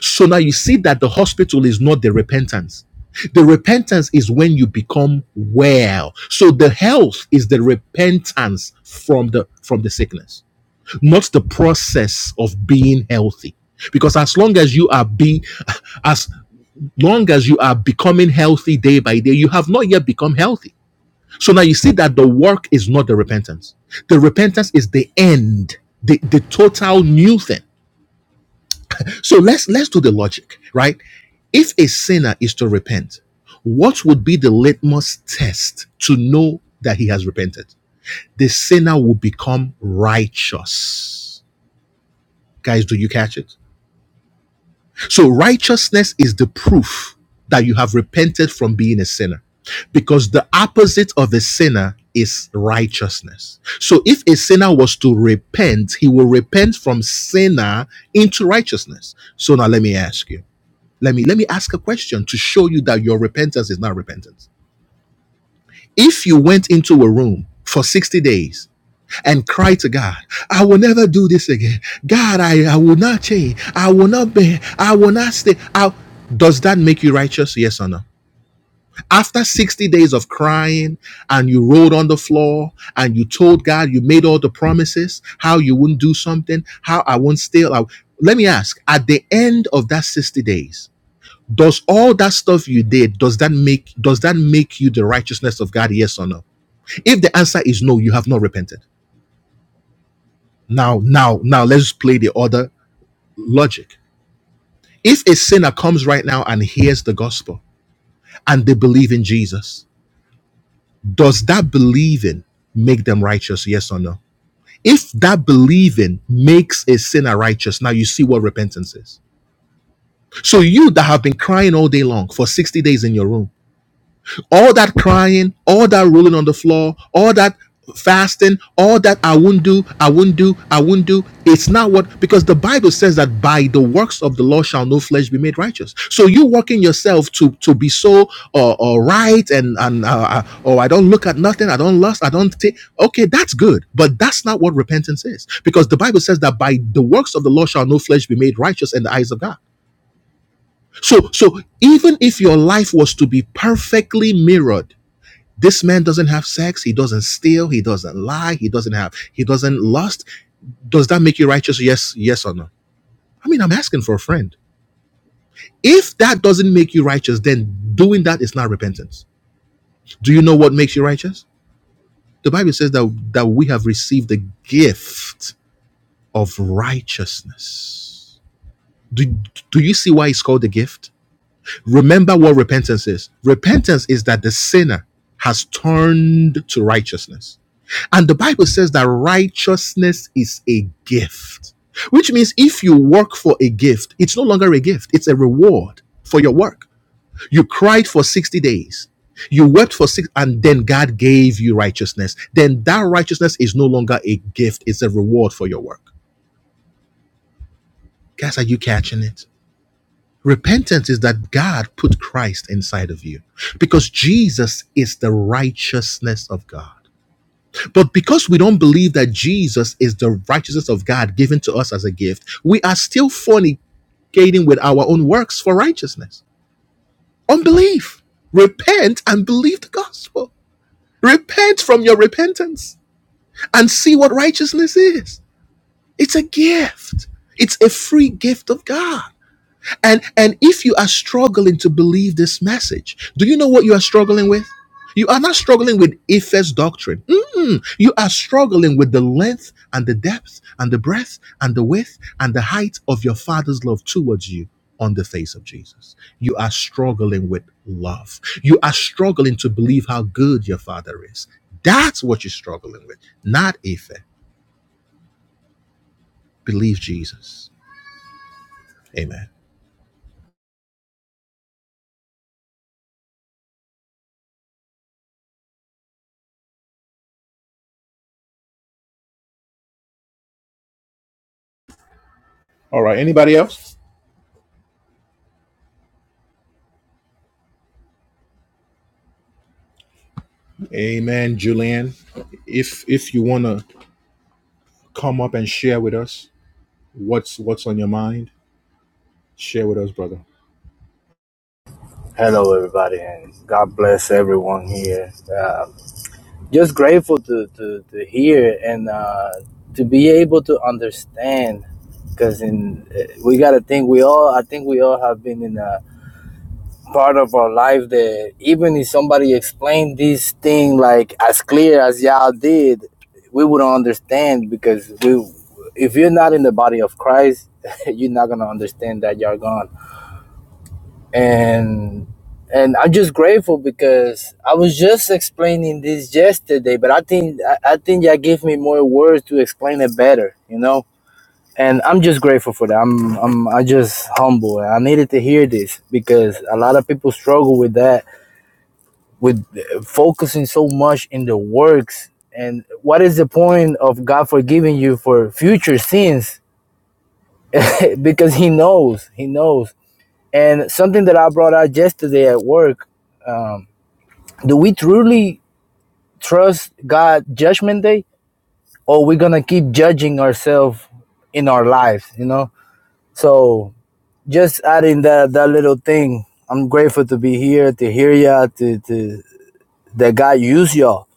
S1: So now you see that the hospital is not the repentance. The repentance is when you become well. So the health is the repentance from the from the sickness not the process of being healthy. Because as long as you are being, as long as you are becoming healthy day by day, you have not yet become healthy. So now you see that the work is not the repentance. The repentance is the end, the, the total new thing. So let's let's do the logic, right? If a sinner is to repent, what would be the litmus test to know that he has repented? The sinner will become righteous. Guys, do you catch it? So righteousness is the proof that you have repented from being a sinner because the opposite of a sinner is righteousness. So if a sinner was to repent, he will repent from sinner into righteousness. So now let me ask you. Let me let me ask a question to show you that your repentance is not repentance. If you went into a room for 60 days and cry to God, I will never do this again. God, I, I will not change. I will not be. I will not stay. I, does that make you righteous? Yes or no? After 60 days of crying and you rolled on the floor and you told God, you made all the promises, how you wouldn't do something, how I won't stay. I- let me ask, at the end of that 60 days, does all that stuff you did does that make does that make you the righteousness of God yes or no if the answer is no you have not repented Now, now, now let's play the other logic. If a sinner comes right now and hears the gospel and they believe in Jesus, does that believing make them righteous? Yes or no? If that believing makes a sinner righteous, now you see what repentance is. So you that have been crying all day long for 60 days in your room, all that crying, all that rolling on the floor, all that fasting, all that I won't do, I won't do, I won't do. It's not what because the Bible says that by the works of the law shall no flesh be made righteous. So you working yourself to to be so uh, uh, right and and uh, uh, oh I don't look at nothing, I don't lust, I don't take. Okay, that's good, but that's not what repentance is because the Bible says that by the works of the law shall no flesh be made righteous in the eyes of God. So so even if your life was to be perfectly mirrored this man doesn't have sex. He doesn't steal. He doesn't lie. He doesn't have. He doesn't lust. Does that make you righteous? Yes, yes or no? I mean, I'm asking for a friend. If that doesn't make you righteous, then doing that is not repentance. Do you know what makes you righteous? The Bible says that, that we have received the gift of righteousness. Do, do you see why it's called a gift? Remember what repentance is. Repentance is that the sinner has turned to righteousness And the Bible says that righteousness is a gift, which means if you work for a gift, it's no longer a gift, it's a reward for your work. You cried for 60 days, you wept for six, and then God gave you righteousness. Then that righteousness is no longer a gift, it's a reward for your work. Guys, are you catching it? Repentance is that God put Christ inside of you because Jesus is the righteousness of God. But because we don't believe that Jesus is the righteousness of God given to us as a gift, we are still fornicating with our own works for righteousness. Unbelief. Repent and believe the gospel. Repent from your repentance and see what righteousness is. It's a gift, it's a free gift of God. And and if you are struggling to believe this message, do you know what you are struggling with? You are not struggling with Ephes doctrine. Mm-mm. You are struggling with the length and the depth and the breadth and the width and the height of your Father's love towards you on the face of Jesus. You are struggling with love. You are struggling to believe how good your Father is. That's what you're struggling with, not Ephes. Believe Jesus. Amen. All right. Anybody else? Amen, Julianne. If if you wanna come up and share with us what's what's on your mind, share with us, brother.
S10: Hello, everybody, and God bless everyone here. Uh, just grateful to, to, to hear and uh, to be able to understand, because in eh, we gotta think we all. I think we all have been in a part of our life that even if somebody explained this thing like as clear as y'all did, we wouldn't understand because we, if you're not in the body of Christ, (laughs) you're not gonna understand that you're gone and and I'm just grateful because I was just explaining this yesterday, but I think I, I think y'all gave me more words to explain it better, you know. And I'm just grateful for that. I'm I'm I just humble. I needed to hear this because a lot of people struggle with that, with focusing so much in the works. And what is the point of God forgiving you for future sins? (laughs) because He knows, He knows and something that I brought out yesterday at work, um, do we truly trust God judgment day or we're going to keep judging ourselves in our lives, you know? So just adding that, that little thing, I'm grateful to be here, to hear y'all, to, to, that God use y'all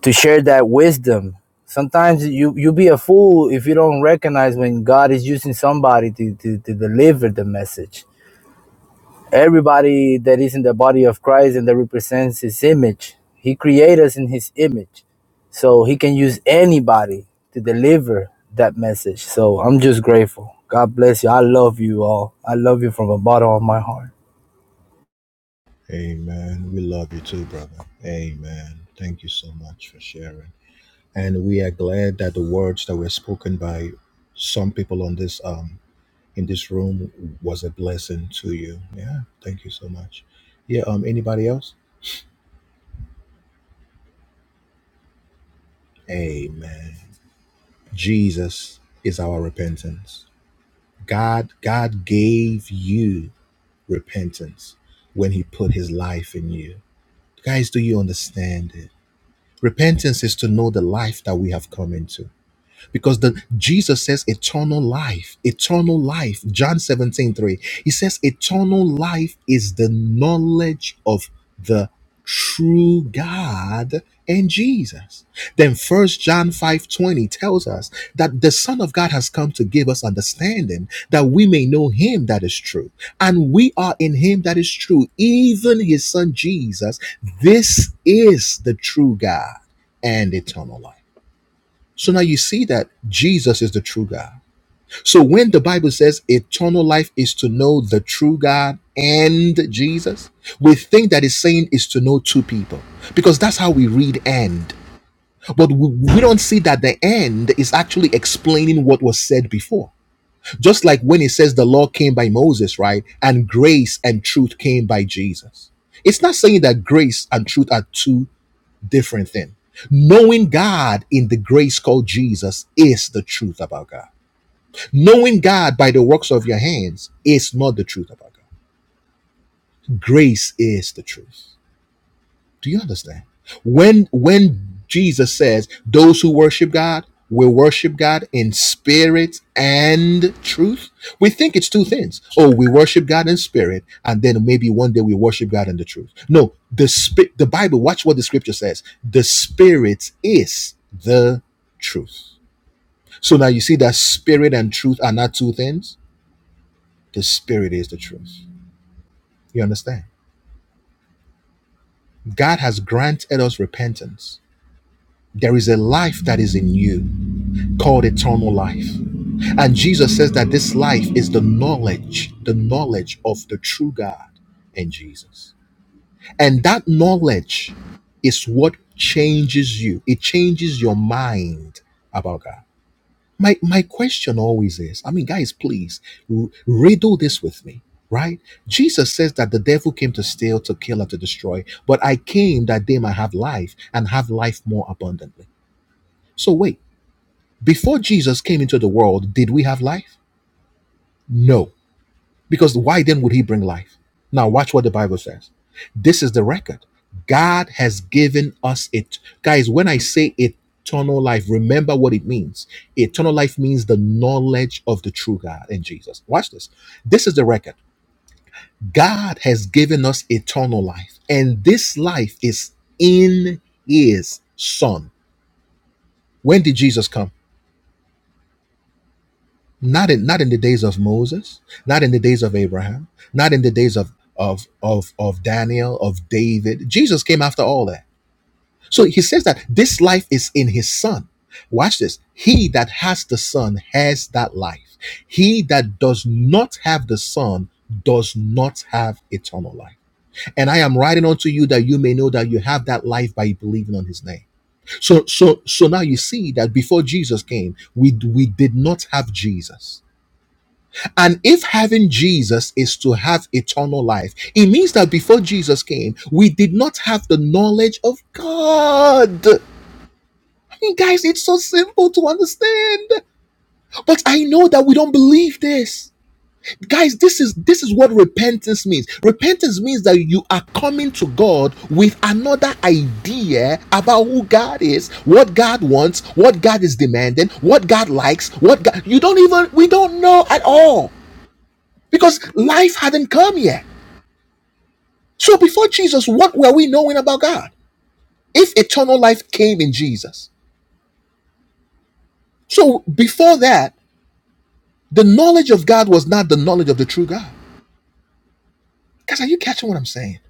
S10: to share that wisdom. Sometimes you, you be a fool if you don't recognize when God is using somebody to, to, to deliver the message Everybody that is in the body of Christ and that represents his image, he created us in his image. So he can use anybody to deliver that message. So I'm just grateful. God bless you. I love you all. I love you from the bottom of my heart.
S1: Amen. We love you too, brother. Amen. Thank you so much for sharing. And we are glad that the words that were spoken by some people on this um in this room was a blessing to you. Yeah. Thank you so much. Yeah, um anybody else? Amen. Jesus is our repentance. God God gave you repentance when he put his life in you. Guys, do you understand it? Repentance is to know the life that we have come into because the Jesus says eternal life, eternal life. John 17 3. He says eternal life is the knowledge of the true God and Jesus. Then first John 5 20 tells us that the Son of God has come to give us understanding that we may know him that is true. And we are in him that is true, even his son Jesus. This is the true God and eternal life. So now you see that Jesus is the true God. So when the Bible says eternal life is to know the true God and Jesus, we think that it's saying is to know two people because that's how we read and. But we, we don't see that the "and" is actually explaining what was said before. Just like when it says the law came by Moses, right? And grace and truth came by Jesus. It's not saying that grace and truth are two different thing. Knowing God in the grace called Jesus is the truth about God. Knowing God by the works of your hands is not the truth about God. Grace is the truth. Do you understand? When when Jesus says those who worship God will worship God in spirit and truth, we think it's two things. Oh, we worship God in spirit, and then maybe one day we worship God in the truth. No, the spirit the Bible, watch what the scripture says. The spirit is the truth. So now you see that spirit and truth are not two things. The spirit is the truth. You understand? God has granted us repentance. There is a life that is in you called eternal life. And Jesus says that this life is the knowledge, the knowledge of the true God and Jesus. And that knowledge is what changes you. It changes your mind about God. My my question always is, I mean, guys, please r- riddle this with me, right? Jesus says that the devil came to steal, to kill, and to destroy, but I came that they might have life and have life more abundantly. So wait. Before Jesus came into the world, did we have life? No. Because why then would he bring life? Now, watch what the Bible says. This is the record. God has given us it. Guys, when I say eternal life, remember what it means. Eternal life means the knowledge of the true God and Jesus. Watch this. This is the record. God has given us eternal life, and this life is in his Son. When did Jesus come? not in not in the days of Moses, not in the days of Abraham, not in the days of of of of Daniel, of David. Jesus came after all that. So he says that this life is in his son. Watch this. He that has the son has that life. He that does not have the son does not have eternal life. And I am writing unto you that you may know that you have that life by believing on his name. So so so now you see that before Jesus came, we we did not have Jesus and if having Jesus is to have eternal life, it means that before Jesus came, we did not have the knowledge of God. I mean, guys, it's so simple to understand. But I know that we don't believe this. Guys, this is this is what repentance means. Repentance means that you are coming to God with another idea about who God is, what God wants, what God is demanding, what God likes, what God you don't even we don't know at all because life hadn't come yet. So before Jesus, what were we knowing about God? If eternal life came in Jesus. So before that, the knowledge of God was not the knowledge of the true God. Guys, are you catching what I'm saying?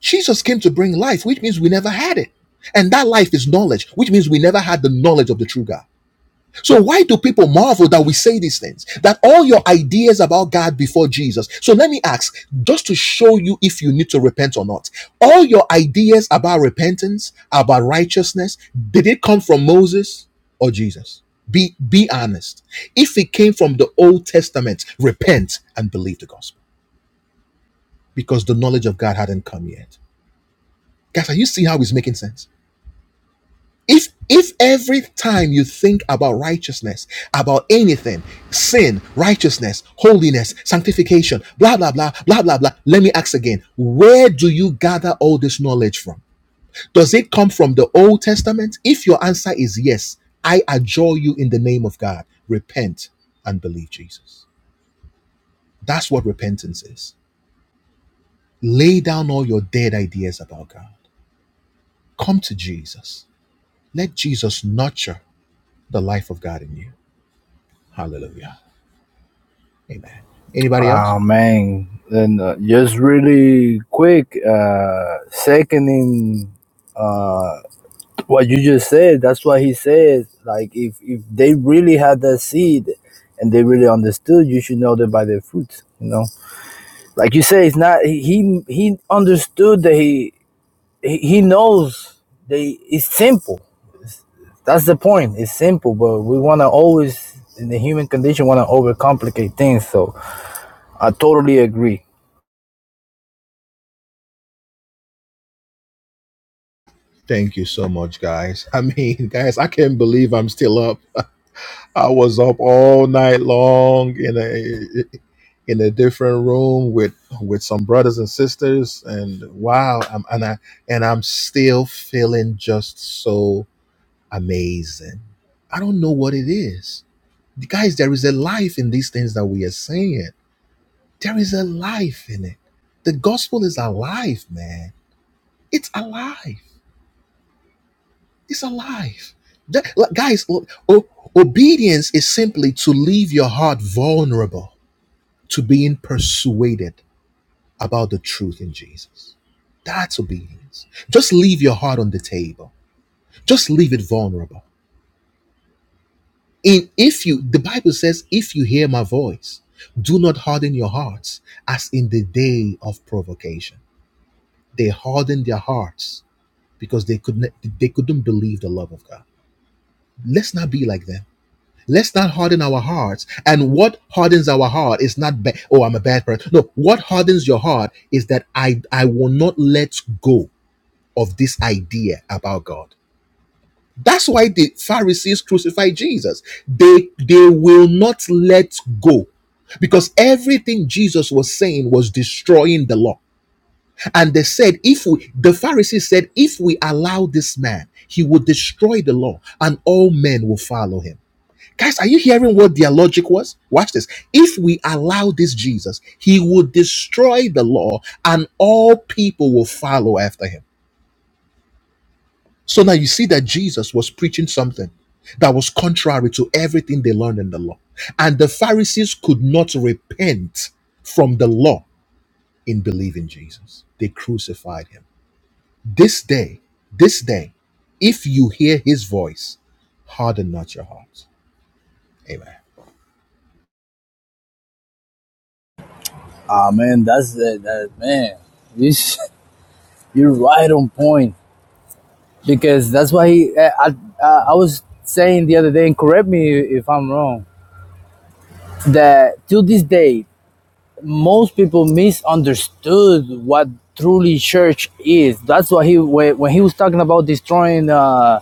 S1: Jesus came to bring life, which means we never had it. And that life is knowledge, which means we never had the knowledge of the true God. So why do people marvel that we say these things? That all your ideas about God before Jesus. So let me ask, just to show you if you need to repent or not. All your ideas about repentance, about righteousness, did it come from Moses or Jesus? Be be honest. If it came from the Old Testament, repent and believe the gospel because the knowledge of God hadn't come yet. Guys, are you seeing how it's making sense? if if every time you think about righteousness about anything sin righteousness holiness sanctification blah blah blah blah blah blah let me ask again where do you gather all this knowledge from does it come from the old testament if your answer is yes i adjure you in the name of god repent and believe jesus that's what repentance is lay down all your dead ideas about god come to jesus let jesus nurture the life of god in you hallelujah Amen. Anybody else?
S10: Oh man. And uh, just really quick, uh, seconding uh, what you just said that's what he said like if if they really had that seed and they really understood you should know them by their fruits you know like you say it's not he he understood that he he he knows they it's simple that's the point it's simple but we want to always in the human condition want to overcomplicate things so i totally agree
S1: Thank you so much, guys. (laughs) I mean, guys, I can't believe I'm still up. (laughs) I was up all night long in a in a different room with with some brothers and sisters, and wow, I'm, and I and I'm still feeling just so amazing. I don't know what it is, guys. There is a life in these things that we are saying. There is a life in it. The gospel is alive, man. It's alive. It's alive. That, like, guys, o- o- obedience is simply to leave your heart vulnerable to being persuaded about the truth in Jesus. That's obedience. Just leave your heart on the table. Just leave it vulnerable. In if you the Bible says, if you hear my voice, do not harden your hearts as in the day of provocation. They hardened their hearts because they couldn't they couldn't believe the love of God. Let's not be like them Let's not harden our hearts. And what hardens our heart is not bad. Oh, I'm a bad person. No, what hardens your heart is that I I will not let go of this idea about God. That's why the Pharisees crucified Jesus. They they will not let go. Because everything Jesus was saying was destroying the law. And they said, if we, the Pharisees said, if we allow this man, he will destroy the law and all men will follow him. Guys, are you hearing what their logic was? Watch this. If we allow this Jesus, he will destroy the law and all people will follow after him. So now you see that Jesus was preaching something that was contrary to everything they learned in the law. And the Pharisees could not repent from the law in believing Jesus. They crucified him. This day, this day, if you hear his voice, harden not your heart. Amen.
S10: ah man that's the that man you (laughs) you're right on point because that's why uh, I, uh, I was saying the other day and correct me if i'm wrong that to this day most people misunderstood what truly church is that's why he when, when he was talking about destroying uh,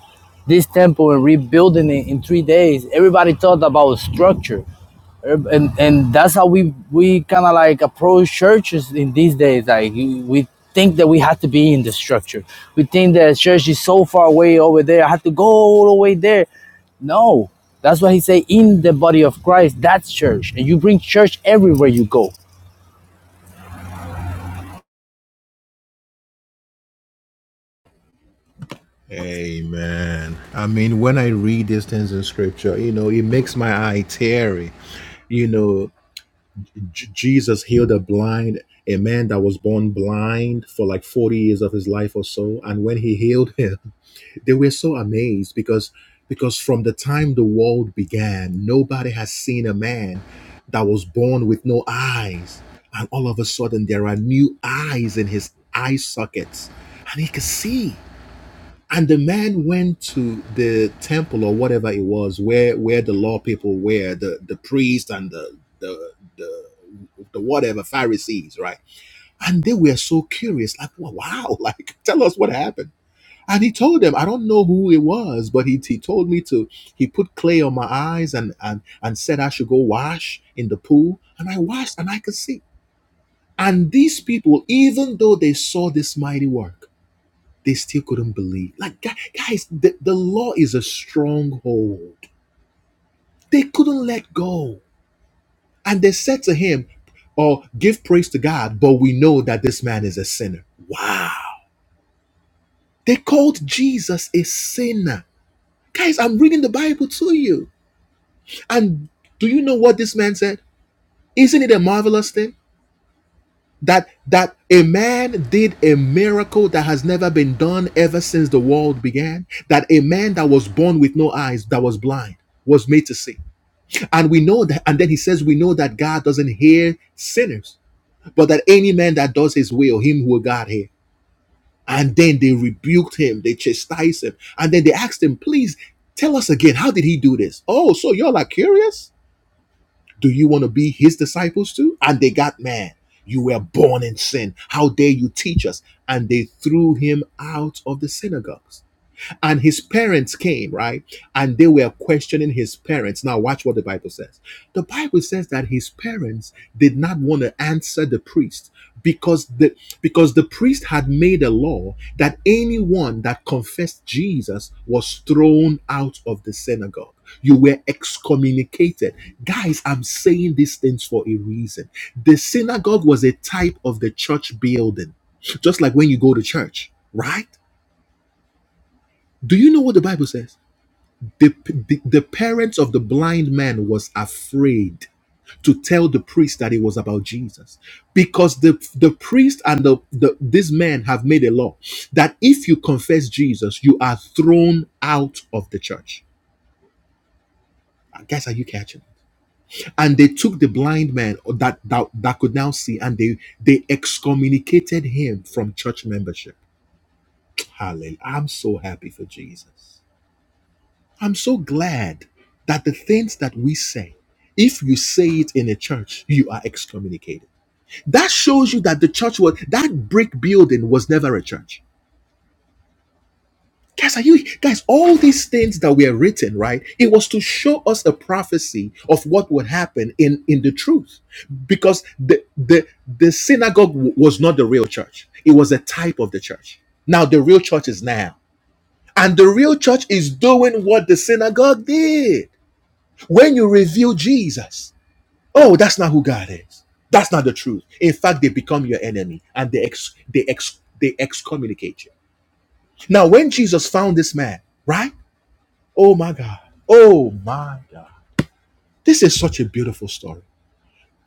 S10: this temple and rebuilding it in three days everybody thought about structure and and that's how we we kind of like approach churches in these days like we think that we have to be in the structure we think that church is so far away over there i have to go all the way there no that's why he say in the body of christ that's church and you bring church everywhere you go
S1: Amen. I mean, when I read these things in scripture, you know, it makes my eye teary. You know, J- Jesus healed a blind, a man that was born blind for like 40 years of his life or so. And when he healed him, (laughs) they were so amazed because because from the time the world began, nobody has seen a man that was born with no eyes. And all of a sudden there are new eyes in his eye sockets. And he can see and the man went to the temple or whatever it was where where the law people were the the priest and the the the the whatever pharisees right and they were so curious like wow wow, (laughs) like tell us what happened and he told them i don't know who it was but he, he told me to he put clay on my eyes and and and said i should go wash in the pool and i washed and i could see and these people even though they saw this mighty work they still couldn't believe. Like, guys, the, the law is a stronghold. They couldn't let go. And they said to him, "Oh, give praise to God, but we know that this man is a sinner. Wow. They called Jesus a sinner. Guys, I'm reading the Bible to you. And do you know what this man said? Isn't it a marvelous thing? that that a man did a miracle that has never been done ever since the world began that a man that was born with no eyes that was blind was made to see and we know that and then he says we know that god doesn't hear sinners but that any man that does his will him will god hear and then they rebuked him they chastised him and then they asked him please tell us again how did he do this oh so you're like curious do you want to be his disciples too? And they got mad. You were born in sin. How dare you teach us? And they threw him out of the synagogues. And his parents came, right? And they were questioning his parents. Now, watch what the Bible says. The Bible says that his parents did not want to answer the priest because the because the priest had made a law that anyone that confessed Jesus was thrown out of the synagogue. You were excommunicated. Guys, I'm saying these things for a reason. The synagogue was a type of the church building, just like when you go to church, right? Do you know what the Bible says? The, the, the parents of the blind man was afraid to tell the priest that it was about Jesus because the, the priest and the, the this man have made a law that if you confess Jesus, you are thrown out of the church. Guys, are you catching? And they took the blind man that, that that could now see and they they excommunicated him from church membership. Hallelujah. I'm so happy for Jesus. I'm so glad that the things that we say, if you say it in a church, you are excommunicated. That shows you that the church was that brick building was never a church. Guys, are you guys? All these things that were written, right? It was to show us a prophecy of what would happen in in the truth, because the the the synagogue was not the real church. It was a type of the church. Now the real church is now, and the real church is doing what the synagogue did. When you reveal Jesus, oh, that's not who God is. That's not the truth. In fact, they become your enemy and they ex they ex they excommunicate you. Now, when Jesus found this man, right? Oh my God. Oh my God. This is such a beautiful story.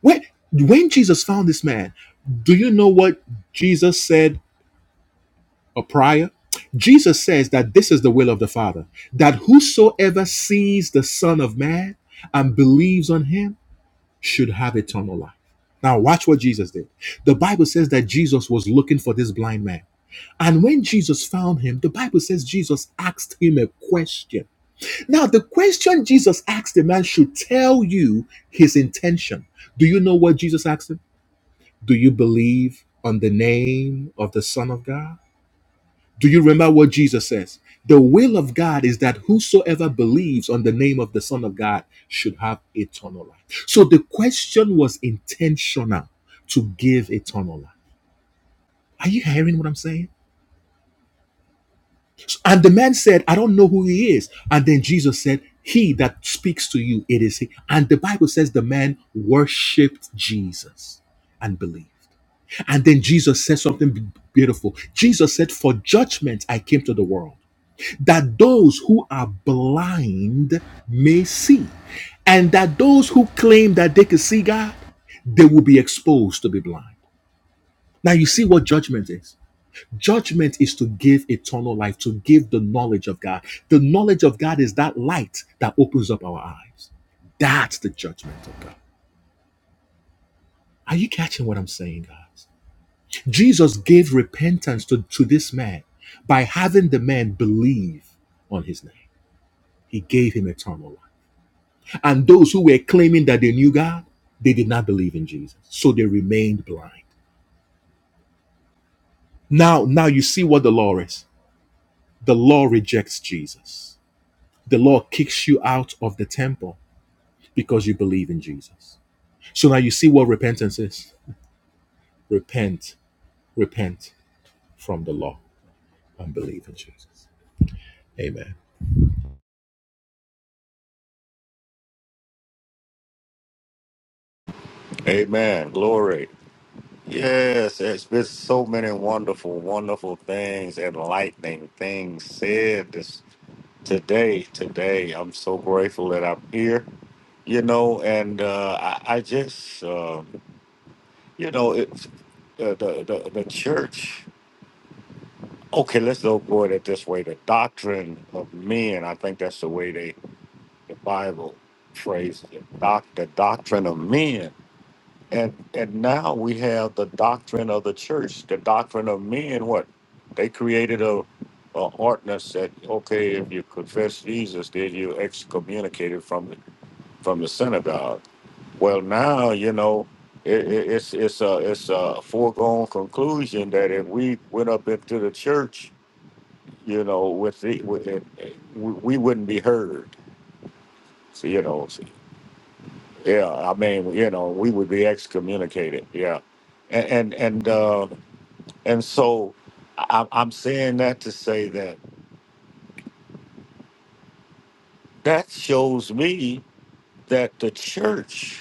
S1: When when Jesus found this man, do you know what Jesus said or prior? Jesus says that this is the will of the Father, that whosoever sees the Son of Man and believes on him should have eternal life. Now, watch what Jesus did. The Bible says that Jesus was looking for this blind man. And when Jesus found him, the Bible says Jesus asked him a question. Now, the question Jesus asked the man should tell you his intention. Do you know what Jesus asked him? Do you believe on the name of the Son of God? Do you remember what Jesus says? The will of God is that whosoever believes on the name of the Son of God should have eternal life. So the question was intentional to give eternal life. Are you hearing what I'm saying? And the man said, I don't know who he is. And then Jesus said, He that speaks to you, it is he. And the Bible says the man worshiped Jesus and believed. And then Jesus said something beautiful. Jesus said, For judgment I came to the world that those who are blind may see, and that those who claim that they can see God, they will be exposed to be blind. Now, you see what judgment is. Judgment is to give eternal life, to give the knowledge of God. The knowledge of God is that light that opens up our eyes. That's the judgment of God. Are you catching what I'm saying, guys? Jesus gave repentance to, to this man by having the man believe on his name. He gave him eternal life. And those who were claiming that they knew God, they did not believe in Jesus. So they remained blind. Now, now you see what the law is. The law rejects Jesus. The law kicks you out of the temple because you believe in Jesus. So now you see what repentance is. Repent, repent from the law and believe in Jesus. Amen.
S6: Amen. Glory. Yes, it's been so many wonderful, wonderful things, enlightening things said this today. Today, I'm so grateful that I'm here. You know, and uh, I, I just. Uh, You know, it's the, the, the, the church. Okay, let's go forward it at this way. The doctrine of men, I think that's the way they, the Bible phrases it. Doc, the doctrine of men. And, and now we have the doctrine of the church. The doctrine of men, what? They created a, a ordinance that, okay, if you confess Jesus, then you excommunicated from the, from the synagogue. Well, now you know it, it, it's it's a it's a foregone conclusion that if we went up into the church, you know, with the with it, we we wouldn't be heard. So you know, so- yeah, I mean, you know, we would be excommunicated. Yeah, and and and, uh, and so I, I'm saying that to say that that shows me that the church.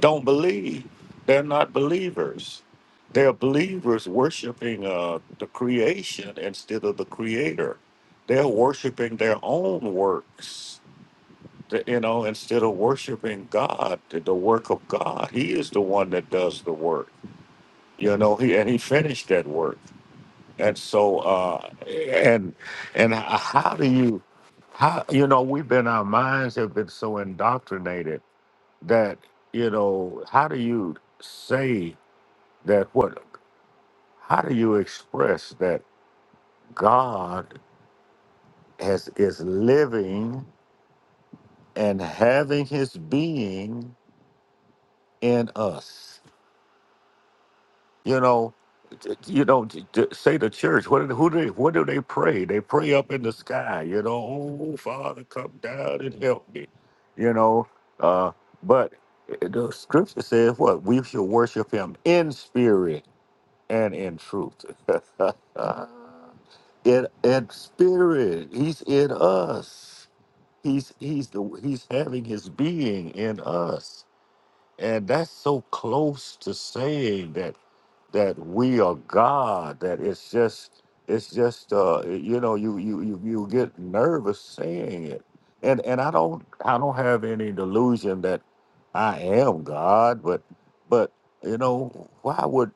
S6: don't believe. They're not believers. They're believers worshiping uh, the creation instead of the creator. They're worshiping their own works, th- you know, instead of worshiping God, the the work of God. He is the one that does the work, you know, he, and he finished that work. And so, uh, and and how do you, how you know, we've been our minds have been so indoctrinated that you know how do you say that what how do you express that god has is living and having his being in us you know t- t- you know t- t- say the church what do who do they, what do they pray they pray up in the sky you know oh father come down and help me you know uh but eh, the scripture says what we should worship him in spirit and in truth. (laughs) in in spirit, he's in us. He's he's the he's having his being in us. And that's so close to saying that that we are God. That it's just it's just uh you know you you you, you get nervous saying it. And and I don't I don't have any delusion that I am God, but but you know why would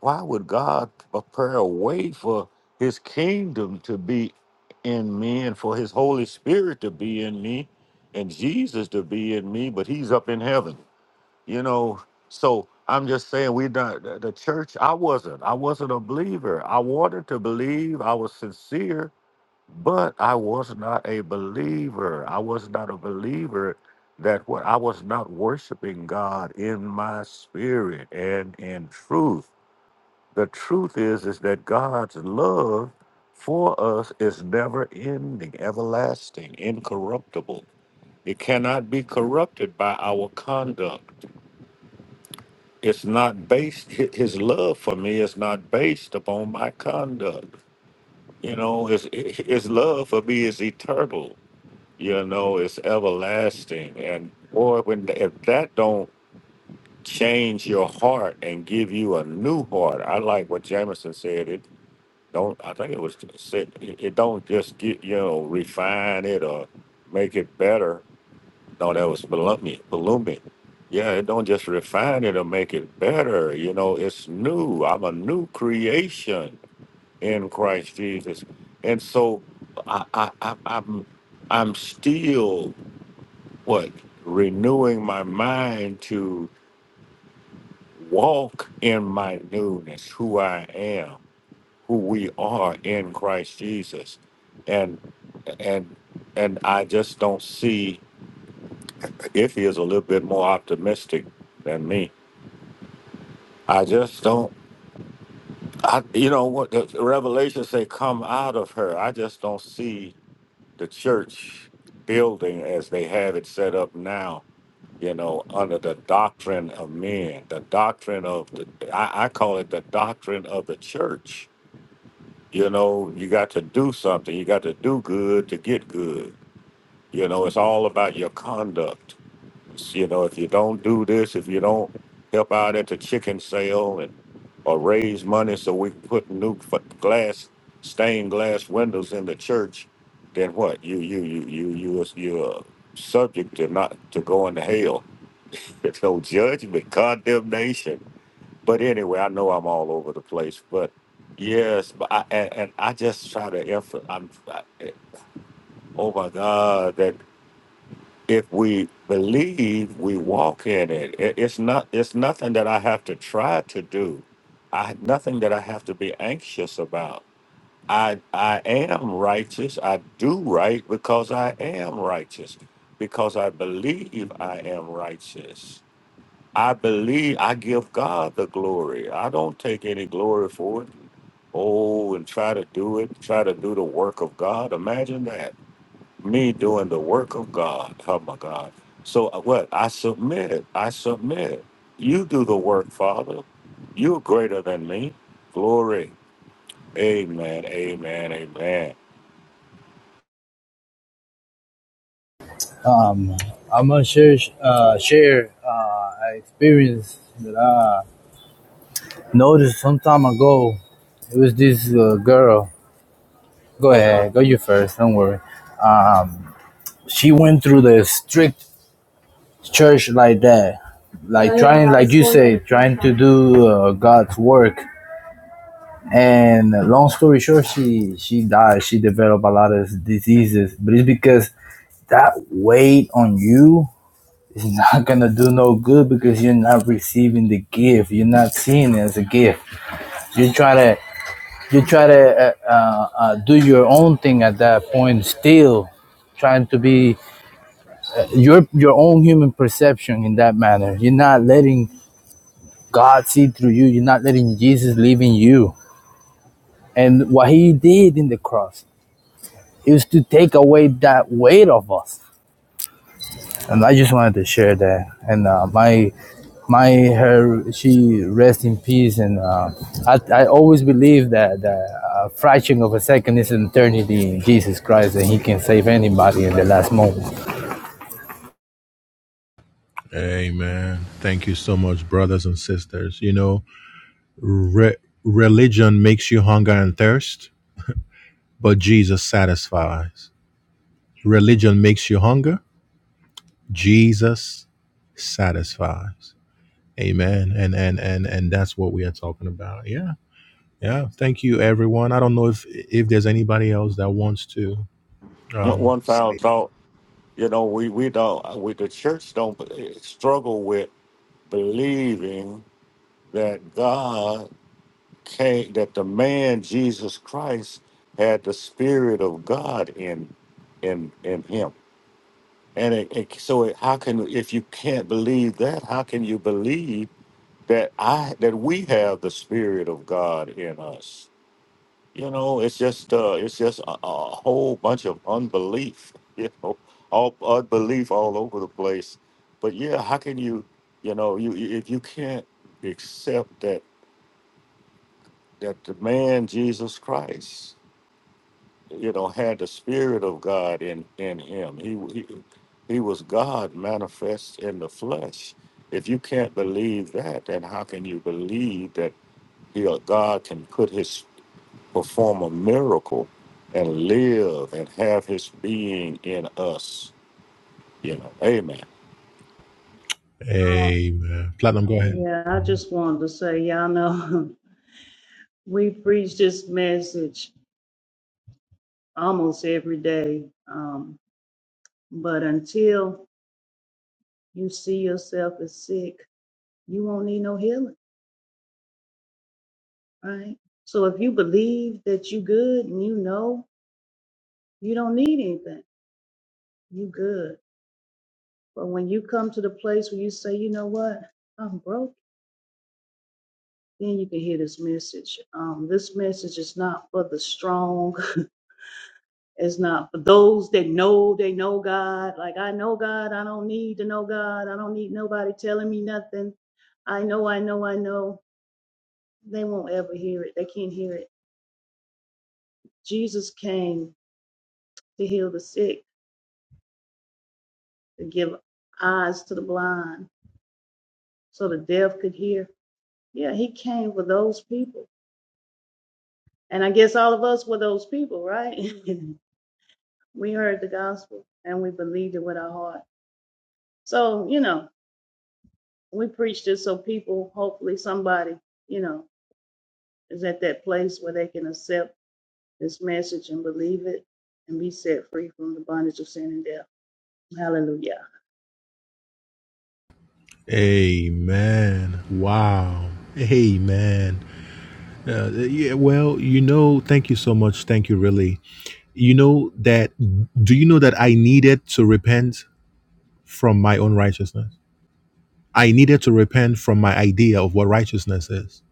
S6: why would God prepare a way for His kingdom to be in me and for His Holy Spirit to be in me and Jesus to be in me, but He's up in heaven? you know so i'm just saying we not the the church i wasn't i wasn't a believer i wanted to believe i was sincere but i was not a believer i was not a believer that what i was not worshiping god in my spirit and in truth the truth is is that god's love for us is never ending everlasting incorruptible it cannot be corrupted by our conduct it's not based hi- his love for me is not based upon my conduct you know his his love for me is eternal you know it's everlasting and boy when if that don't change your heart and give you a new heart i like what jameson said it don't i think it was said it it don't just get you know refine it or make it better no, that was Palumi. Palumi. Yeah, it don't just refine it or make it better. You know, it's new. I'm a new creation in Christ Jesus. And so I, I, I I'm I'm still what renewing my mind to walk in my newness, who I am, who we are in Christ Jesus. And and and I just don't see if he is a little bit more optimistic than me I just don't. I you know what the Revelation say? Come out of her. I just don't see the church building as they have it set up now. You know, under the doctrine of men, the doctrine of the I, I call it the doctrine of the church. You know, you got to do something. You got to do good to get good. You know, it's all about your conduct. You know, if you don't do this, if you don't help out at the chicken sale and or raise money so we can put new f- glass, stained glass windows in the church, then what? You you you you you you're subject to not to going to hell. There's no judgment, condemnation. But anyway, I know I'm all over the place, but yes, but I, and, and I just try to emphasize. I'm, I, oh my God, if we believe we walk in it, it it's not it's nothing that i have to try to do i nothing that i have to be anxious about i i am righteous i do right because i am righteous because i believe i am righteous i believe i give god the glory i don't take any glory for it oh and try to do it try to do the work of god imagine that me doing the work of God. Oh my God. So uh, what? I submit. I submit. You do the work, Father. You're greater than me. Glory. Amen. Amen. Amen.
S10: um i'm gonna share uh share uh an experience that i noticed some time ago it was this uh, girl go ahead go you first don't worry um she went through the strict church like that, like Yeah, trying, yeah, like you so- say, trying to do uh, God's work. And long story short, she she died. She developed a lot of diseases, but it's because that weight on you is (laughs) not gonna do no good because you're not receiving the gift. You're not seeing it as a gift. You try to you try to uh, uh, uh, do your own thing at that point, still trying to be your your own human perception in that manner. You're not letting God see through you. You're not letting Jesus live in you. And what he did in the cross is to take away that weight of us. And I just wanted to share that. And uh, my my her she rests in peace. And uh, I I always believe that the uh, fraction of a second is an eternity in Jesus Christ, and He can save anybody in the last moment.
S1: Amen. Thank you so much, brothers and sisters. You know, re- religion makes you hunger and thirst, but Jesus satisfies. Religion makes you hunger. Jesus satisfies. Amen. And and and and that's what we are talking about. Yeah. Yeah. Thank you, everyone. I don't know if if there's anybody else that wants to
S6: One
S1: um
S6: one final
S1: say
S6: thought. You know, we we don't. uh, We the church don't b- eh, struggle with believing that God came. That the man Jesus Christ had the Spirit of God in in in him And it, it, so, it, how can if you can't believe that? How can you believe that I that we have the Spirit of God in us? You know, it's just uh, it's just a, a whole bunch of unbelief. (laughs) You know, all unbelief all over the place. But yeah, how can you? You know, you you- if you can't accept that that the man Jesus Christ. you know, had the spirit of God in in him. He he, he was God manifest in the flesh. If you can't believe that, then how can you believe that he uh, God can put his perform a miracle and live and have his being in us? You know, Amen.
S4: Um,
S1: Amen. Platinum, go ahead.
S4: yeah, I just wanted to say, y'all know, (laughs) we preach this message almost every day. Um, but until you see yourself as sick, you won't need no healing. right? So if you believe that you good and you know you don't need anything, you good. But when you come to the place where you say, you know what, I'm broke, then you can hear this message. Um, this message is not for the strong. (laughs) It's not for those that know they know God. Like I know God, I don't need to know God. I don't need nobody telling me nothing. I know, I know, I know. They won't ever hear it. They can't hear it. Jesus came to heal the sick. to give eyes to the blind so the deaf could hear. Yeah, he came for those people. And I guess all of us were those people, right? (laughs) we heard the gospel and we believed it with our heart. So, you know, we preached it so people, hopefully somebody, you know, is at that place where they can accept this message and believe it and be set free from the bondage of sin and death. Hallelujah.
S1: Amen. Wow. Amen. Uh, yeah, well, you know, thank you so much. Thank you, really. You know that, do you know that I needed to repent from my own righteousness? I needed to repent from my idea of what righteousness is.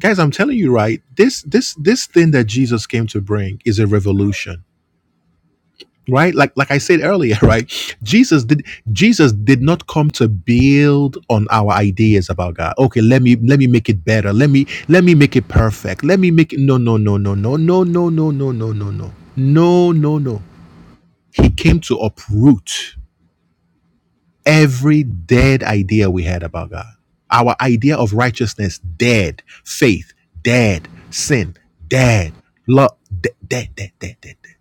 S1: Guys, I'm telling you, right? This this this thing that Jesus came to bring is a revolution. Right? Like like I said earlier, (laughs) right? Jesus did Jesus did not come to build on our ideas about God. Okay, let me let me make it better. Let me let me make it perfect. Let me make it no no no no no no no no no no no no no no no. He came to uproot every dead idea we had about God. Our idea of righteousness, dead. Faith, dead. Sin, dead. Love, dead, dead, dead, dead, dead. dead.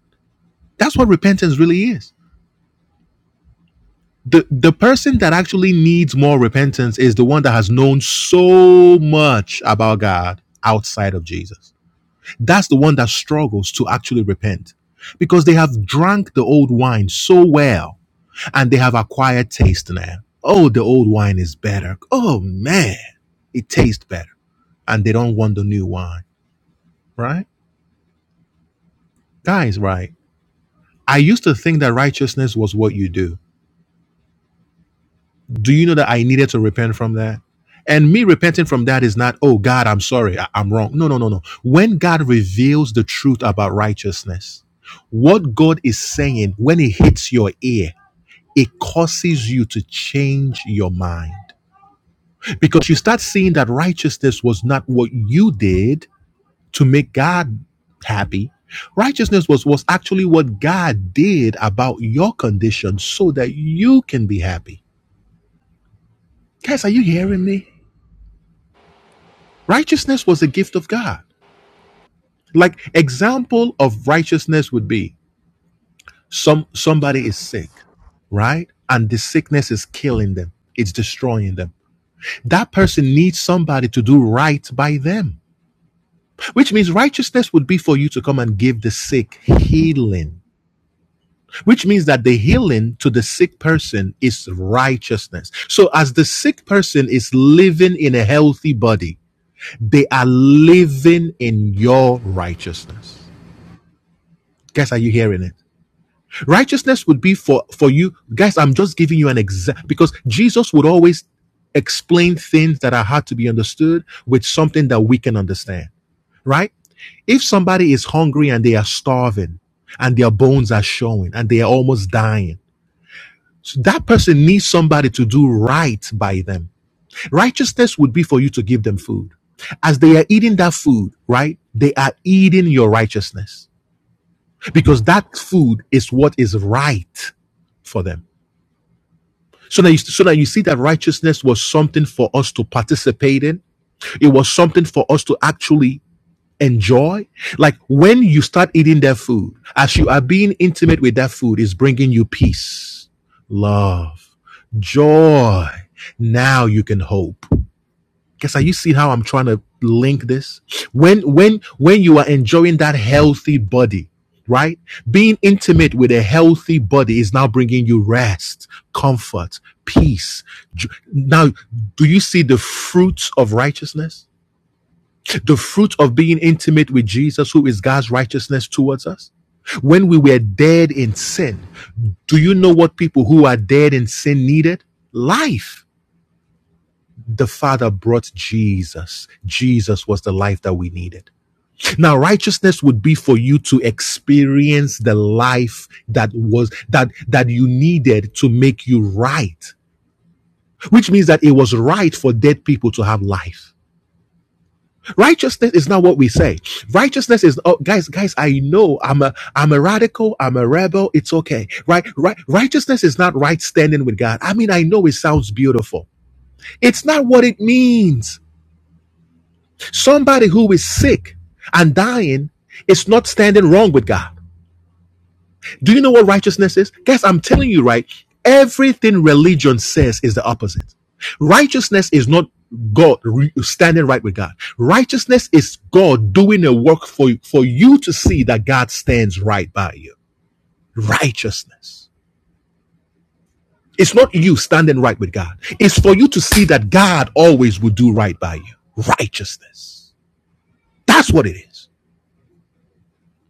S1: That's what repentance really is. The, the person that actually needs more repentance is the one that has known so much about God outside of Jesus. That's the one that struggles to actually repent because they have drank the old wine so well and they have acquired taste now. Oh, the old wine is better. Oh man, it tastes better. And they don't want the new wine, right? Guys, right. I used to think that righteousness was what you do. Do you know that I needed to repent from that? And me repenting from that is not, oh God, I'm sorry, I- I'm wrong. No, no, no, no. When God reveals the truth about righteousness, what God is saying, when it hits your ear, it causes you to change your mind because you start seeing that righteousness was not what you did to make God happy. Righteousness was, was actually what God did about your condition so that you can be happy. Guys, are you hearing me? Righteousness was a gift of God. Like example of righteousness would be some somebody is sick, right? And the sickness is killing them. It's destroying them. That person needs somebody to do right by them which means righteousness would be for you to come and give the sick healing which means that the healing to the sick person is righteousness so as the sick person is living in a healthy body they are living in your righteousness guys are you hearing it righteousness would be for for you guys i'm just giving you an example because jesus would always explain things that are hard to be understood with something that we can understand right? If somebody is hungry and they are starving and their bones are showing and they are almost dying, so that person needs somebody to do right by them. Righteousness would be for you to give them food. As they are eating that food, right? They are eating your righteousness because that food is what is right for them. So now, you, so now you see that righteousness was something for us to participate in. It was something for us to actually enjoy like when you start eating that food as you are being intimate with that food is bringing you peace love joy now you can hope guess are you see how i'm trying to link this when when when you are enjoying that healthy body right being intimate with a healthy body is now bringing you rest comfort peace now do you see the fruits of righteousness the fruit of being intimate with Jesus, who is God's righteousness towards us. When we were dead in sin, do you know what people who are dead in sin needed? Life. The Father brought Jesus. Jesus was the life that we needed. Now, righteousness would be for you to experience the life that was, that, that you needed to make you right, which means that it was right for dead people to have life. Righteousness is not what we say. Righteousness is oh guys, guys, I know I'm a I'm a radical, I'm a rebel, it's okay. Right, right righteousness is not right standing with God. I mean, I know it sounds beautiful. It's not what it means. Somebody who is sick and dying is not standing wrong with God. Do you know what righteousness is? Guys, I'm telling you, right? Everything religion says is the opposite. Righteousness is not God re- standing right with God. Righteousness is God doing a work for you, for you to see that God stands right by you. Righteousness. It's not you standing right with God. It's for you to see that God always will do right by you. Righteousness. That's what it is.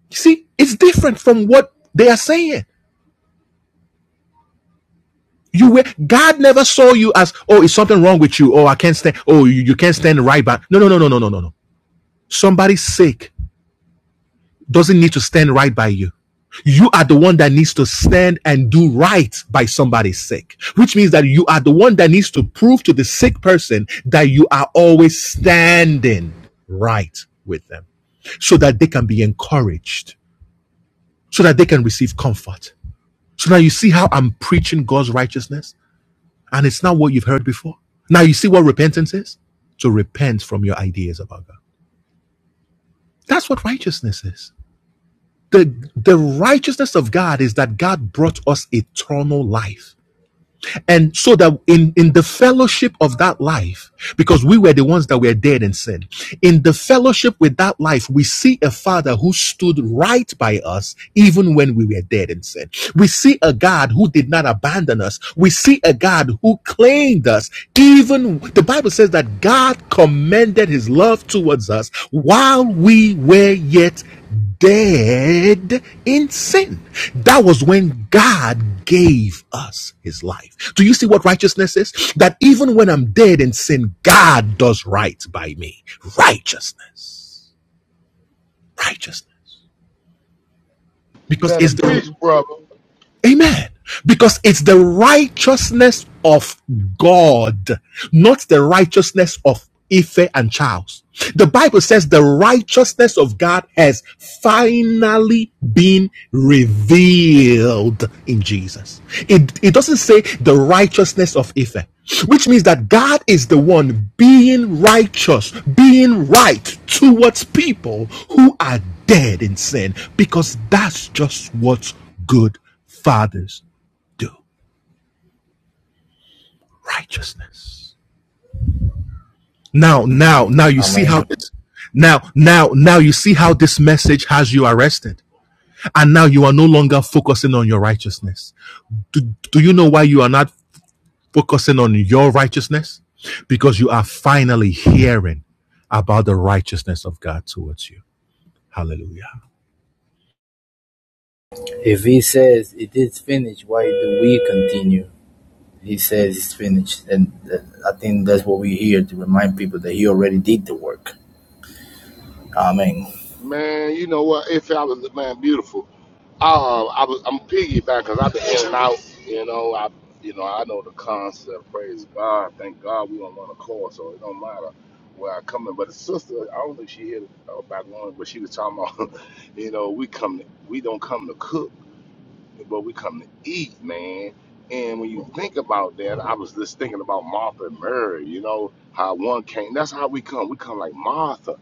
S1: You see, it's different from what they are saying. You were God never saw you as oh is something wrong with you oh I can't stand oh you, you can't stand right by no no no no no no no no somebody's sick doesn't need to stand right by you. You are the one that needs to stand and do right by somebody's sick, which means that you are the one that needs to prove to the sick person that you are always standing right with them so that they can be encouraged, so that they can receive comfort. So now you see how I'm preaching God's righteousness? and it's not what you've heard before. Now you see what repentance is? To repent from your ideas about God. That's what righteousness is. The, the righteousness of God is that God brought us eternal life. And so that in, in the fellowship of that life, because we were the ones that were dead in sin, in the fellowship with that life, we see a father who stood right by us even when we were dead in sin. We see a God who did not abandon us. We see a God who claimed us. Even the Bible says that God commended his love towards us while we were yet dead in sin. That was when God gave us his life. Do you see what righteousness is? That even when I'm dead in sin, God does right by me. Righteousness. Righteousness. Because
S5: Better
S1: it's the
S5: preach, brother.
S1: Amen. Because it's the righteousness of God, not the righteousness of Ife and Charles. The Bible says the righteousness of God has finally been revealed in Jesus. It, it doesn't say the righteousness of Ife, which means that God is the one being righteous, being right towards people who are dead in sin, because that's just what good fathers do righteousness. Now, now, now you see how
S10: Amen.
S1: this, now, now, now you see how this message has you arrested. And now you are no longer focusing on your righteousness. Do, do you know why you are not focusing on your righteousness? Because you are finally hearing about the righteousness of God towards you. Hallelujah.
S10: If He says it is finished, why do we continue? he says it's finished. And uh, I think that's what we're here to remind people that he already did the work. Amen.
S5: Man, you know what? If I was man beautiful, uh, I was. I'm piggyback because I've been in and out. You know, I. You know, I know the concept. Praise God. Thank God we don't want to call, so it don't matter where I come in. But the sister, I don't think she hit it uh, back on, but she was talking about. (laughs) You know, we come. To, we don't come to cook. but we come to eat, man. And when you think about that, I was just thinking about Martha and Mary, you know, how one came. That's how we come. We come like Martha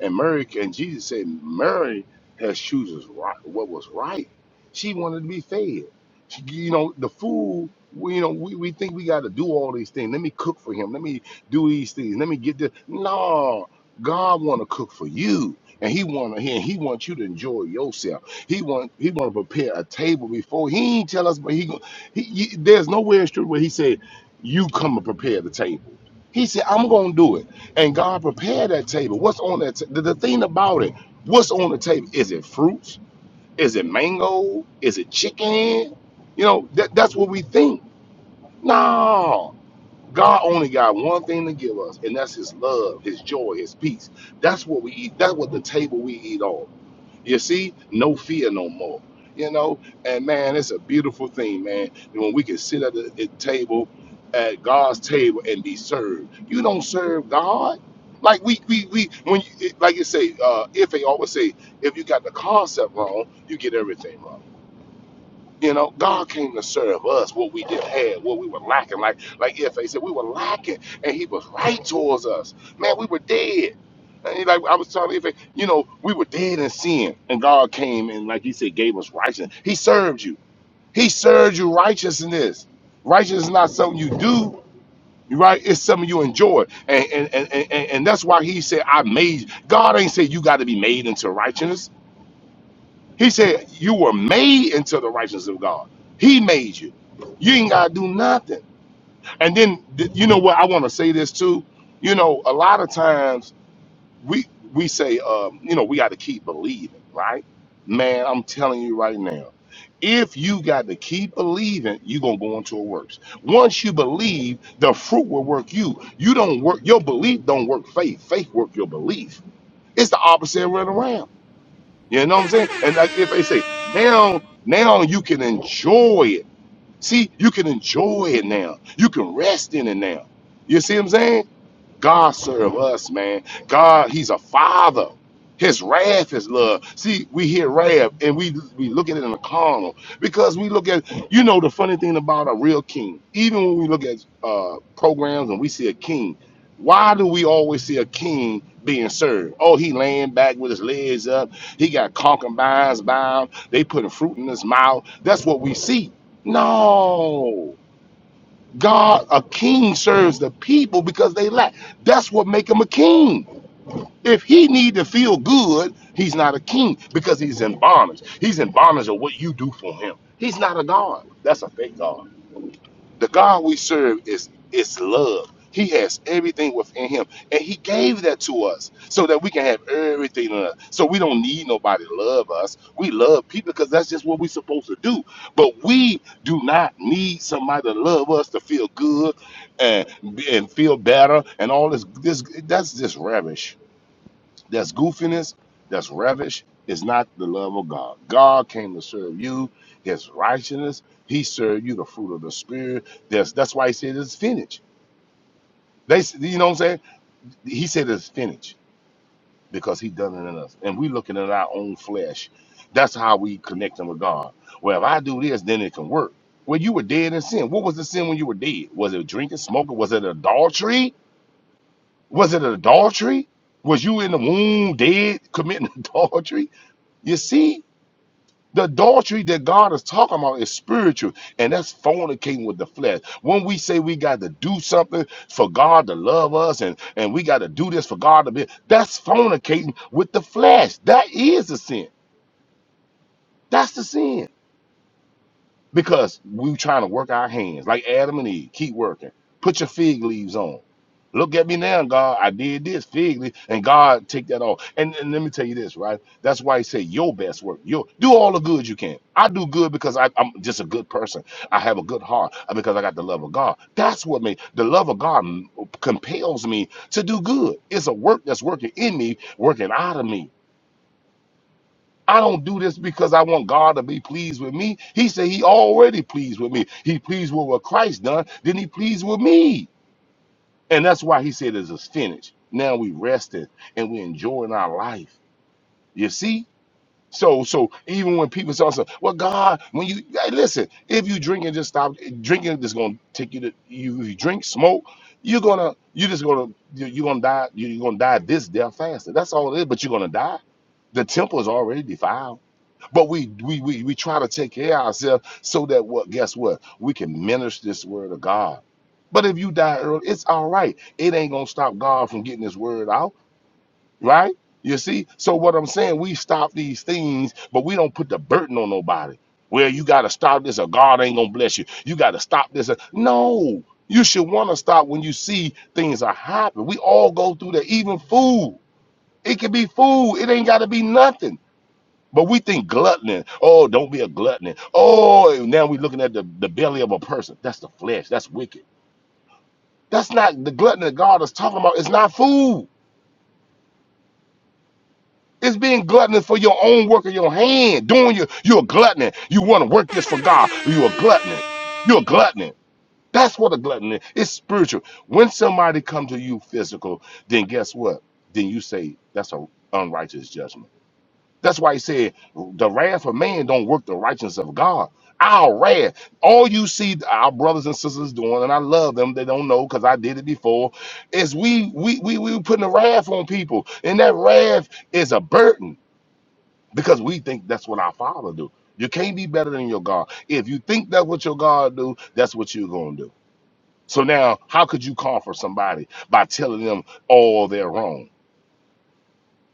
S5: and Mary. And Jesus said, Mary has chooses right, what was right. She wanted to be fed. She, you know, the food, we, you know, we, we think we got to do all these things. Let me cook for him. Let me do these things. Let me get this. No, God want to cook for you. And he want to, and he wants you to enjoy yourself. He want he want to prepare a table before he ain't tell us, but he go. He, he- there's nowhere in scripture where he said, "You come and prepare the table." He said, "I'm gonna do it," and God prepared that table. What's on that? ta- the, the thing about it, what's on the table? Is it fruits? Is it mango? Is it chicken? You know, that, that's what we think. No, God only got one thing to give us, and that's His love, His joy, His peace. That's what we eat. That's what the table we eat on. You see, no fear no more. You know, and man, it's a beautiful thing, man. And when we can sit at the at table, at God's table, and be served. You don't serve God. Like we we we when you, it- like you say, uh, if they always say, if you got the concept wrong, you get everything wrong. You know, God came to serve us what we didn't have, what we were lacking. Like like if they said we were lacking, and He was right towards us. Man, we were dead. And he, like I was telling if you know, we were dead in sin, and God came and like He said, gave us righteousness. He served you. He served you righteousness. Righteousness is not something you do. Right, it's something you enjoy, and and, and and and that's why he said, "I made." God ain't say you got to be made into righteousness. He said, You were made into the righteousness of God. He made you. You ain't got to do nothing. And then, th- you know what? I want to say this too. You know, a lot of times we we say, um, you know, we got to keep believing, right? Man, I'm telling you right now, if you got to keep believing, you're going to go into a works. Once you believe, the fruit will work you. You don't work, your belief don't work faith. Faith work your belief. It's the opposite way around you know what I'm saying? And like if they say now, now you can enjoy it. See, you can enjoy it now. You can rest in it now. You see what I'm saying? God serve us, man. God, He's a father. His wrath is love. See, we hear wrath and we we look at it in the carnal because we look at you know the funny thing about a real king. Even when we look at uh, programs and we see a king, why do we always see a king being served? Oh, he laying back with his legs up. He got concubines bound. They putting fruit in his mouth. That's what we see. No. God, a king serves the people because they lack. That's what make him a king. If he need to feel good, he's not a king because he's in bondage. He's in bondage of what you do for him. He's not a God. That's a fake God. The God we serve is is love. He has everything within him, and he gave that to us so that we can have everything in us. So we don't need nobody to love us. We love people because that's just what we're supposed to do. But we do not need somebody to love us to feel good and and feel better and all this. This that's just rubbish. That's goofiness, that's ravish, is not the love of God. God came to serve you, his righteousness. He served you the fruit of the spirit. That's that's why he said it's finished. They s- you know what I'm saying? He said it's finished because he done it in us. And we looking at our own flesh. That's how we connecting with God. Well, if I do this, then it can work. Well, you were dead in sin. What was the sin when you were dead? Was it drinking, smoking? Was it adultery? Was it adultery? Was you in the womb dead committing (laughs) adultery? You see, the adultery that God is talking about is spiritual, and that's fornicating with the flesh. When we say we got to do something for God to love us, and and we got to do this for God to be, that's fornicating with the flesh. That is a sin. That's the sin. because we trying to work our hands like Adam and Eve. Keep working. Put your fig leaves on. Look at me now, God. I did this fig leaf, and God take that off. And, and let me tell you this, right? That's why He say your best work. Your do all the good you can. I do good because I, I'm just a good person. I have a good heart uh, because I got the love of God. That's what made the love of God m- compels me to do good. It's a work that's working in me, working out of me. I don't do this because I want God to be pleased with me. He said he already pleased with me. He pleased with what Christ done. Then he pleased with me. And that's why he said it's finished. Now we resting and we enjoying our life. You see? So so even when people say, also, well, God, when you hey, listen, if you drink and just stop drinking, it's gonna take you to you, you drink, smoke, you're gonna you're just gonna you- you're gonna die, you're gonna die this death faster. That's all it is, but you're gonna die. The temple is already defiled but we we we we try to take care of ourselves so that what guess what? We can minister this word of God. But if you die early, it's all right. It ain't gonna stop God from getting his word out, right? You see? So what I'm saying, we stop these things, but we don't put the burden on nobody. Well, you gotta stop this or God ain't gonna bless you. You gotta stop this. or- No, you should wanna stop when you see things are happening. We all go through that, even food. It can be food, it ain't gotta be nothing. But we think gluttony. Oh, don't be a gluttony. Oh, and now we're looking at the, the belly of a person. That's the flesh. That's wicked. That's not the gluttony that God is talking about. It's not food. It's being gluttonous for your own work of your hand. Doing your you're a gluttony. You want to work this for God. You're a gluttony. You're a gluttony. That's what a gluttony is. It's spiritual. When somebody comes to you physical, then guess what? Then you say that's an unrighteous judgment That's why he said the wrath of man don't work the righteousness of God. Our wrath. All you see our brothers and sisters doing, and I love them, they don't know because I did it before, is we we we we putting the wrath on people. And that wrath is a burden because we think that's what our father do. You can't be better than your God. If you think that's what your God do, that's what you're gonna do. So now how could you comfort somebody by telling them all they're wrong?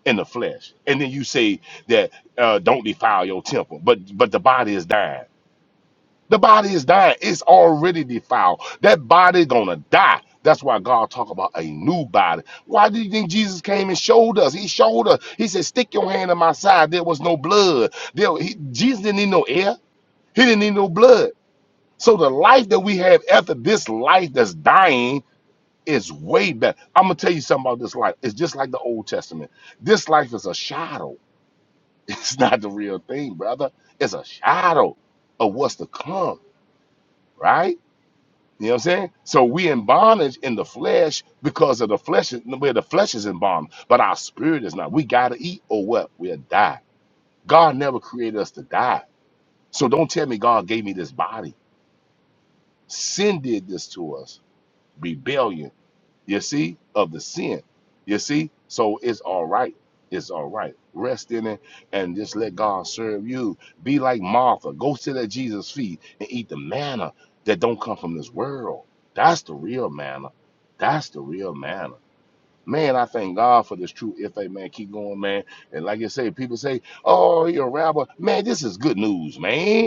S5: in the flesh. And then you say that uh, don't defile your temple, but but the body is dying. The body is dying. It's already defiled. That body gonna die. That's why God talk about a new body. Why do you think Jesus came and showed us? He showed us. He said, "Stick your hand in my side." There was no blood. There, he, Jesus didn't need no air. He didn't need no blood. So the life that we have after this life that's dying is way better. I'm gonna tell you something about this life. It's just like the Old Testament. This life is a shadow (laughs) It's not the real thing, brother. It's a shadow of what's to come, right? You know what I'm saying? So we in bondage in the flesh because of the flesh, where the flesh is in bondage, but our spirit is not. We gotta eat or what? We'll die. God never created us to die. So don't tell me God gave me this body. Sin did this to us. Rebellion You see, of the sin. You see, so it's all right. It's all right. Rest in it and just let God serve you. Be like Martha. Go sit at Jesus' feet and eat the manna that don't come from this world. That's the real manna. That's the real manna. Man, I thank God for this true if a man keep going, man. And like I say, people say, Oh, you're a rabbi. Man, this is good news, man.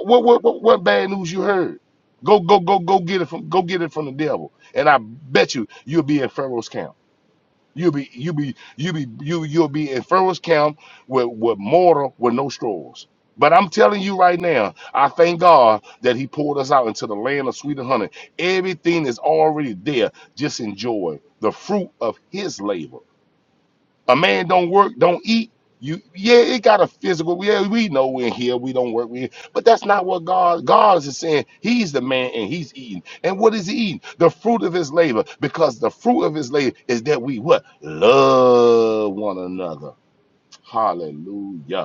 S5: What what what, what bad news you heard? Go go go go get it from go get it from the devil. And I bet you you'll be in Pharaoh's camp. You'll be you'll be you'll be you you'll be in Pharaoh's camp with with mortar with no straws. But I'm telling you right now, I thank God that He pulled us out into the land of sweet and honey. Everything is already there. Just enjoy the fruit of His labor. A man don't work, don't eat. You yeah, it got a physical. Yeah, we know we're here. We don't work. We but that's not what God God is saying. He's the man and he's eating. And what is he eating? The fruit of his labor. Because the fruit of his labor is that we what? Love one another. Hallelujah.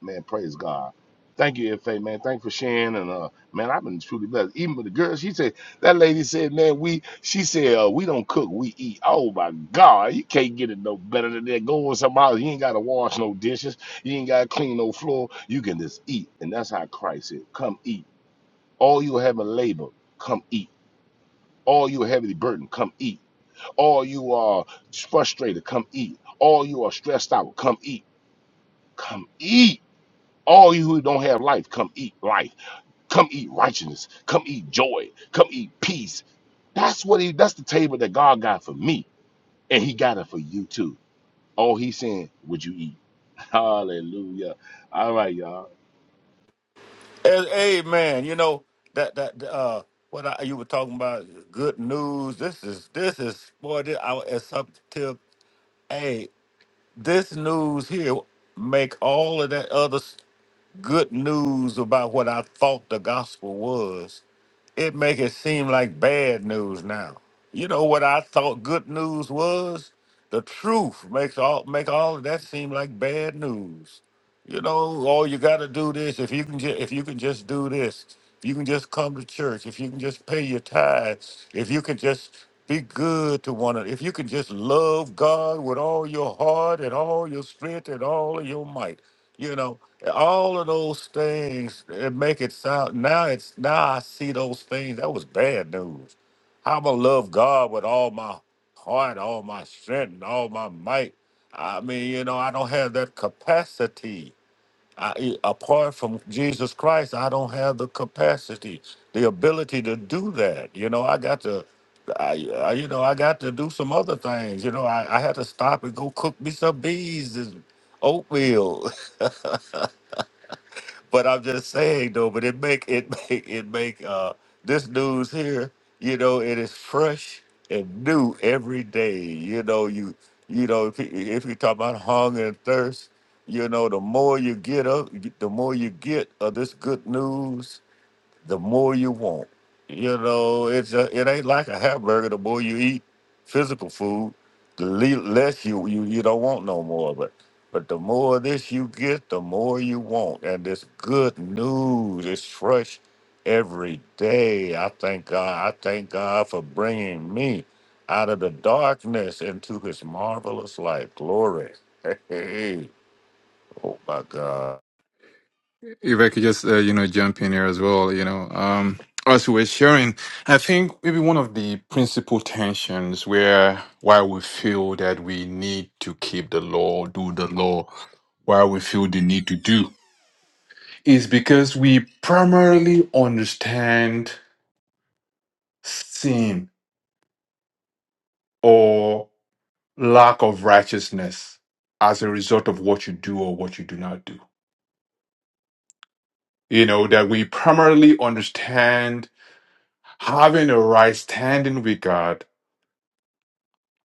S5: Man, praise God. Thank you, FA, man. Thank you for sharing. And uh, man, I've been truly blessed. Even with the girl, she said that lady said, man, we she said, uh, we don't cook, we eat. Oh my God, you can't get it no better than that. Go in somebody. you ain't gotta wash no dishes, you ain't gotta clean no floor. You can just eat. And that's how Christ said, Come eat. All you have a labor, come eat. All you are heavily burdened, come eat. All you are frustrated, come eat. All you are stressed out, come eat. Come eat all you who don't have life, come eat life. Come eat righteousness. Come eat joy. Come eat peace. That's what he that's the table that God got for me. And he got it for you too. Oh, he's saying, Would you eat? (laughs) Hallelujah. All right, y'all.
S6: And, amen. You know that that uh, what I, you were talking about, good news. This is this is boy. This, I, it's up to. this news here make all of that other s- good news about what I thought the gospel was. It make it seem like bad news now. You know what I thought good news was? The truth makes all make all of that seem like bad news. You know, all you got to do this if you can ju- if you can just do this. If you can just come to church, if you can just pay your tithes, if you can just be good to one another, if you can just love God with all your heart and all your strength and all of your might, you know, all of those things it make it sound now it's now I see those things. That was bad news. I'm gonna love God with all my heart, all my strength, and all my might. I mean, you know, I don't have that capacity I, apart from Jesus Christ, I don't have the capacity, the ability to do that. You know, I got to, I, I you know, I got to do some other things. You know, I, I had to stop and go cook me some beans and oatmeal. (laughs) But I'm just saying though, but it make it (laughs) make it make uh this news here, you know, it is fresh and new every day. You know, you you know, if you, if you talk about hunger and thirst, you know, the more you get up, the more you get of this good news, the more you want. You know, it's a, it ain't like a hamburger. The more you eat physical food, the le- less you, you you don't want no more. But but the more of this you get, the more you want. And this good news is fresh every day. I thank God. I thank God for bringing me out of the darkness into His marvelous light. Glory. (laughs) Hey, oh my God.
S8: If I could just, uh, you know, jump in here as well, you know, um, as we were sharing, I think maybe one of the principal tensions where why we feel that we need to keep the law, do the law, why we feel the need to do is because we primarily understand sin or lack of righteousness as a result of what you do or what you do not do. You know, that we primarily understand having a right standing with God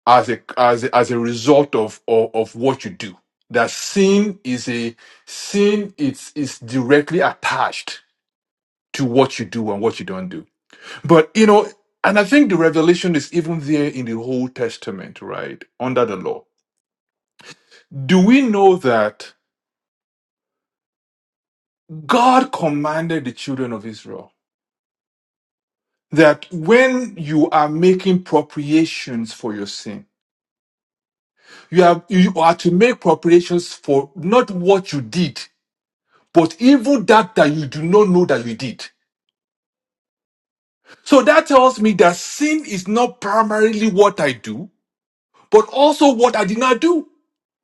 S8: as a as a, as a result of, of of what you do. That sin is a sin. It's is directly attached to what you do and what you don't do. But you know, and I think the revelation is even there in the Old Testament, right under the law. Do we know that God commanded the children of Israel that when you are making propriations for your sin, you are you are to make propriations for not what you did, but even that that you do not know that you did. So that tells me that sin is not primarily what I do, but also what I did not do.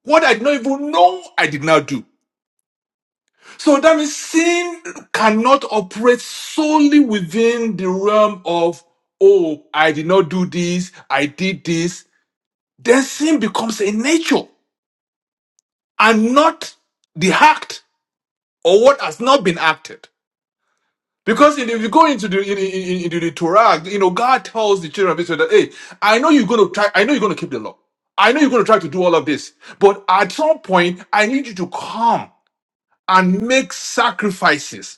S8: What I did not even know I did not do. So that means sin cannot operate solely within the realm of, oh, I did not do this, I did this. Then sin becomes a nature and not the act or what has not been acted. Because if you go into the in, in, into the Torah, you know, God tells the children of Israel that, hey, I know you're gonna try, I know you're gonna keep the law. I know you're gonna try to do all of this, but at some point, I need you to come and make sacrifices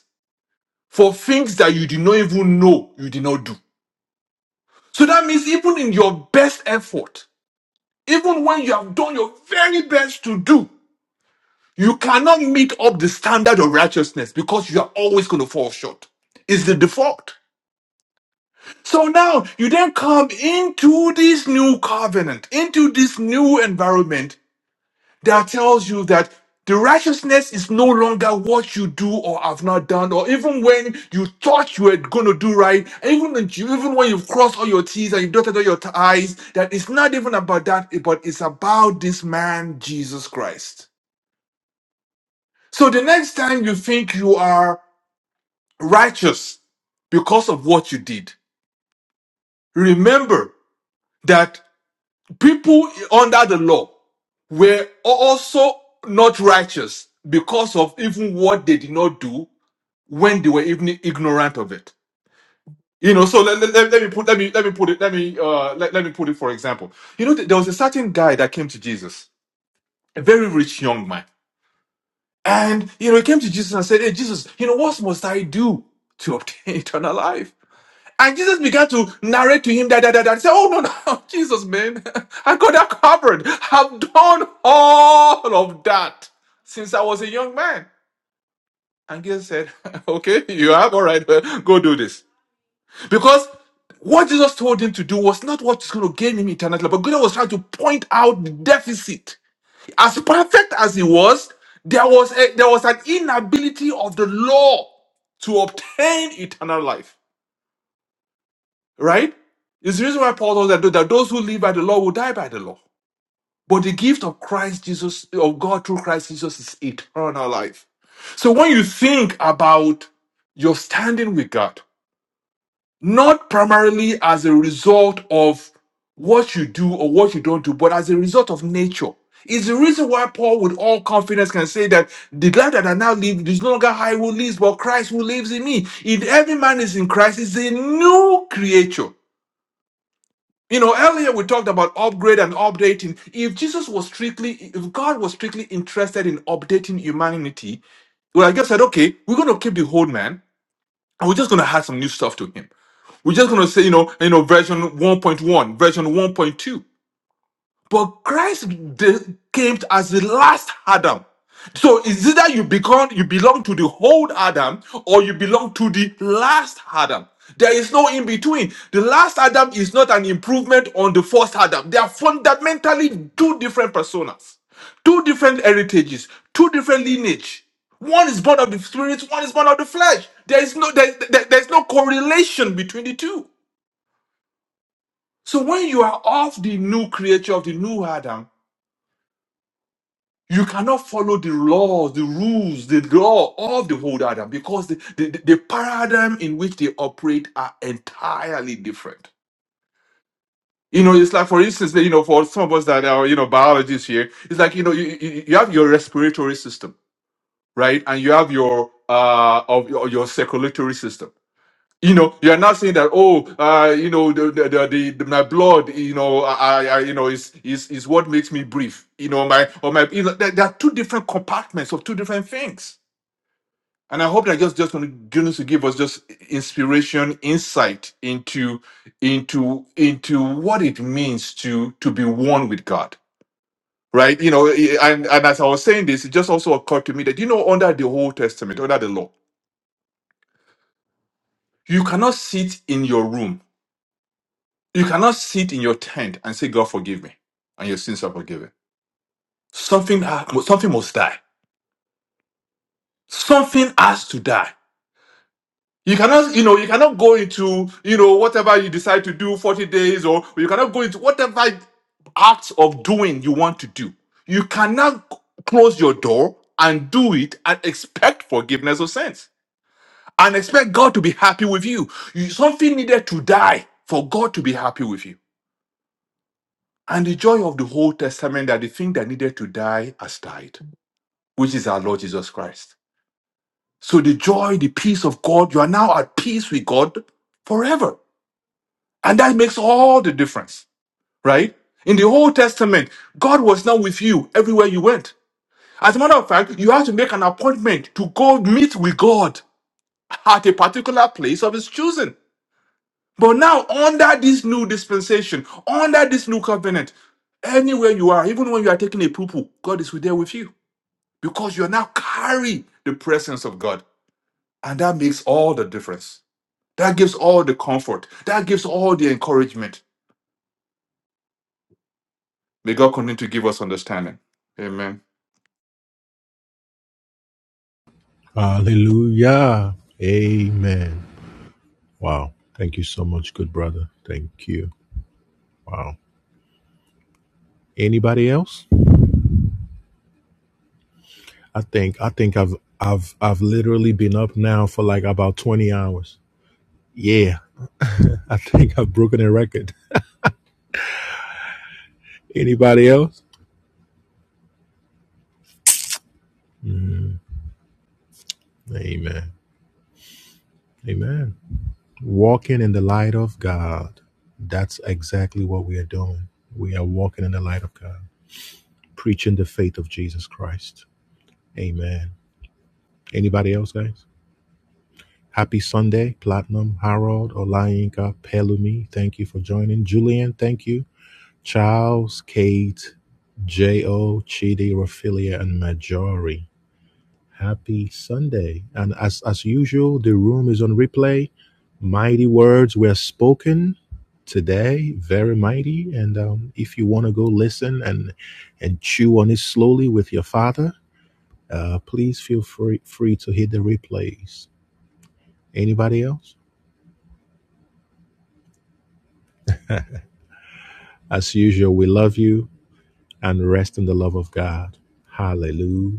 S8: for things that you did not even know you did not do. So that means even in your best effort, even when you have done your very best to do, you cannot meet up the standard of righteousness because you are always gonna fall short. It's the default. So now you then come into this new covenant, into this new environment that tells you that the righteousness is no longer what you do or have not done, or even when you thought you were going to do right, and even when you, even when you've crossed all your T's and you've dotted all your I's, that it's not even about that, but it's about this man, Jesus Christ. So the next time you think you are righteous because of what you did, remember that people under the law were also not righteous because of even what they did not do when they were even ignorant of it you know so let, let, let let me put let me let me put it let me uh let, let me put it for example you know th- there was a certain guy that came to jesus a very rich young man and you know he came to jesus and said hey jesus you know what must i do to obtain (laughs) eternal life And Jesus began to narrate to him that, that, that, that. He said, Oh, no, no, (laughs) Jesus, man, (laughs) I got that covered. I've done all of that since I was a young man. And Jesus said, (laughs) Okay, you have, all right, (laughs) go do this. Because what Jesus told him to do was not what is going to gain him eternal life, but God was trying to point out the deficit. As perfect as he was, there was, a, there was an inability of the law to obtain eternal life. Right? It's the reason why Paul told us that, that those who live by the law will die by the law. But the gift of Christ Jesus, of God through Christ Jesus, is eternal life. So when you think about your standing with God, not primarily as a result of what you do or what you don't do, but as a result of nature. It's the reason why Paul, with all confidence, can say that the life that I now live is no longer I who lives, but Christ who lives in me. If every man is in Christ, is a new creature. You know, earlier we talked about upgrade and updating. If Jesus was strictly, if God was strictly interested in updating humanity, well, I guess said, okay, we're going to keep the old man, and we're just going to add some new stuff to him. We're just going to say, you know, you know, version one point one, version one point two. But Christ de- came as the last Adam. So it's either you become you belong to the old Adam or you belong to the last Adam. There is no in between. The last Adam is not an improvement on the first Adam. They are fundamentally two different personas, two different heritages, two different lineage. One is born of the spirit, one is born of the flesh. There is no there, there- there's no correlation between the two. So when you are of the new creature of the new Adam, You cannot follow the laws, the rules, the law of the whole Adam because the, the, the paradigm in which they operate are entirely different. You know, it's like, for instance, you know, for some of us that are, you know, biologists here, it's like, you know, you, you you have your respiratory system, right? And you have your, uh, of your, your circulatory system you know you are not saying that oh uh you know the the, the, the, the- my blood you know i i you know is is is what makes me breathe you know my or my you know there, there are two different compartments of two different things and i hope that just just going to give us just inspiration insight into into into what it means to to be one with god right you know eh, and and as i was saying this it just also occurred to me that you know under the old testament under the law you cannot sit in your room You cannot sit in your tent and say, God forgive me, and your sins are forgiven. Something, ha- something must die. Something has to die. You cannot, you know, you cannot go into, you know, whatever you decide to do, 40 days, or you cannot go into whatever acts of doing you want to do. You cannot c- close your door and do it and expect forgiveness of sins and expect God to be happy with you. you something needed to die for God to be happy with you. And the joy of the Old Testament that the thing that needed to die has died, which is our Lord Jesus Christ. So the joy, the peace of God, you are now at peace with God forever. And that makes all the difference, right? In the Old Testament, God was not with you everywhere you went. As a matter of fact, you had to make an appointment to go meet with God at a particular place of his choosing. But now, under this new dispensation, under this new covenant, anywhere you are, even when you are taking a poo poo, God is there with you. because you're now carrying the presence of God. And that makes all the difference. That gives all the comfort. That gives all the encouragement. May God continue to give us understanding. Amen.
S1: Hallelujah. Amen. Wow. Thank you so much, good brother. Thank you. Wow. Anybody else? I think I think I've I've I've literally been up now for like about twenty hours. Yeah, (laughs) I think I've broken a record. Anybody else? Amen. Amen. Walking in the light of God. That's exactly what we are doing. We are walking in the light of God, preaching the faith of Jesus Christ. Amen. Anybody else, guys? Happy Sunday, Platinum, Harold, Olayinka, Pelumi. Thank you for joining. Julian, thank you. Charles, Kate, J.O., Chidi, Raphaelia, and Majori. Happy Sunday. And as, as usual, the room is on replay. Mighty words were spoken today, very mighty. And um, if you want to go listen and, and chew on it slowly with your father, uh, please feel free, free to hit the replays. Anybody else? As usual, we love you and rest in the love of God. Hallelujah.